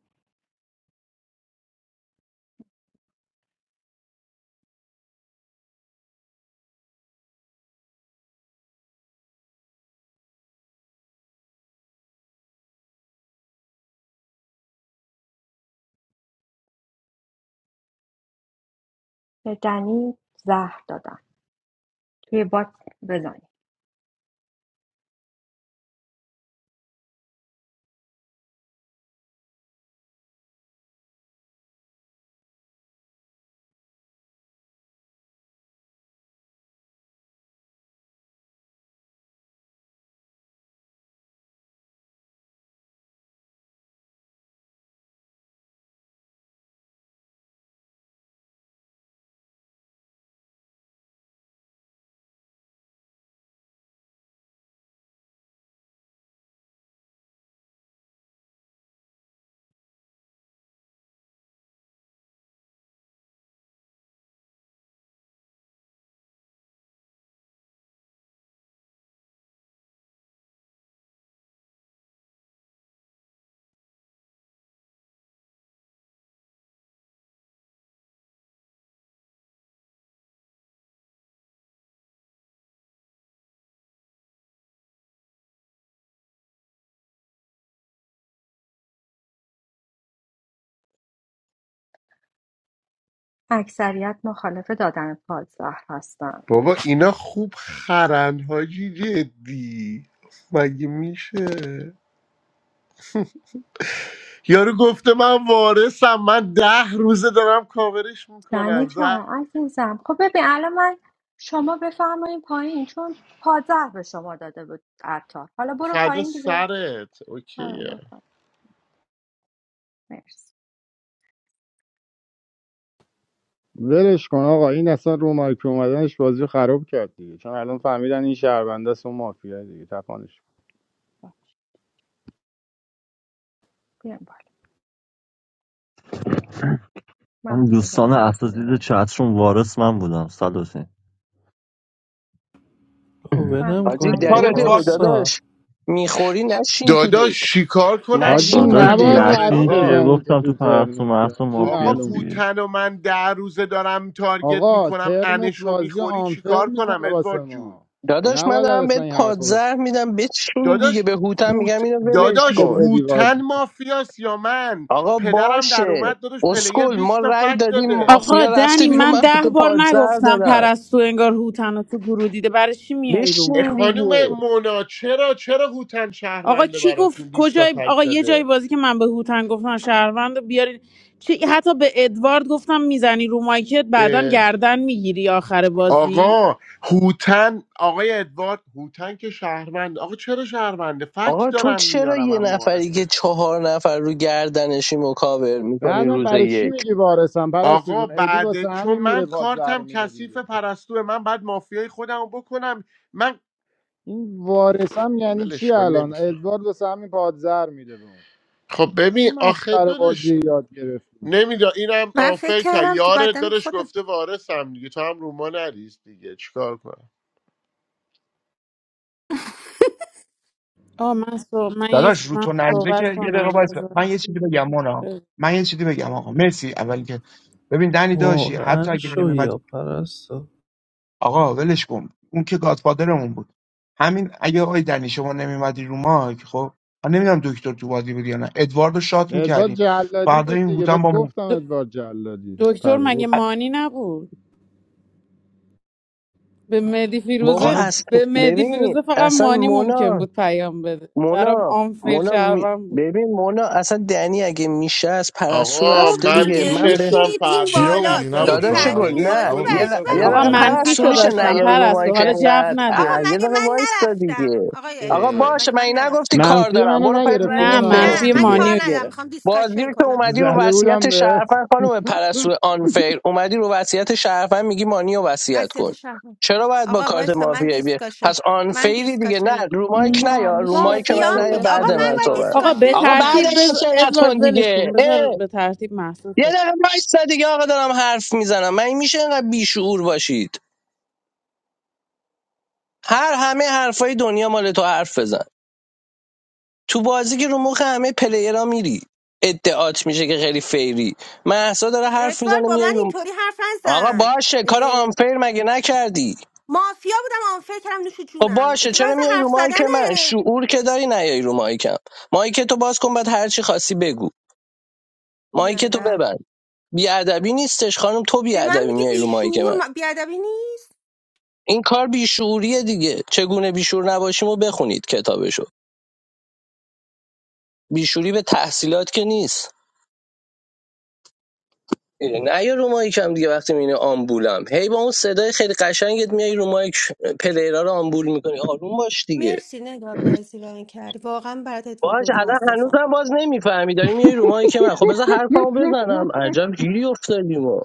به دنی زهر دادن توی بات بزنید اکثریت مخالف دادن پاد زهر هستن بابا اینا خوب خرن حاجی جدی مگه میشه یارو گفته من وارثم من ده روزه دارم کاورش دنی میکنم جان زن عزیزم خب ببین الان من شما بفرمایین پایین چون پادزهر به شما داده بود عطار حالا برو فدا پایین دیگه سرت آره اوکیه برو پایین. مرسی ولش کن آقا این اصلا رو مایک اومدنش بازی خراب کرد دیگه چون الان فهمیدن این شهربنده است اون مافیا دیگه تپانش کن. بیام بالا اون محسا جان دوستان بیا بالا اساتید چترون وارث من بودم صد حسین خب ولم محسا جان حاجی کن دیگه کار عزیزم بیا دنیله ادوارد و بالا بود پارسا داداش میخوری نشین تو دک داداش چیکار کنم حاجی نشین داداش تو هوتن نباید دک حرف نشین آقا چیه یارشه بزنی که گفتم تو تو پرستو ترنت که محسا حاجی آقا مافیاس معلوم دیگه میشه هوتن و من در روزه دارم تارگت آقا میکنم ترنت انشو بازی رو میخوری آنفر چیکار کنم میکنه واسه ادوارد جون ما داداش من نباید دارم اصلا بهت این حرف بزنی. پادزهر میدم بچین دیگه داداش به هوتم هوت میگم اینو ولش گفتم داداش به کن ادیوارد هوتن مافیاس یا من آقا پدرم در باشه اومد داداش پلیر اسکل ما بیست تا رأی فکت دادیم داده آقا مافیا رفته دنی بیرون من من به ده تو بار پادزهر نگفتم دادم پرستو انگار هوتن رو تو گروه دیده برای چی میای رو اه، بشین مایکل خانوم دیگه مونا چرا چرا هوتن آقا شهرونده کی گفت براتون 20 تا کجای فکت آقا یه جایی بازی که من به هوتن گفتم شهروند رو بیارین چی... حتی به ادوارد گفتم میزنی رو مایکت بعدا داده گردن میگیری آخر بازی آقا هوتن آقای ادوارد هوتن که شهروند آقا چرا شهرونده فکت آقا تو دارم چرا میارم یه من نفری که معارفه چهار نفر رو گردنشی مکاور میکنی بعدم روز برای چی یک میگی وارثم پرستو جون آقا ادی واسه بعد چون همین میره من پادزر رو کارتم میده کثیف دیگه پرستوه من بعد مافیای خودم رو بکنم من این وارثم یعنی چی ولش کن الان نمیفهم ادوارد واسه همین پادزر میده به اون خب چه ببین آخه مسخره دادش بازی یاد گرفتیم؟ نمیدا اینم من فکر آفر کرد کردم تو یار بدن دادش خودم گفته وارثم دیگه تو هم روما نریز دیگه چیکار کنم آه من صح... من, یه... داداش رو من تو نریزه که صحبت یه دقیقه کنم وایس بذار من یه چیزی بگم مونا بذار. من یه چیزی بگم آقا مرسی اول که ببین دنی داشی حتی واقعا اگه نمی‌اومدی شویا پرستا آقا ولش کن اون که گادفادرمون بود همین اگه آقای دنی شما نمیمدی رو مایک خب من نمیدونم دکتر تو بازی بود یا نه ادواردو شات ادوارد میکردیم جلادی فردا بود این دیگه هوتن بهت با مو- گفتم د- ادوارد جلادی دکتر پره مگه گفت مانی نبود به مهدی بابا فیروزه حالا اصلا به مهدی ببین فیروزه فقط اصلا مانی ممکن مونا بود پیام بده برام مونا آنفیر مونا می- شهروند بود ببین مونا اصلا دنی اگه میشه از پرستو آقا خب رفته من دیگه دیگه من به میشستم میشینید این فردا کیا بالا بودی میرفتم توی نبود داداش بیرون چت گل رو جلوی فس نه بازی رو تویی یه, که برای عبافس به چی ل... کیا یه برای آقا دقیقه هوتم مافیا بودی میگی اینقدر پرستو منفیشو میشه آنفر داشتم نیایی شهروند رو مایی پرستو که میکنی حالا جو انقدر آقا اه، نده یه مگه دقیقه من وایستا نرفتم دیگه آقای آقا ادوارد اه، باشه مگه من من این نگفتی نرفتم کار منفی دارم منو برو پای نگرفتی نه زنگت برس نه منفی مونا من دیگه کار مانیو ندارم گرفت میخوام بازی دیسکاشن رو که کنم اومدی رو زده بودم وصیت بهت شرفن خانم پرستو آنفیر اومدی رو وصیت شرفن میگی مانی رو وصیت کن وضعیت شهر چرا باید با آقا کارت وایسا من مافیایی بیه پس دیسکاشن من آنفیری دیگه نه دیسکاشنم رو مایک نه نه یا رو میشه مایک من دکو نه مافیام یا دیگه آقا بعد بخونی من من باید نگار صحبت آقا به جان دیسکاشن آقا بعد کنم من ترتیب بز... صحبت کن ادوارد ولش کن دیگه بذار به ترتیب محسوس یه دقیقه وایسا دیگه آقا دارم حرف میزنم من میشه اینقدر بیشعور باشید هر همه حرفای دنیا مال تو حرف بزن تو بازی که رو مخ همه پلیرا میری ادعات میشه که خیلی فیری محسا داره حرف ادوارد میزنه با میای من رو اینطوری حرف آقا باشه کار نزن آنفیر مگه نکردی مافیا بودم آنفر کردم نوش خب جونم باشه اتفاقا چرا میای حرف رو مایک من زدنه شعور که داری نیای رو مایکم مایک تو باز کن بعد هر چی خاصی بگو مایک تو بیادب ببند بیادبی نیستش خانم تو به من بیادبی میگه میای رو مایک من بیشور بیادبی نیست این کار بیشعوریه دیگه چگونه بیشعور نباشیم و بخونید کتابشو بیشعوری به تحصیلات که نیست نه یا رو مایک هم دیگه وقتی میبینی آمبولم هی با اون صدای خیلی قشنگت میای رو مایک پلیرا رو آمبول میکنی آروم باش دیگه مرسی نگار بازی ران کردی واقعا برات اتفاق باش الان متاسفم هنوزم باز نمیفهمی داری میای رو مایک من خب بذار حرفمو بزنم عجب گیری افتادیم و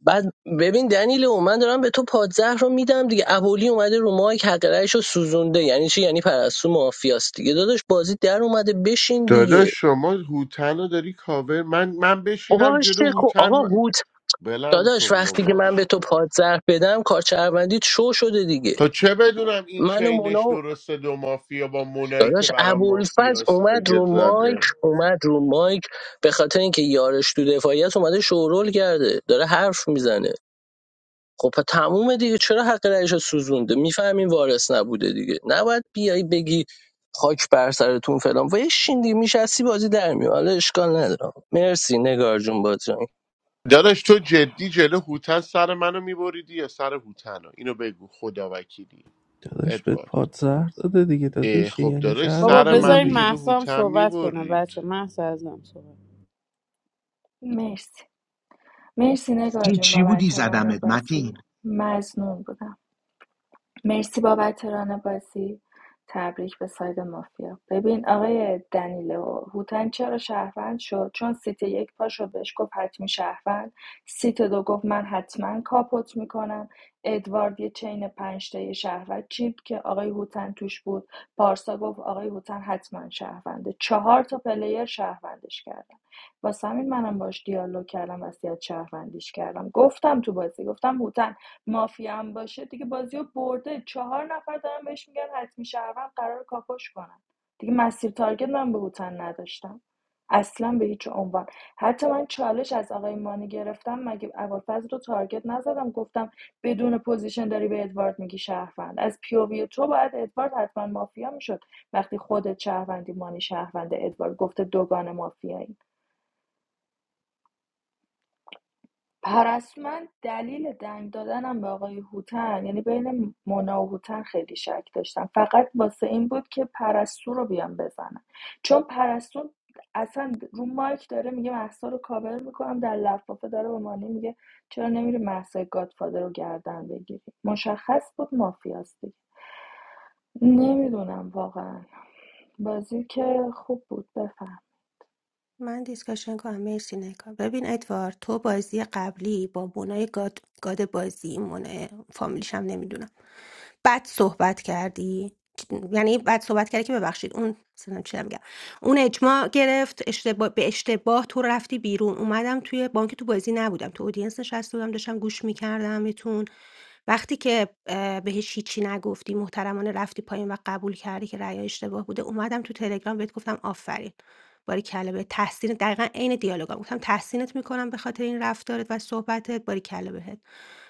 بعد ببین دنیل و من دارم به تو پادزهر رو میدم دیگه ابولی اومده رو مایک حق رأیش رو سوزونده یعنی چی یعنی پرستو مافیاست دیگه داداش بازی در اومده بشین دیگه داداش شما هوتن رو داری کاور من من آقا بشینم جلو عشق خو... هوتن آقا من... هوت بلم داداش کن وقتی که بابا من به تو پادزرف بدم کارچروندیت شو شده دیگه خب چه بدونم این من و مونا چینش و- درسته دو مافیا با مونایی که داداش برا ابوالفز مافیا اومد رو سرگت مایک زده اومد رو مایک به خاطر اینکه یارش تو دفاعیت اومده شورول کرده داره حرف میزنه خب پس تمومه دیگه چرا حق رئیس سوزونده میفهمین وارث نبوده دیگه نباید بیای بگی خاک بر سرتون فلان و یه شین دیگه میشستی بازی در میاد حالا اشکال ندارم مرسی نگار جون بازی داداش تو جدی جلو هوتن سر منو میبریدی یا سر هوتن رو اینو بگو خدا وکیلی داداش بهت ادوارد پاد زهر داده دیگه اه، داداشی خب یعنی داداش بابا شهرت سر داره منو بذارین دیگه جلو محسا هم هوتن صحبت کنه میبرید بچه محسا ازم صحبت مرسی مرسی نگار این جون چی بودی بابت ران زدمت متین بازی مزنون بودم مرسی بابت ران بازی تبریک به ساید مافیا ببین آقای دنیلو هوتن چرا شهروند شد چون سیت یک پاشو بهش گفت حتمی شهروند سیت دو گفت من حتما کاپوت میکنم ادوارد یه چین پنجتای شهروند چیپ که آقای هوتن توش بود پارسا گفت آقای هوتن حتما شهرونده چهار تا پلیر شهروندش کردن واسه همین منم باش دیالوگ کردم وصیت شهروندیش کردم گفتم تو بازی گفتم هوتن مافیا هم باشه دیگه بازی برده چهار نفر دارن بهش میگن حتمی شهروند قرار کاپوش کنن دیگه مسیر تارگت من به هوتن نداشتم اصلا به هیچ عنوان حتی من چالش از آقای مانی گرفتم مگه ابوالفضل رو تارگت نزدم گفتم بدون پوزیشن داری به ادوارد میگی شهروند از پیووی تو باید ادوارد حتما مافیا میشد وقتی خودت شهروندی مانی شهروند ادوارد گفته دوگان مافیایی پرستو دلیل دنگ دادنم به آقای هوتن یعنی بین مونا و هوتن خیلی شک داشتم فقط واسه این بود که پرستو رو بیام بزنم چون پرستو اصلا رو مایک داره میگه محسا رو کاور میکنم در لفافه داره به مانی میگه چرا نمیری محسا گادفادر رو گردن بگیری مشخص بود مافیاست دیگه نمیدونم واقعا بازی که خوب بود بفهم من دیسکاشن کنم مرسی نگاه ببین ادوارد تو بازی قبلی با مونای گاد, گاد بازی مونه فامیلیش هم نمیدونم بد صحبت کردی یعنی بد صحبت کردی که ببخشید اون سنم چی میگم اون اجماع گرفت اشتباه به اشتباه تو رفتی بیرون اومدم توی بانک تو بازی نبودم تو اودینس نشسته بودم داشتم گوش میکردم میتون وقتی که اه، بهش هیچی نگفتی محترمانه رفتی پایین و قبول کردی که رأی اشتباه بوده اومدم تو تلگرام بهت گفتم آفرین باریکلا بهت تحسین دقیقا عین دیالوگا گفتم تحسینت میکنم به خاطر این رفتارت و صحبتت، باریکلا بهت.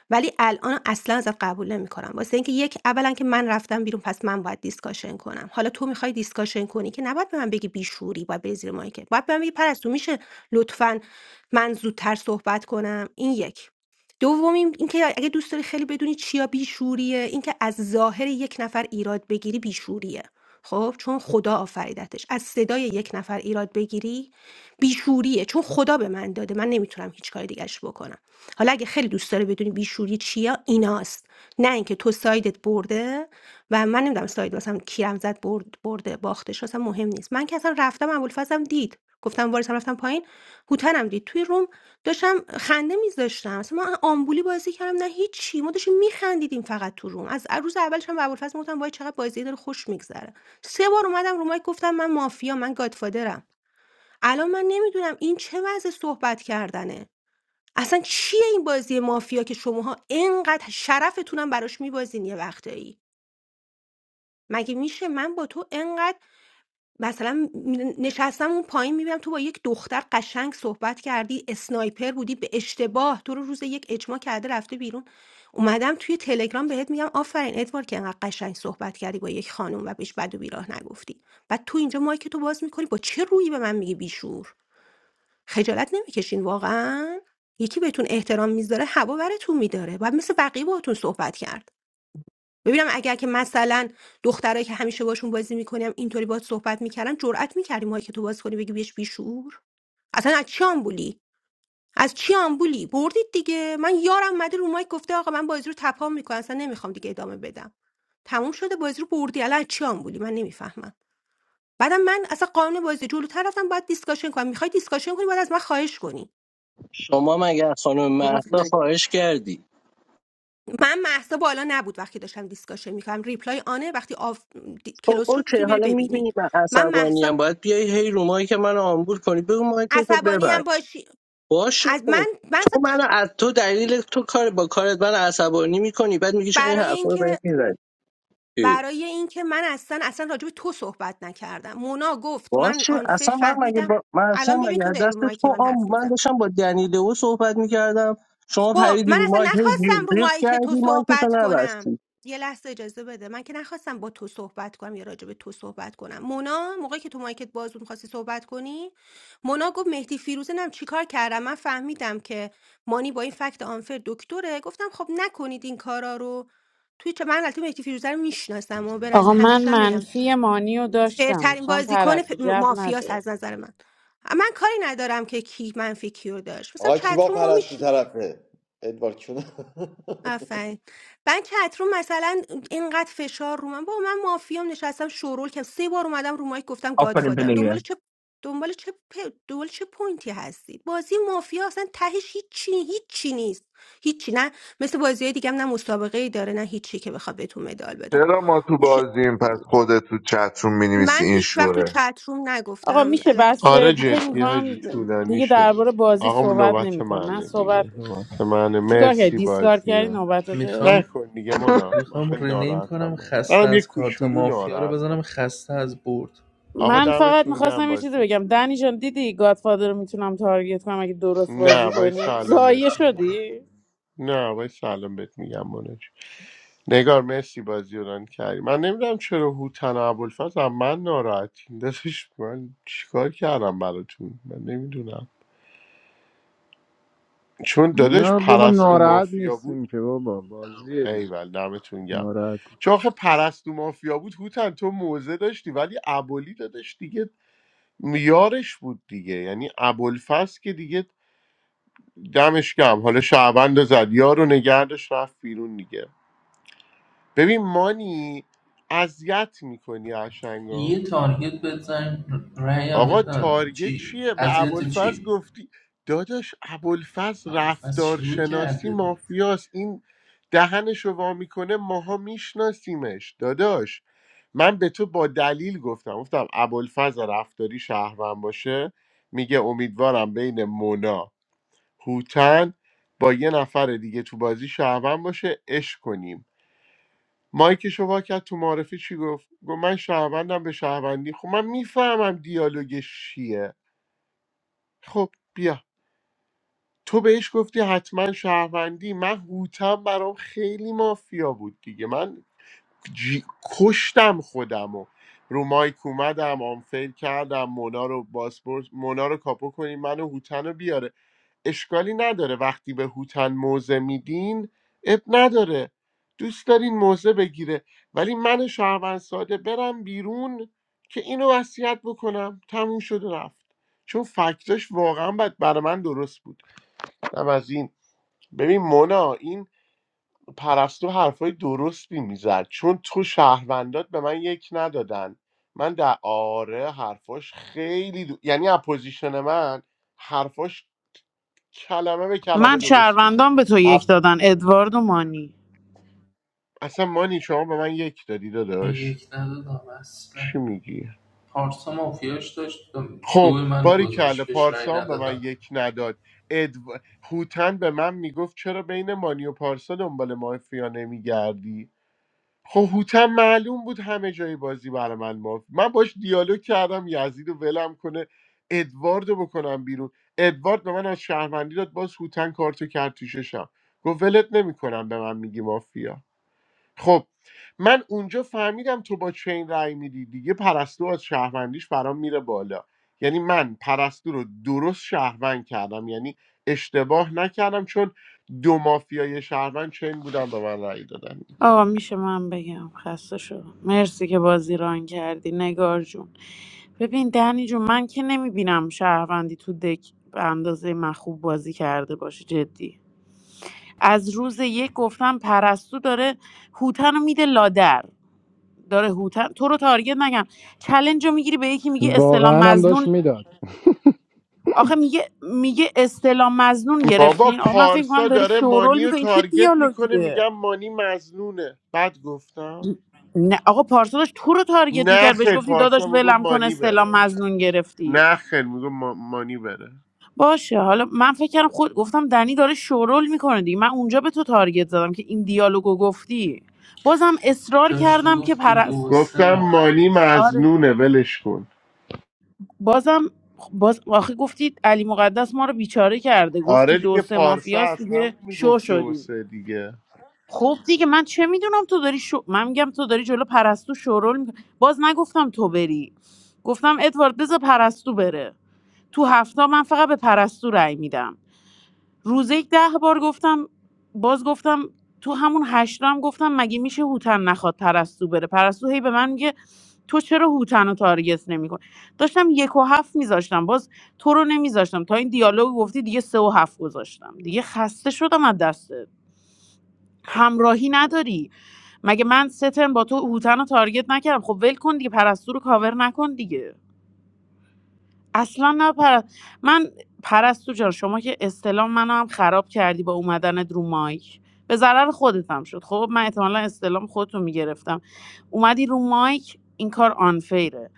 ولی الان اصلا ازت قبول نمیکنم واسه اینکه یک اولا که من رفتم بیرون پس من باید دیسکاشن کنم حالا تو میخوای دیسکاشن کنی که نباید به من بگی بیشوری باید بری زیر مایکت باید به من بگی پرستو میشه لطفا من زودتر صحبت کنم این یک دومین اینکه اگه دوست داری خیلی بدونی چیا بیشوریه اینکه از ظاهر یک نفر ایراد بگیری بیشوریه خب چون خدا آفریدتش از صدای یک نفر ایراد بگیری بیشوریه چون خدا به من داده من نمیتونم هیچ کاری دیگرش بکنم حالا اگه خیلی دوست داره بدونی بیشوری چیه ایناست نه اینکه تو سایدت برده و من نمیدونم ساید مثلا کیرم زد برد برده باختش اصلا مهم نیست من که اصلا رفتم ابوالفضلم دید گفتم وارثم رفتم پایین هوتنم دید توی روم داشتم خنده میذاشتم اصلا من آمبولی بازی کردم نه هیچی ما داشتیم میخندیدیم فقط تو روم از روز اولش هم به ابوالفضل گفتم وای چقدر بازی داره خوش میگذره سه بار اومدم رو مایک گفتم من مافیا من گادفادرم الان من نمیدونم این چه وضع صحبت کردنه اصلا چیه این بازی مافیا که شماها انقدر شرفتونم براش میبازین یه وقتایی مگه میشه من با تو انقدر مثلا نشستم اون پایین میبینم تو با یک دختر قشنگ صحبت کردی اسنایپر بودی به اشتباه تو رو روز یک اجماع کرده رفته بیرون اومدم توی تلگرام بهت میگم آفرین ادوار که انقدر قشنگ صحبت کردی با یک خانم و بهش بد و بیراه نگفتی بعد تو اینجا مایک تو باز میکنی با چه رویی به من میگی بیشور خجالت نمیکشین واقعا یکی بهتون احترام میذاره هوا برتون میداره باید مثل بقیه باهاتون صحبت کرد ببینم اگر که مثلا دخترایی که همیشه باشون بازی میکنیم اینطوری باهات صحبت میکردن جرئت میکردی ما که تو باز کنی بگی بیش بیشور اصلا از چی آمبولی از چی آمبولی بردید دیگه من یارم مده رو مایک گفته آقا من بازی رو تپام میکنم اصلا نمیخوام دیگه ادامه بدم تموم شده بازی رو بردی الان از چی آمبولی من نمیفهمم بعدم من اصلا قانون بازی جلو رفتم باید دیسکاشن کنم میخوای دیسکاشن کنی باید از من خواهش کنی شما مگه از خانم مهسا خواهش کردی من محسا بالا نبود وقتی داشتم دیسکاشن میکنم ریپلای آنه وقتی آف... دی... خب کلوز شد اوکی میتونی حالا بری ببینی میبینی من من عصبانی محسا هم باید بیای هی رو مایی که منو آمبول کنی بگو مایی که تو عصبانی هم ببند باشی باشه از من خب من اصلا تو منو از تو دلیل تو کار با کارت من عصبانی میکنی بعد میگی چرا این برای حرفا رو بهم اینکه میزنی اه. برای اینکه من اصلا اصلا راجع به تو صحبت نکردم مونا گفت من باشه آنفر اصلا من مگه فهمیدم با... من اصلا الان ببین مگه تو از داری دست رو که تو من آم حرف من میزنم داشتم با دنیل او صحبت میکردم شما خب پریدی من رو اصلا مایک هی جیغ نخواستم رو جیغ مایی که کردی تو مایک تو صحبت کنم نبستی یه لحظه اجازه بده من که نخواستم با تو صحبت کنم یا راجع به تو صحبت کنم مونا موقعی که تو مایکت باز بود میخواستی صحبت کنی مونا گفت مهدی فیروزه نم چیکار کردم من فهمیدم که مانی با این فکت آنفر دکتره گفتم خب نکنید این کارا رو توی چه من البته مهدی فیروزه رو میشناسم و به نظر آقا من همیشه هم میگم منفی مانی رو داشتم فرترین میخوام بازیکن پرستو پ- جو مافیاس نده از نظر من من کاری ندارم که کی منفی کیو داشت مثلا آقا کی با چتروم ما می‌شی- پرستی طرفه ادوار کیونه آفرین من کترو مثلا اینقدر فشار رو من با من مافیام نشستم شورول کردم سه بار اومدم رو مایک گفتم آفرین گادفادرم دنبال پلیر چه دنبال چه پ- دنبال چه پوینتی هستید بازی مافیا اصلا تهش هیچی هیچی نیست هیچی نه مثل بازی دیگه نه مسابقه ای داره نه هیچی که بخواد بهتون مدال بدن چرا ما تو میشه- بازیم پس خودت تو چت روم مینویسی من این هیچ وقت تو شوره چتروم آقا نگفتم میشه الکی بس چه چت آره دی- فکر جدی میگی میکنم حاجی طولانی دیگه شد درباره بازی آقا صحبت نوبت نمیکنه من منه صحبت دیگه نوبت منه چیکار کردی مرسی دیسکارد بازی کردی رو نوبتته میخوام نکن دیگه مونا میخوام آخه رینیم ناراحتم کنم من خسته منم یه از کارت کوچولو مافیا رو بزنم ناراحتم جدی خسته از برد آقا من فقط دمتون گم میخواستم یه چیزی بازی بگم دنی جان دیدی گادفادر رو میتونم تارگت کنم اگه درست نه بازی باید کنی سلام بهت زایه میگم شدی نه باید سلام بهت میگم مونا جون. نگار مرسی بازی رو ران کردی من نمیدونم چرا هوتن و ابوالفضل از من ناراحتین داداش من چیکار کردم براتون من نمیدونم چون داداش نه بابا پرستو ناراحت مافیا بود نیستیم که بابا بازیه دیگه ایول دمتون گم ناراحت چون آخه پرستو مافیا بود هوتن تو موزه داشتی ولی ابولی دادش دیگه میارش بود دیگه یعنی ابوالفضل که دیگه دمش گم حالا شعبند رو زد یارو نگردش رفت بیرون دیگه ببین مانی اذیت میکنی عشنگا، یه تارگت بزن رأیم بهت آقا ندادم تارگت چی؟ چیه به اذیت ابوالفضل چی؟ گفتی داداش ابوالفضل فصل شروع رفتارشناسی کرده بود مافیاست این دهنش رو وا میکنه ماها میشناسیمش داداش من به تو با دلیل گفتم گفتم ابوالفضل رفتاری شهروند باشه میگه امیدوارم بین مونا هوتن با یه نفر دیگه تو بازی شهروند باشه اش کنیم مایک شوا کرد تو معرفی چی گفت گفت من شهروندم به شهروندی خب من میفهمم دیالوگش چیه خب بیا تو بهش گفتی حتما شهروندی من هوتم برام خیلی مافیا بود دیگه من جی... کشتم خودمو رو مایک اومدم آنفیل کردم مونا رو باسپورت مونا رو کاپو کنیم منو هوتن رو بیاره اشکالی نداره وقتی به هوتن موزه میدین اب نداره دوست دارین موزه بگیره ولی من شهروند ساده برم بیرون که اینو وصیت بکنم تموم شد و رفت چون فکتش واقعا بد برای من درست بود دم از این ببین مونا این پرستو حرفای درستی میزد چون تو شهروندات به من یک ندادن من در آره حرفاش خیلی دو... یعنی اپوزیشن من حرفاش کلمه به کلمه من درست بود شهروندان به تو یک اپ- دادن ادوارد و مانی اصلا مانی شما به من یک دادی من داداش یک ندادم اصلا چی میگی پارسا مافیاش داشت دو خب منو باری کله گذاشت بهش رای پارسان به من ندادم یک نداد ادو... هوتن به من میگفت چرا بین مانی و پارسا دنبال مافیا نمیگردی خب هوتم معلوم بود همه جای بازی برای من مافت من باش دیالوگ کردم یزید رو ولم کنه ادوارد رو بکنم بیرون ادوارد به من از شهروندی داد باز هوتن کارتو کرد تو ششم گفت ولت نمیکنم به من میگی مافیا خب من اونجا فهمیدم تو با چین رای میدی دیگه پرستو از شهروندیش برام میره بالا یعنی من پرستو رو درست شهروند کردم یعنی اشتباه نکردم چون دو مافیای شهروند چین بودم به من رأی دادن دیگه آقا میشه من بگم خسته شدم مرسی که بازی ران کردی نگار جون ببین دنی جون من که نمیبینم شهروندی تو دک به اندازه من خوب بازی کرده باشه جدی از روز یک گفتم پرستو داره هوتن رو میده لادر داره هوتن تو رو تارگت نگم چلنج رو میگیری به یکی میگه استلام واقعا هم داشت مزنون میداد آخه میگه میگه استلام مزنون بابا گرفتین آقا من فکر کنم پارسا داری داره شورول مانی رو میکنی چه تارگت میکنه دیالوگیه میگم مانی مزنونه بعد گفتم نه آقا پارسا داشت تو رو تارگت نه میکرد بهش خیر گفتی پارسا داداش میگو ولم کن مانی استلام بره مزنون گرفتی نه خیر میگو ما- مانی بره باشه حالا من فکر کردم خود گفتم دنی داره شورول میکنه دیگه من اونجا به تو تارگت زدم که این دیالوگو گفتی بازم اصرار داشت کردم که میگفت تو دو و پرست سه گفتم مانی مافیاست آره مزنونه ولش کن بازم خب، باز آخه گفتید علی مقدس ما رو بیچاره کرده گفت تو آره دو دیگه سه پارسا مافیاس از همون دیگه شو میگفت دو و شدیم سه دیگه خب دیگه من چه میدونم تو داری شو... من میگم تو داری جلو پرستو شورول می... باز نگفتم تو بری گفتم ادوارد بذار پرستو بره تو هفته من فقط به پرستو رأی میدم روزه یک ده بار گفتم باز گفتم تو همون هشت هم گفتم مگه میشه هوتن نخواد پرستو بره پرستو هی به من میگه تو چرا هوتن رو تارگت نمیکن داشتم یک و هفت میذاشتم باز تو رو نمیذاشتم تا این دیالوگ گفتی دیگه سه و هفت گذاشتم دیگه خسته شدم از دستت همراهی نداری مگه من سه سترن با تو هوتن رو تارگت نکردم خب ول کن دیگه پرستو رو کاور نکن دیگه اصلا نه پر... من پرستو جان شما که استلام منو هم خراب کردی با اومدنت رو مایک به ضرر خودت هم شد خب من احتمالا استلام خودتو میگرفتم اومدی رو مایک این کار آنفیره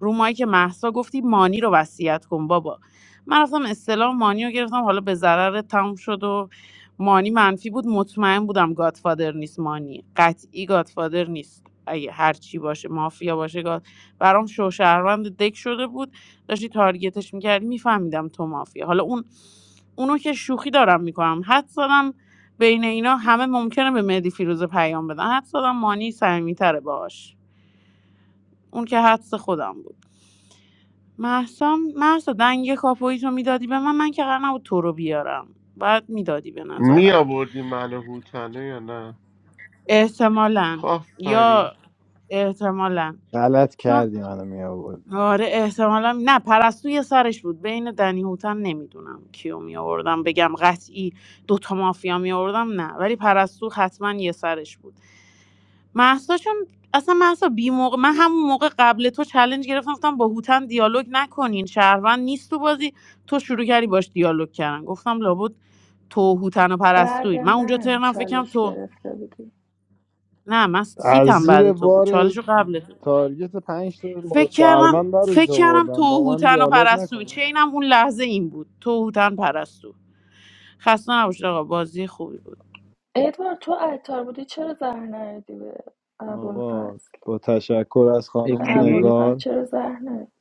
رو مایک محسا گفتی مانی رو وصیت کن بابا من رفتم استلام مانی رو گرفتم حالا به ضرر تموم شد و مانی منفی بود مطمئن بودم گادفادر نیست مانی قطعی گادفادر نیست اگه هر چی باشه مافیا باشه گاد برام شوشهروند دک شده بود داشتی تارگتش میکردی میفهمیدم تو مافیا حالا اون اونو که شوخی دارم میکنم حد زدم بین اینا همه ممکنه به مهدی فیروزه پیام بدن حد زدم مانی صمیمیتره باش اون که حدس خودم بود محسا محسا دنگ کاپویی تو میدادی به من من که قرار نبود تو رو بیارم بعد میدادی به می نظرم آوردی منو هوتنه یا نه احتمالا آفرین یا احتمالا غلط چون کردی منو می آوردی. آره احتمالا نه پرستوی سرش بود بین دنی هوتن نمیدونم کیو می آوردم بگم قطعی دوتا مافیا می آوردم نه ولی پرستو حتما یه سرش بود محسا چون اصلا محسا بی موقع من همون موقع قبل تو چلنج گرفتم گفتم با هوتن دیالوگ نکنین شهروند نیست تو بازی تو شروع کردی باش دیالوگ کردن گفتم لابد تو هوتن و بعد پرستوین من اونجا من ترنم فکرم چالش تو گرفته بودی نه من از سیتم بعد زیر تو بود بار چالش رو قبل تو. تارگت پنج تا با فکر شهروند کردم برش فکر کردم آوردم با من توهوتن و دیالوگ پرستو نکنه چینم اون لحظه این بود توهوتن پرستو خسته نباشید آقا بازی خوبی بود ادوارد تو عطار بودی چرا زهر نردی به آقا ابوالفضل با تشکر از به به خانم کی؟ ابوالفضل نگار چرا زهر نردی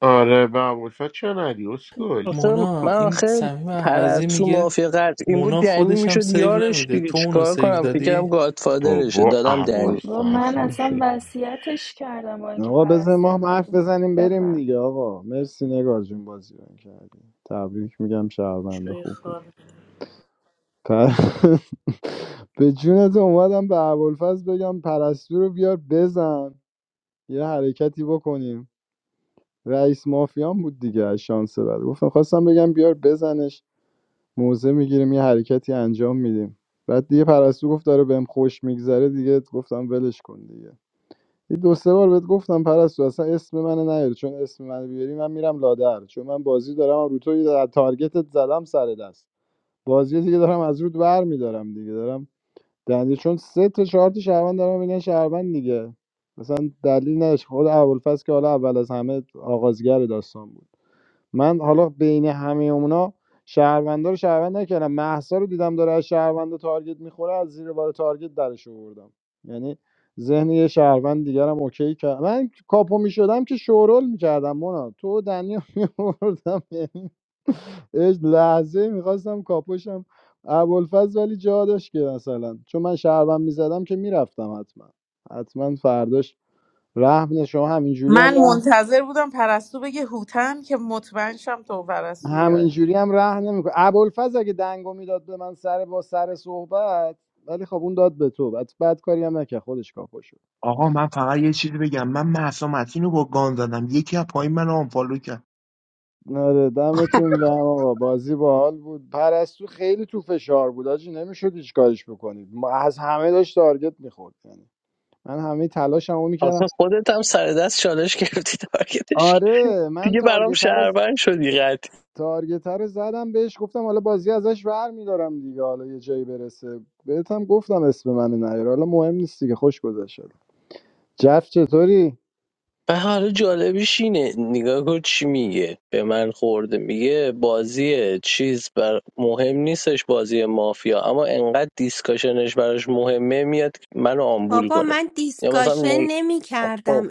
آره به ابوالفضل چه ندی اسکل آخه مونا من این آخه صمیم عوضی پرستو میگه مافیا این بود مونا دنی خودش هم میشد سیو یارش نمیده دیگه تو اونو چیکار سیو کنم فکرم دادی گادفادرشه بابا دادم با دنی با من ابوالفضل اصلا میشه وصیتش کردم با اینکه آقا بزن پرستو ما هم اومد رو حرف مایک بزنیم بریم بفرمایید. دیگه آقا مرسی نگار جون بازی رو کردیم تبریک میگم شهرونده شوی خوب بود خار. پر... به جونت اومدم به ابوالفضل بگم پرستو رو بیار بزن یه حرکتی بکنیم رئیس مافیان بود دیگه از شانس بعد گفتم خواستم بگم بیار بزنش موضع می‌گیریم یه حرکتی انجام میدیم بعد دیگه پرستو گفت داره بهم خوش میگذره دیگه گفتم ولش کن دیگه یه دو سه بار بهت گفتم پرستو اصلا اسم من نیاری چون اسم من بیاری من میرم لادر چون من بازی دارم رو تو یه در- تارگتت زدم سر دست بازی دیگه دارم از رود ور میدارم دیگه دارم دنده چون سه تا چهار تا شهروند دارم اینا شهروند دیگه مثلا دلیل نداشت خود ابوالفضل که حالا اول از همه آغازگر داستان بود من حالا بین همه اونا شهروندا رو شهروند نکردم مهسا رو دیدم داره از شهروندا تارگت میخوره از زیر بار تارگت درش آوردم یعنی ذهن یه شهروند دیگرم اوکی کرد من کاپو میشدم که شورول میکردم مونا تو و دنیا میوردم یعنی لحظه میخواستم کاپوشم ابوالفضل ولی جا داشت که مثلا چون من شهروند میزدم که میرفتم حتما حتما فرداش رحم نه، شما همینجوری من هم رحم منتظر بودم پرستو بگه هوتن که مطمئن شم تو و پرستو یاری همینجوری هم ره نمیکنه ابوالفضل اگه دنگو میداد به من سر با سر صحبت ولی خب اون داد به تو بعد بد کاری هم نکرد خودش کاپو شد آقا من فقط یه چیزی بگم من محسا متین رو با گان زدم یکی از پایین من آنفالو کرد نره دمتون گرم آقا بازی باحال بود پرستو خیلی تو فشار بود آجی نمیشد هیچ کارش بکنید ما- از همه داشت تارگت میخورد یعنی من همه تلاشمو آخه میکردم خودت هم سر دست چالش گرفتی تارگتش کردی. آره من دیگه برام تارگت رو ز- شهروند شدی قد تارگت رو زدم بهش گفتم حالا بازی ازش ور میدارم دیگه حالا یه جایی برسه بهت هم گفتم اسم من نیار حالا مهم نیست دیگه خوش گذشت جف چطوری؟ و حالا جالبیش اینه نگاه کن چی میگه به من خورده میگه بازی چیز بر مهم نیستش بازی مافیا اما انقدر دیسکاشنش براش مهمه میاد منو آمبول بابا کنه من یا دیسکاشن مثلا نمی کردم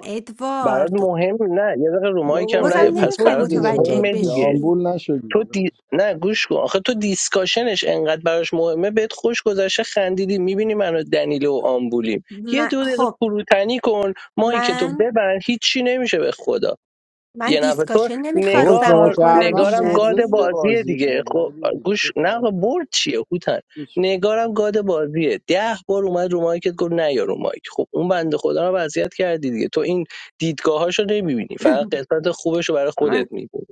برات ادوارد مهم نه یه دقیقه رو مایک هم بابا بازم نه ایدی پس تو نمیخوای برات دیگه چرا متوجه مهمه دیگه دیگه بشی آمبول نشدی دیگه تو دی... داداش. نه گوش کن آخه تو دیسکاشنش انقدر براش مهمه بهت خوش گذشته خندیدی میبینی منو دنیله و آمبولیم یه من- دو دقیقه خب فروتنی کن مایک تو من ببند هیچی نمیشه به خدا من یه نفر تو دیسکاشن بابا نمیخواستم شما نگار بکنم شهروند نگارم برده گاد دیگه میشنوی بازیه بازی رو دیگه دیگه خب ایدی دیگه چه گوش نه آقا، فرقی برد چیه هوتن هیچ. نگارم گاد بازیه ده بار اومد رو مایکت گفت نه یا رو مایک خب اون بنده خدا رو وضعیت کردی دیگه تو این دیدگاهاشو نمیبینی فقط قسمت خوبش رو برای خودت من میبینی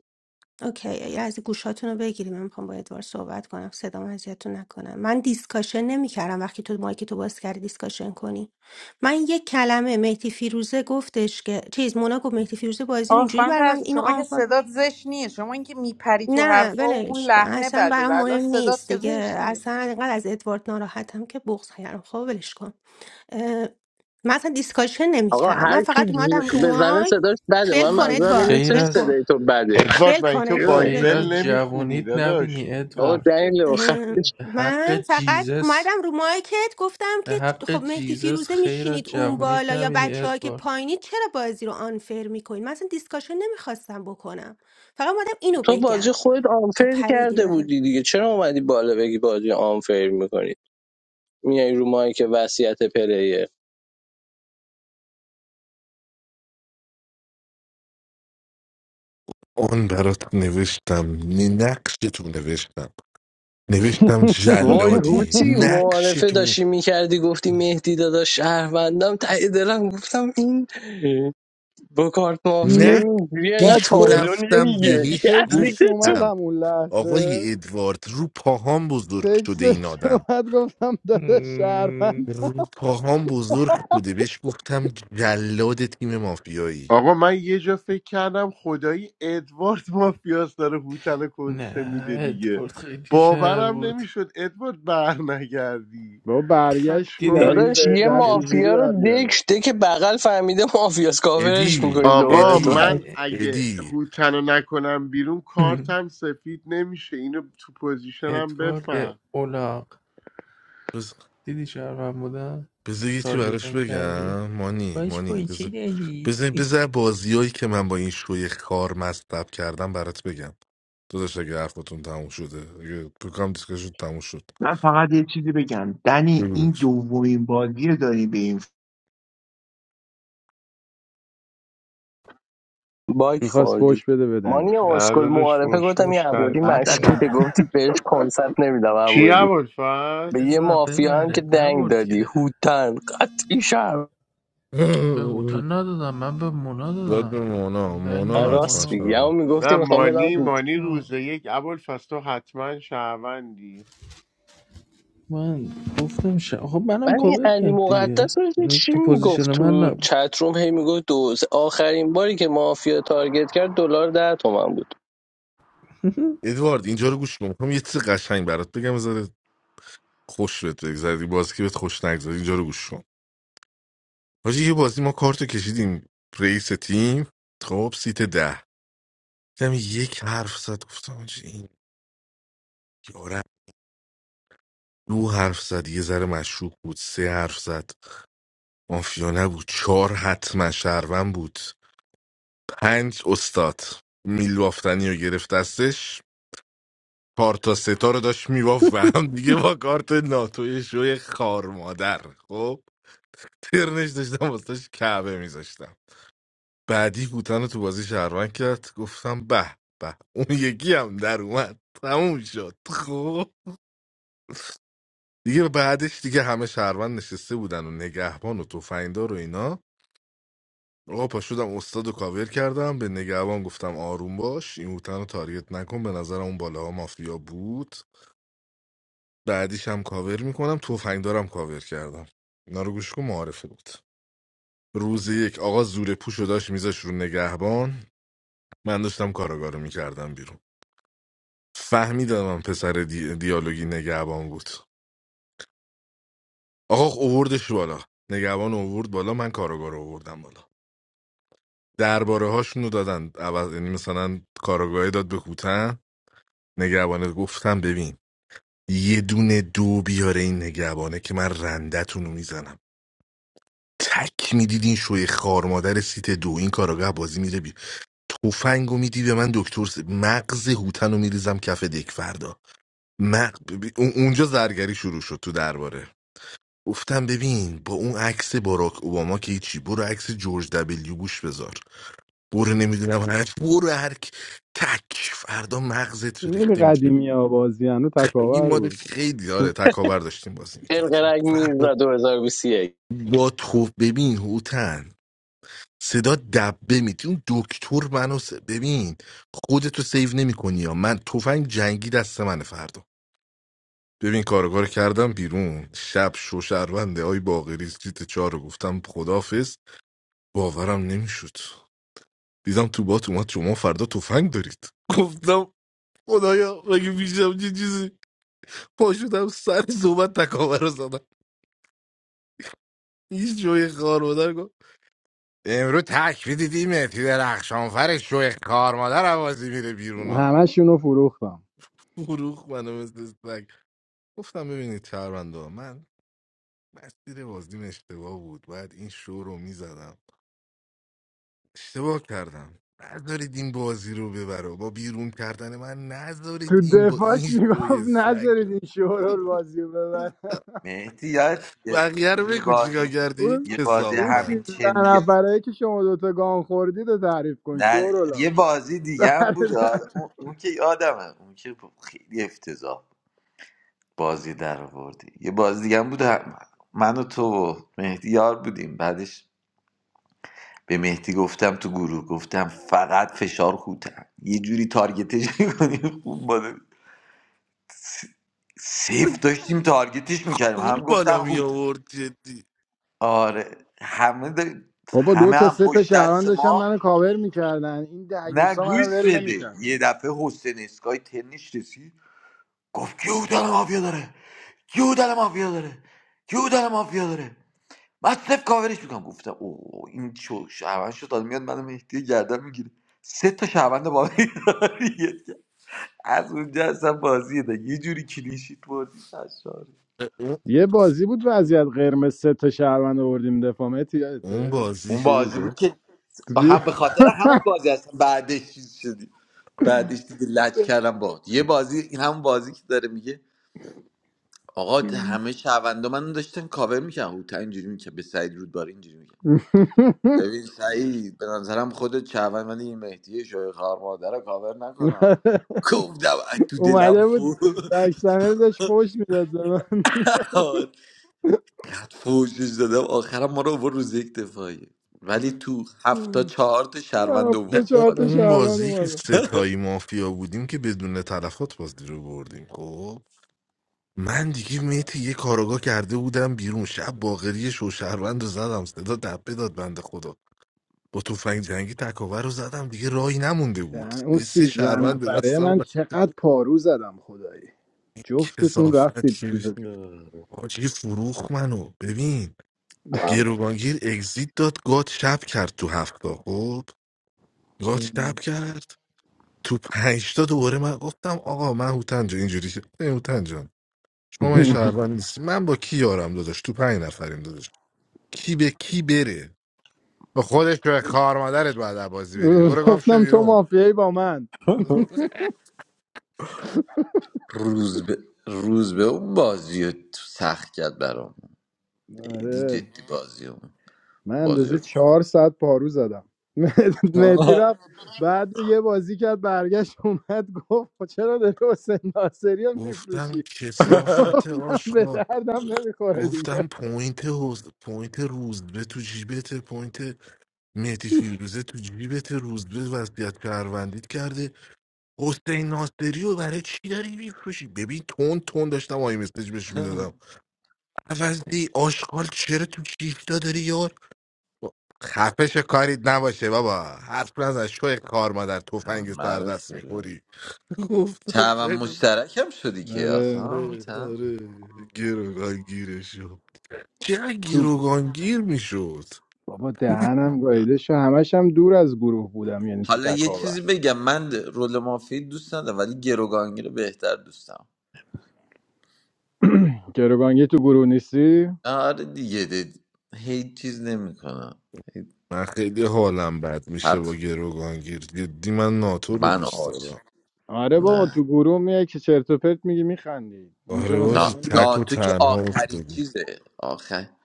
اوکی یه از گوشاتون رو بگیریم من میخوام با ادوار صحبت کنم صدام اذیتتون نکنم من دیسکاشن نمیکردم وقتی تو مایک تو باز کردی دیسکاشن کنی من یک کلمه مهدی فیروزه گفتش که چیز مونا گفت مهدی فیروزه بازی رو آقا اینجوری خانم برای من پرستو اینو شما که آنفال کرد. صدات زشت نیست شما اینکه میپری تو نه حرفا و اون ولش کن لحنه اصلا بده برام والا مهم صدات نیست که دیگه زشت نیست اصلا اینقدر از ادوارد ناراحتم که بغض خیرم خب ولش کن اه، من اصلا دیسکاشن آقا نمیکردم من هر کی فقط اومدم جیغ رو بزنه مایک صداش بده ول من کن منظورم این ادوارد خیر نیستش ول از کن صدای تو بده ادوارد ول من کن تو ایو. ادوارد ول خیر بایبل کن از نمیخونی جوونیت داداش نبینی این بابا حرف ادوارد دلیل داره و اه، چیه خفش. به حق من فقط جیزس اومدم رو مایکت گفتم که به حق خب مهدی جیزس فیروزه خیر از میشینید اون جوونیت بالا یا نبینی بچه که ادوارد پایینید چرا بازی رو آنفر میکنید من اصلا دیسکاشن نمیخواستم بکنم فقط اومدم اینو تو بگم بازی خودت تو آنفر پریدی کرده بهم بودی دیگه چرا اومدی بالا بگی بازی آنفر میکنی میای رو مایی که وصیت پلیه اون برات نوشتم نی- نقش تو نوشتم نوشتم وای جلادی هوتی نقش معارفه تو داشتی میکردی گفتی مهدی دادا شهروندم ته دلم گفتم این با کارت مافیا نه اینجوری انقدر نه نقشیشو تک تابلو رفتم نمیگه تکسش بهش یزید تکسش تو اومد گفتم همون لحظه آقای ادوارد رو پاهام بزرگ شده این تکسش آدم اومد گفتم داده شهروند مم، رو پاهام بزرگ شده بهش گفتم جلاد تیم مافیایی آقا من یه جا فکر کردم خدایی ادوارد مافیاس داره هوتل رو کنسه نه میده دیگه ادوارد خیلی شهر باورم بود نمیشد ادوارد بر نگردی بابا برگشت دیگه پشمام دیدی این داداش ریخته یه بود بهتر اد... چجوری مافیا رو برگرده دک دک بغل فهمیده مافیاس کاورش ادی میکنی آقا دوباره تو هر ادی من اد... اد... اگه ادی هوتل رو نکنم بیرون کارتم سفید نمیشه اینو تو پوزیشنم بفهم ادوارد اولاق دیدی شهر من بودم بذار یه چی براش تارگتم کردی بگم مانی باش مانی کن چه بذار داری بذار بذار بازیایی که من با این شوی کار مصلب کردم برات بگم تو داشت اگه حرفتون تموم شده اگه بکنم دیسکشون تموم شد من فقط یه چیزی بگم دنی این بگوش دومین بازی رو داری به این باک میخواست خوردی فوش بده بدنی مانی نه اسکل داداش معارفه گفتم یه فوشموش عبودی تعطیله بعد مشکوکه گفتی بهش کنسرت نمیدم چی عبودی عبالفز؟ به یه بزا مافیا هم که ببرد دنگ نبرد دادی که هوتن قطعی شم به هوتا ندادم من به مونا داد به دادم من مونا مونا دنگم حتما راست مونا میگی اما شد میگفتی نه میخوام بدم مانی هوت مانی روز آه. یک اول تو حتما شهروندی من گفتم ش... خب منم من این کاور علی کرد دیگه مقدس رو دیدی یعنی چی تو میگفت پوزیشن من تو نبود چتروم هی میگفت دوز آخرین باری که مافیا تارگت کرد دلار ده تومن بود ادوارد اینجا رو گوش کن میخوام یه چیز قشنگ برات بگم بذار خوش بهت بگذره این بازی که بهت خوش نگذره اینجا رو گوش کن حاجی یه بازی ما کارتو کشیدیم رئیس تیم خب سیت ده دیدم یک حرف زد گفتم حاجی این یارم دو حرف زد یه ذره مشروب بود سه حرف زد مافیا نبود چهار حتما شهروند بود پنج استاد میل بافتنی رو گرفت دستش چهار تا ستا رو داشت میبافت و هم دیگه با کارت ناتوی شوی خار مادر خب ترنش داشتم واسهش کعبه میذاشتم بعدی هوتن رو تو بازی شهروند کرد گفتم به به اون یکی هم در اومد تموم شد خب دیگه بعدش دیگه همه شهروند نشسته بودن و نگهبان و تفنگدار و اینا آقا پاشدم استاد رو کاور کردم به نگهبان گفتم آروم باش این هوتن رو تارگت نکن به نظرم اون بالاها مافیا بود بعدیش هم کاور میکنم توفنگ دارم کاور کردم اینا رو گوش کن معارفه بود روز یک آقا زور پوش رو داشت میذاش رو نگهبان من داشتم کاراگاه رو میکردم بیرون فهمیدم من پسر دی... دیالوگی نگهبان بود آقا اووردش بالا نگهبان اوورد بالا من کاراگاه رو اووردم بالا درباره هاشون رو دادن عوض... یعنی مثلا کاراگاهی داد به هوتن نگهبانه گفتم ببین یه دونه دو بیاره این نگهبانه که من رندتون رو میزنم تک میدید این شوی خار مادر سیت دو این کاراگاه بازی میره بی تفنگ و میدی به من دکتر س- مغز هوتن رو میریزم کف دک فردا مغ... ببین، اون- اونجا زرگری شروع شد تو درباره گفتم ببین با اون عکس باراک اوباما که هیچی برو عکس جورج دبلیو بوش بذار برو نمیدونم هر برو هر کی- تک فردا مغزت خیلی ریخته قدیمی ها بازی هنو این تکاور ماده بود خیلی داره تکاور داشتیم بازی میکردیم قلقلق فردا میرزا 2021 با تو ببین هوتن صدا دبه میتی اون دکتر منو س... ببین خودتو سیو نمیکنی یا من تفنگ جنگی دست منه فردا ببین کارگار کردم بیرون شب شوشرونده های باقری سیت چهار رو گفتم خدافز باورم نمیشد دیدم تو بات اومد شما فردا تفنگ دارید گفتم خدایا مگه میشم یه چیزی پاشدم سر صحبت تکاور رو زدم هیچ جوی خار مادر گفت امروز تکری دیدی مهدی درخشانفر شوی کار مادر عوازی میره بیرون ها همه شونو فروختم فروخ منو مثل سگ گفتم ببینید چهرونده من مسیر بازیم اشتباه بود باید این شو رو میزدم اشتباه کردم نذارید این بازی رو ببره با بیرون کردن من نذارید تو این با دفاعش این شوی میگفت سگ نذارید این شورول بازی رو ببره مهدی یاد یه بقیه رو یه بگو چیکار بازی کردی اون یه بازی اون همین سیزده کسافت چنین نفره که شما دوتا گان خوردید رو تعریف کن نه شورولا یه بازی دیگه هم بود آره. اون, اون که یادمه اون که خیلی افتضاح بازی در آوردی یه بازی دیگه هم بود هم- من و تو و مهدی یار بودیم بعدش به مهدی گفتم تو گروه گفتم فقط فشار خوتم یه جوری تارگتش میکنیم خوب باده سیف داشتیم تارگتش میکردیم هم اون گفتن بالا می هوت آورد جدی آره همه د بابا دو همه تا هم سه تا پشت شهروند دست داشتن ما منو کاور میکردن این نه دعیوسا گوش منو ول بده نمیکردن یه دفعه حسین اسکای تنش رسید گفت کیو دل مافیا داره کیو دل مافیا داره کیو دل مافیا داره بعد صف کاورش میکنم گفتم اوه این چو شهروند شد داد میاد منو مهدی گردن میگیره سه تا شهروند با من تارگت از اونجا اصلا بازی ده یه جوری کلیشیت بردی سرشار. اون یه بازی بود وضعیت قرمز سه تا شهروند آوردیم دفاع متی اون یادته بازی اون بازی بود فیروزه که توی- هم به خاطر همون بازی هستم بعدش چیز شدی بعدش دیگه لج کردم با یه بازی این همون بازی که داره میگه آقا همه شهروندا منو داشتن کاور میکنن او تا اینجوری میکنه به سعید رودبار اینجوری ببین بوده سعید به نظرم خودت شهروند من این مهدی شوی خار مادر رو کاور نکنم گفتم از تو دلم اومده بود فو بک چنل داشت پشت میداد به من قد فوشش دادم آخرم ما رو آورد روز یک دفاعیه ولی تو هفتا چهار تا شهروند هفت تا نه آورد اون چهار تا بالا اون شهروند بازی که اومدن ستایی مافیا بودیم که بدون تلفات بازی رو بردیم خب من دیگه میتی یه کاراگاه کرده بودم بیرون شب باقری شوشهروند رو زدم صدا دبه داد بنده خدا با تفنگ جنگی تکاور رو زدم دیگه راهی نمونده بود دهن اون یه سه سیزده شهروند به نفره دستم من و- چقدر پارو زدم خدایی این جفتتون کسافت رفتید چی آره. آجی فروخ منو ببین هم گروگانگیر اگزیت داد گات شب کرد تو هفته خب گات شب این کرد تو پنج تا دوباره من گفتم آقا من هوتن جان اینجوری شد ای هوتن جان شما من شهروند نیست من با کی یارم داداش تو پنج نفریم داداش کی به کی بره با خودش به کار مادرت باید از بازی بری روز بیرون. برو گم شو گفتم تو بیرون مافیایی با من روز به روز به اون بازی رو تو سخت کرد برام دیدی آره جدی بازی اون من بازی رو اندازه چهار ساعت پارو زدم مهتی رفت بعد یه بازی کرد برگشت اومد گفت خب چرا داری حسین ناصری رو گفتم میفروشی کسافت گفتم به آشغال دردم نمیخوره دیگه گفتم پوینت حوز پوینت روز به تو جیبته پوینت مهدی فیروزه تو جیبت روز به وضعیت پروندید کرده حسین ناصری رو برای چی داری میفروشی ببین تون تون داشتم آی مسیج بهش میدادم عوضی آشغال چرا تو کیفتا داری یار خفش کاریت نباشه بابا حرف نزن شوی کار مادر تفنگ همه سر رو دست فروخت. میخوری گفتم تمام خیلی مشترکم شدی که اصلا آره آره هوتن آره گروگان گیرشو چه تو گیروگان گیر میشد بابا دهنم گایده شو همش هم دور از گروه بودم یعنی تو حالا یه چیزی تکاور بگم من رول مافی دوست ندارم ولی گروگانگی رو بهتر دوستم گروگانگی تو گروه نیستی آره دیگه دید. هیچ چیز نمیکنم من خیلی حالم بد میشه با حرف گروگانگیر جدی من ناتو رو من دوست آش دارم آره بابا نه تو گروه میای که چرت و پرت میگی میخندی اینجا آره نه واجی مثلا تک و ناتو که تنها آخرین افتادی چیزه آخر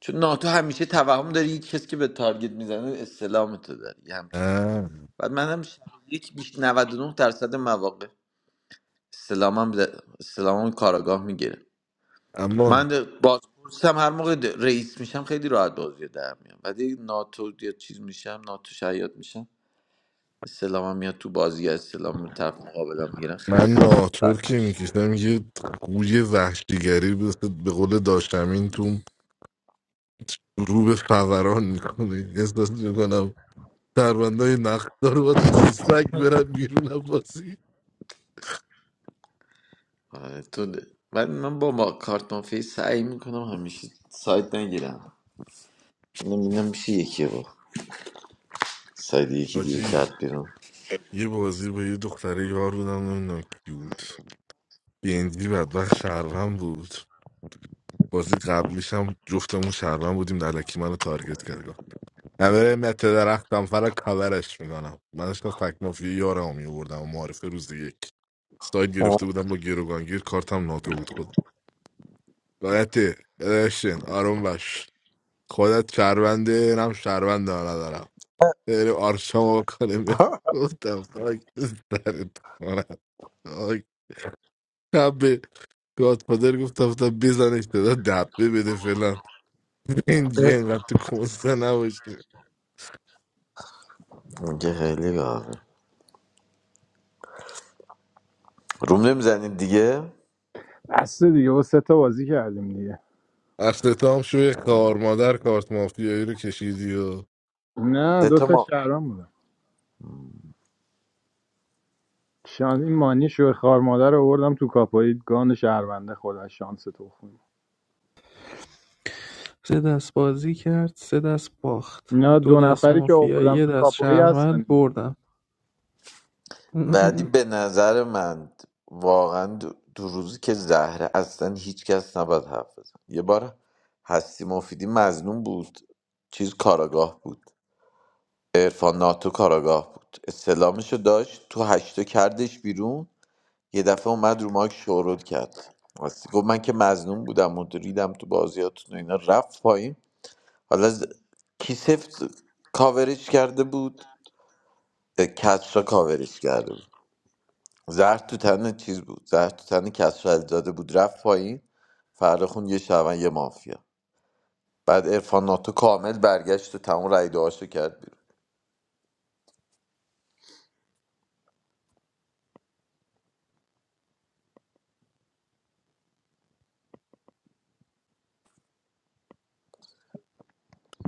چون ناتو همیشه توهم داری یک کسی که به تارگت میزنه استلام تو داری یه همچین نه. بعد من هم شب یک بیش 99 درصد مواقع استلامم ز... استلامم کاراگاه میگیره اما من بازپرسم هر موقع د- رئیس میشم خیلی راحت بازی رو در میام ولی ناتو یا چیز میشم ناتو شیاد میشم استلامم میاد تو بازی استلام طرف مقابلم میگیرن من خست ناتور سخت که میشه میکشم یه گوی وحشیگری مثل به قول داشتمین تو رو به فوران میکنه احساس میکنم سربندهای نقدار باید مثل سگ برن بیرون از بازی آره، تو ده. ولی من با ما کارت مافی سعی میکنم همیشه سایت نگیرم نمیدونم میشه یکی با سایت یکی دیگه حاجی کرد بیرون یه بازی با یه دختره یار بودم نمیدونم کی بود بینجی بدبخت شهروند بود بازی قبلیش هم جفتمون شهروند بودیم الکی منو تارگت کرد گفت همه مت درختم فرا کاورش میکنم من داشتم فک مافیا یارم می آوردم و معرفه روز یک ساید گرفته بودم با گروگانگیر کارتم ناتو بود خودم باید ادشین آروم باش خودت شهرونده نم شهرونده ها ندارم بریم آرشما کنیم آها. گفتم خاک سرت کنم خاک. شب به گادفادر گفتم گفتم بزنش دادا دبه بده فعلا. این دیگه اینقدر تو کنسته نباشه میگه خیلی گاهه روم نمیزنید دیگه بسته دیگه با سه تا بازی کردیم دیگه افتتاح هم شوی خوار مادر کارت مافیایی رو کشیدی و نه سه دو تا تا ما شهرام بودم شانس این مانی شوه خار مادر رو آوردم تو کاپوی گان شهرونده خودش شانس تو خون سه دست بازی کرد سه دست باخت اینا دو دو دست نفری که مافیا آوردم یه تو دست کاپوی شهروند هستن اینجا بردم ولی به نظر من واقعا دو, دو روزی که زهره اصلا هیچکس نباید حرف بزن یه بار هستی مفیدی مظنون بود چیز کاراگاه بود عرفان ناتو کاراگاه بود استلامشو داشت تو هشتو کردش بیرون یه دفعه اومد رو ماک شورود کرد راستی گفت من که مظنون بودم و ریدم تو بازیاتون و اینا رفت پایین حالا ز... کی سفت کاورش کرده بود اه، کسرا کاورش کرده بود زهر تو تن چیز بود زهر تو تن کسر علیزاده بود رفت پایین فردا خون یه شبن یه مافیا بعد عرفان ناتو کامل برگشت و تمام رای دعاشو کرد بیرون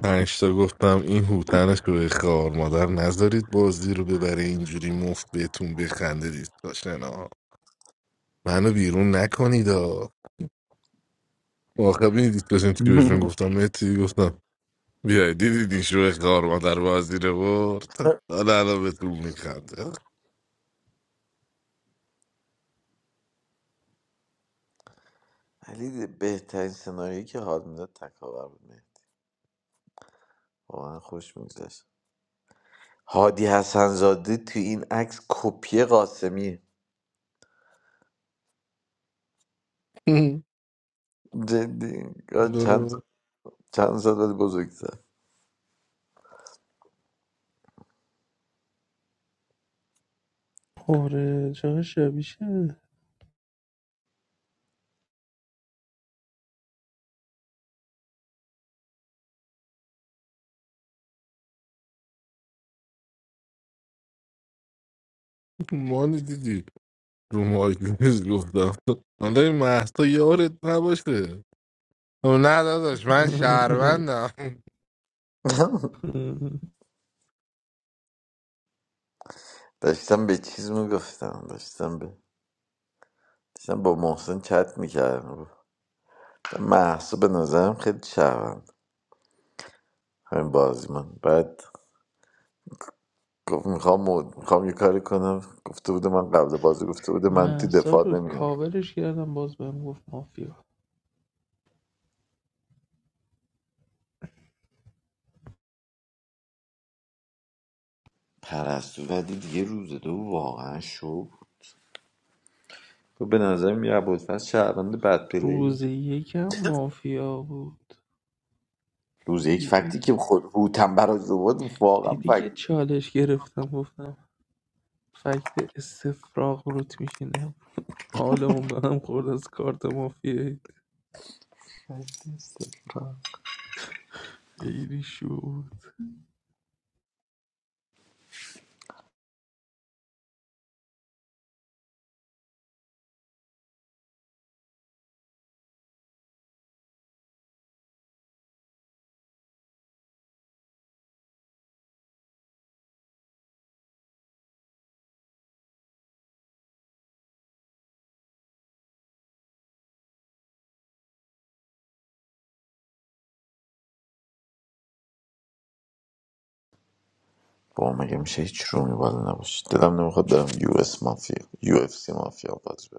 پنج تا گفتم این هوتن شوی خوار مادر نذارید بازی رو ببره اینجوری مفت بهتون بخنده دیسکاشن ها منو بیرون نکنید ها آخه بینی دیسکاشن تیوشن گفتم متی گفتم بیای دیدید این شوی خوار مادر بازی رو برد حالا الان بهتون میخنده ولی بهترین سناریویی که حال میداد تکاور بود واقعا خوش میگذشت هادی حسنزاده تو این عکس کپی قاسمی جدی چند داره چند سال بزرگ آره چقدر شبیشه مانی دیدی رو مایک نیست گفتم حالا این محسا یارت نباشه خب نه داداش من شهروندم داشتم به چیز میگفتم داشتم به داشتم با محسن چت میکردم محسا به نظرم خیلی شهروند همین بازی من بعد گفت میخوام مود میخوام یه کاری کنم گفته بوده من قبل بازی گفته بوده من تو محسا رو دفاع نمیام کاورش کردم باز بهم گفت مافیا پرستو ولی دیگه روز دو واقعا شو تو به نظر یه ابوالفضل شهروند بد روز پلی یکم مافیا بود روز یک فکتی دیدی که خود هوتن برای بود واقعا دیدی که فکت چالش گرفتم گفتم فکت استفراغ روت میشینم حالمون به هم خورد از کارت مافیایی خیلی شو با مگه میشه هیچ رومی بالا نباشه دلم نمیخواد برم یو اس مافیا یو اف سی مافیا بازی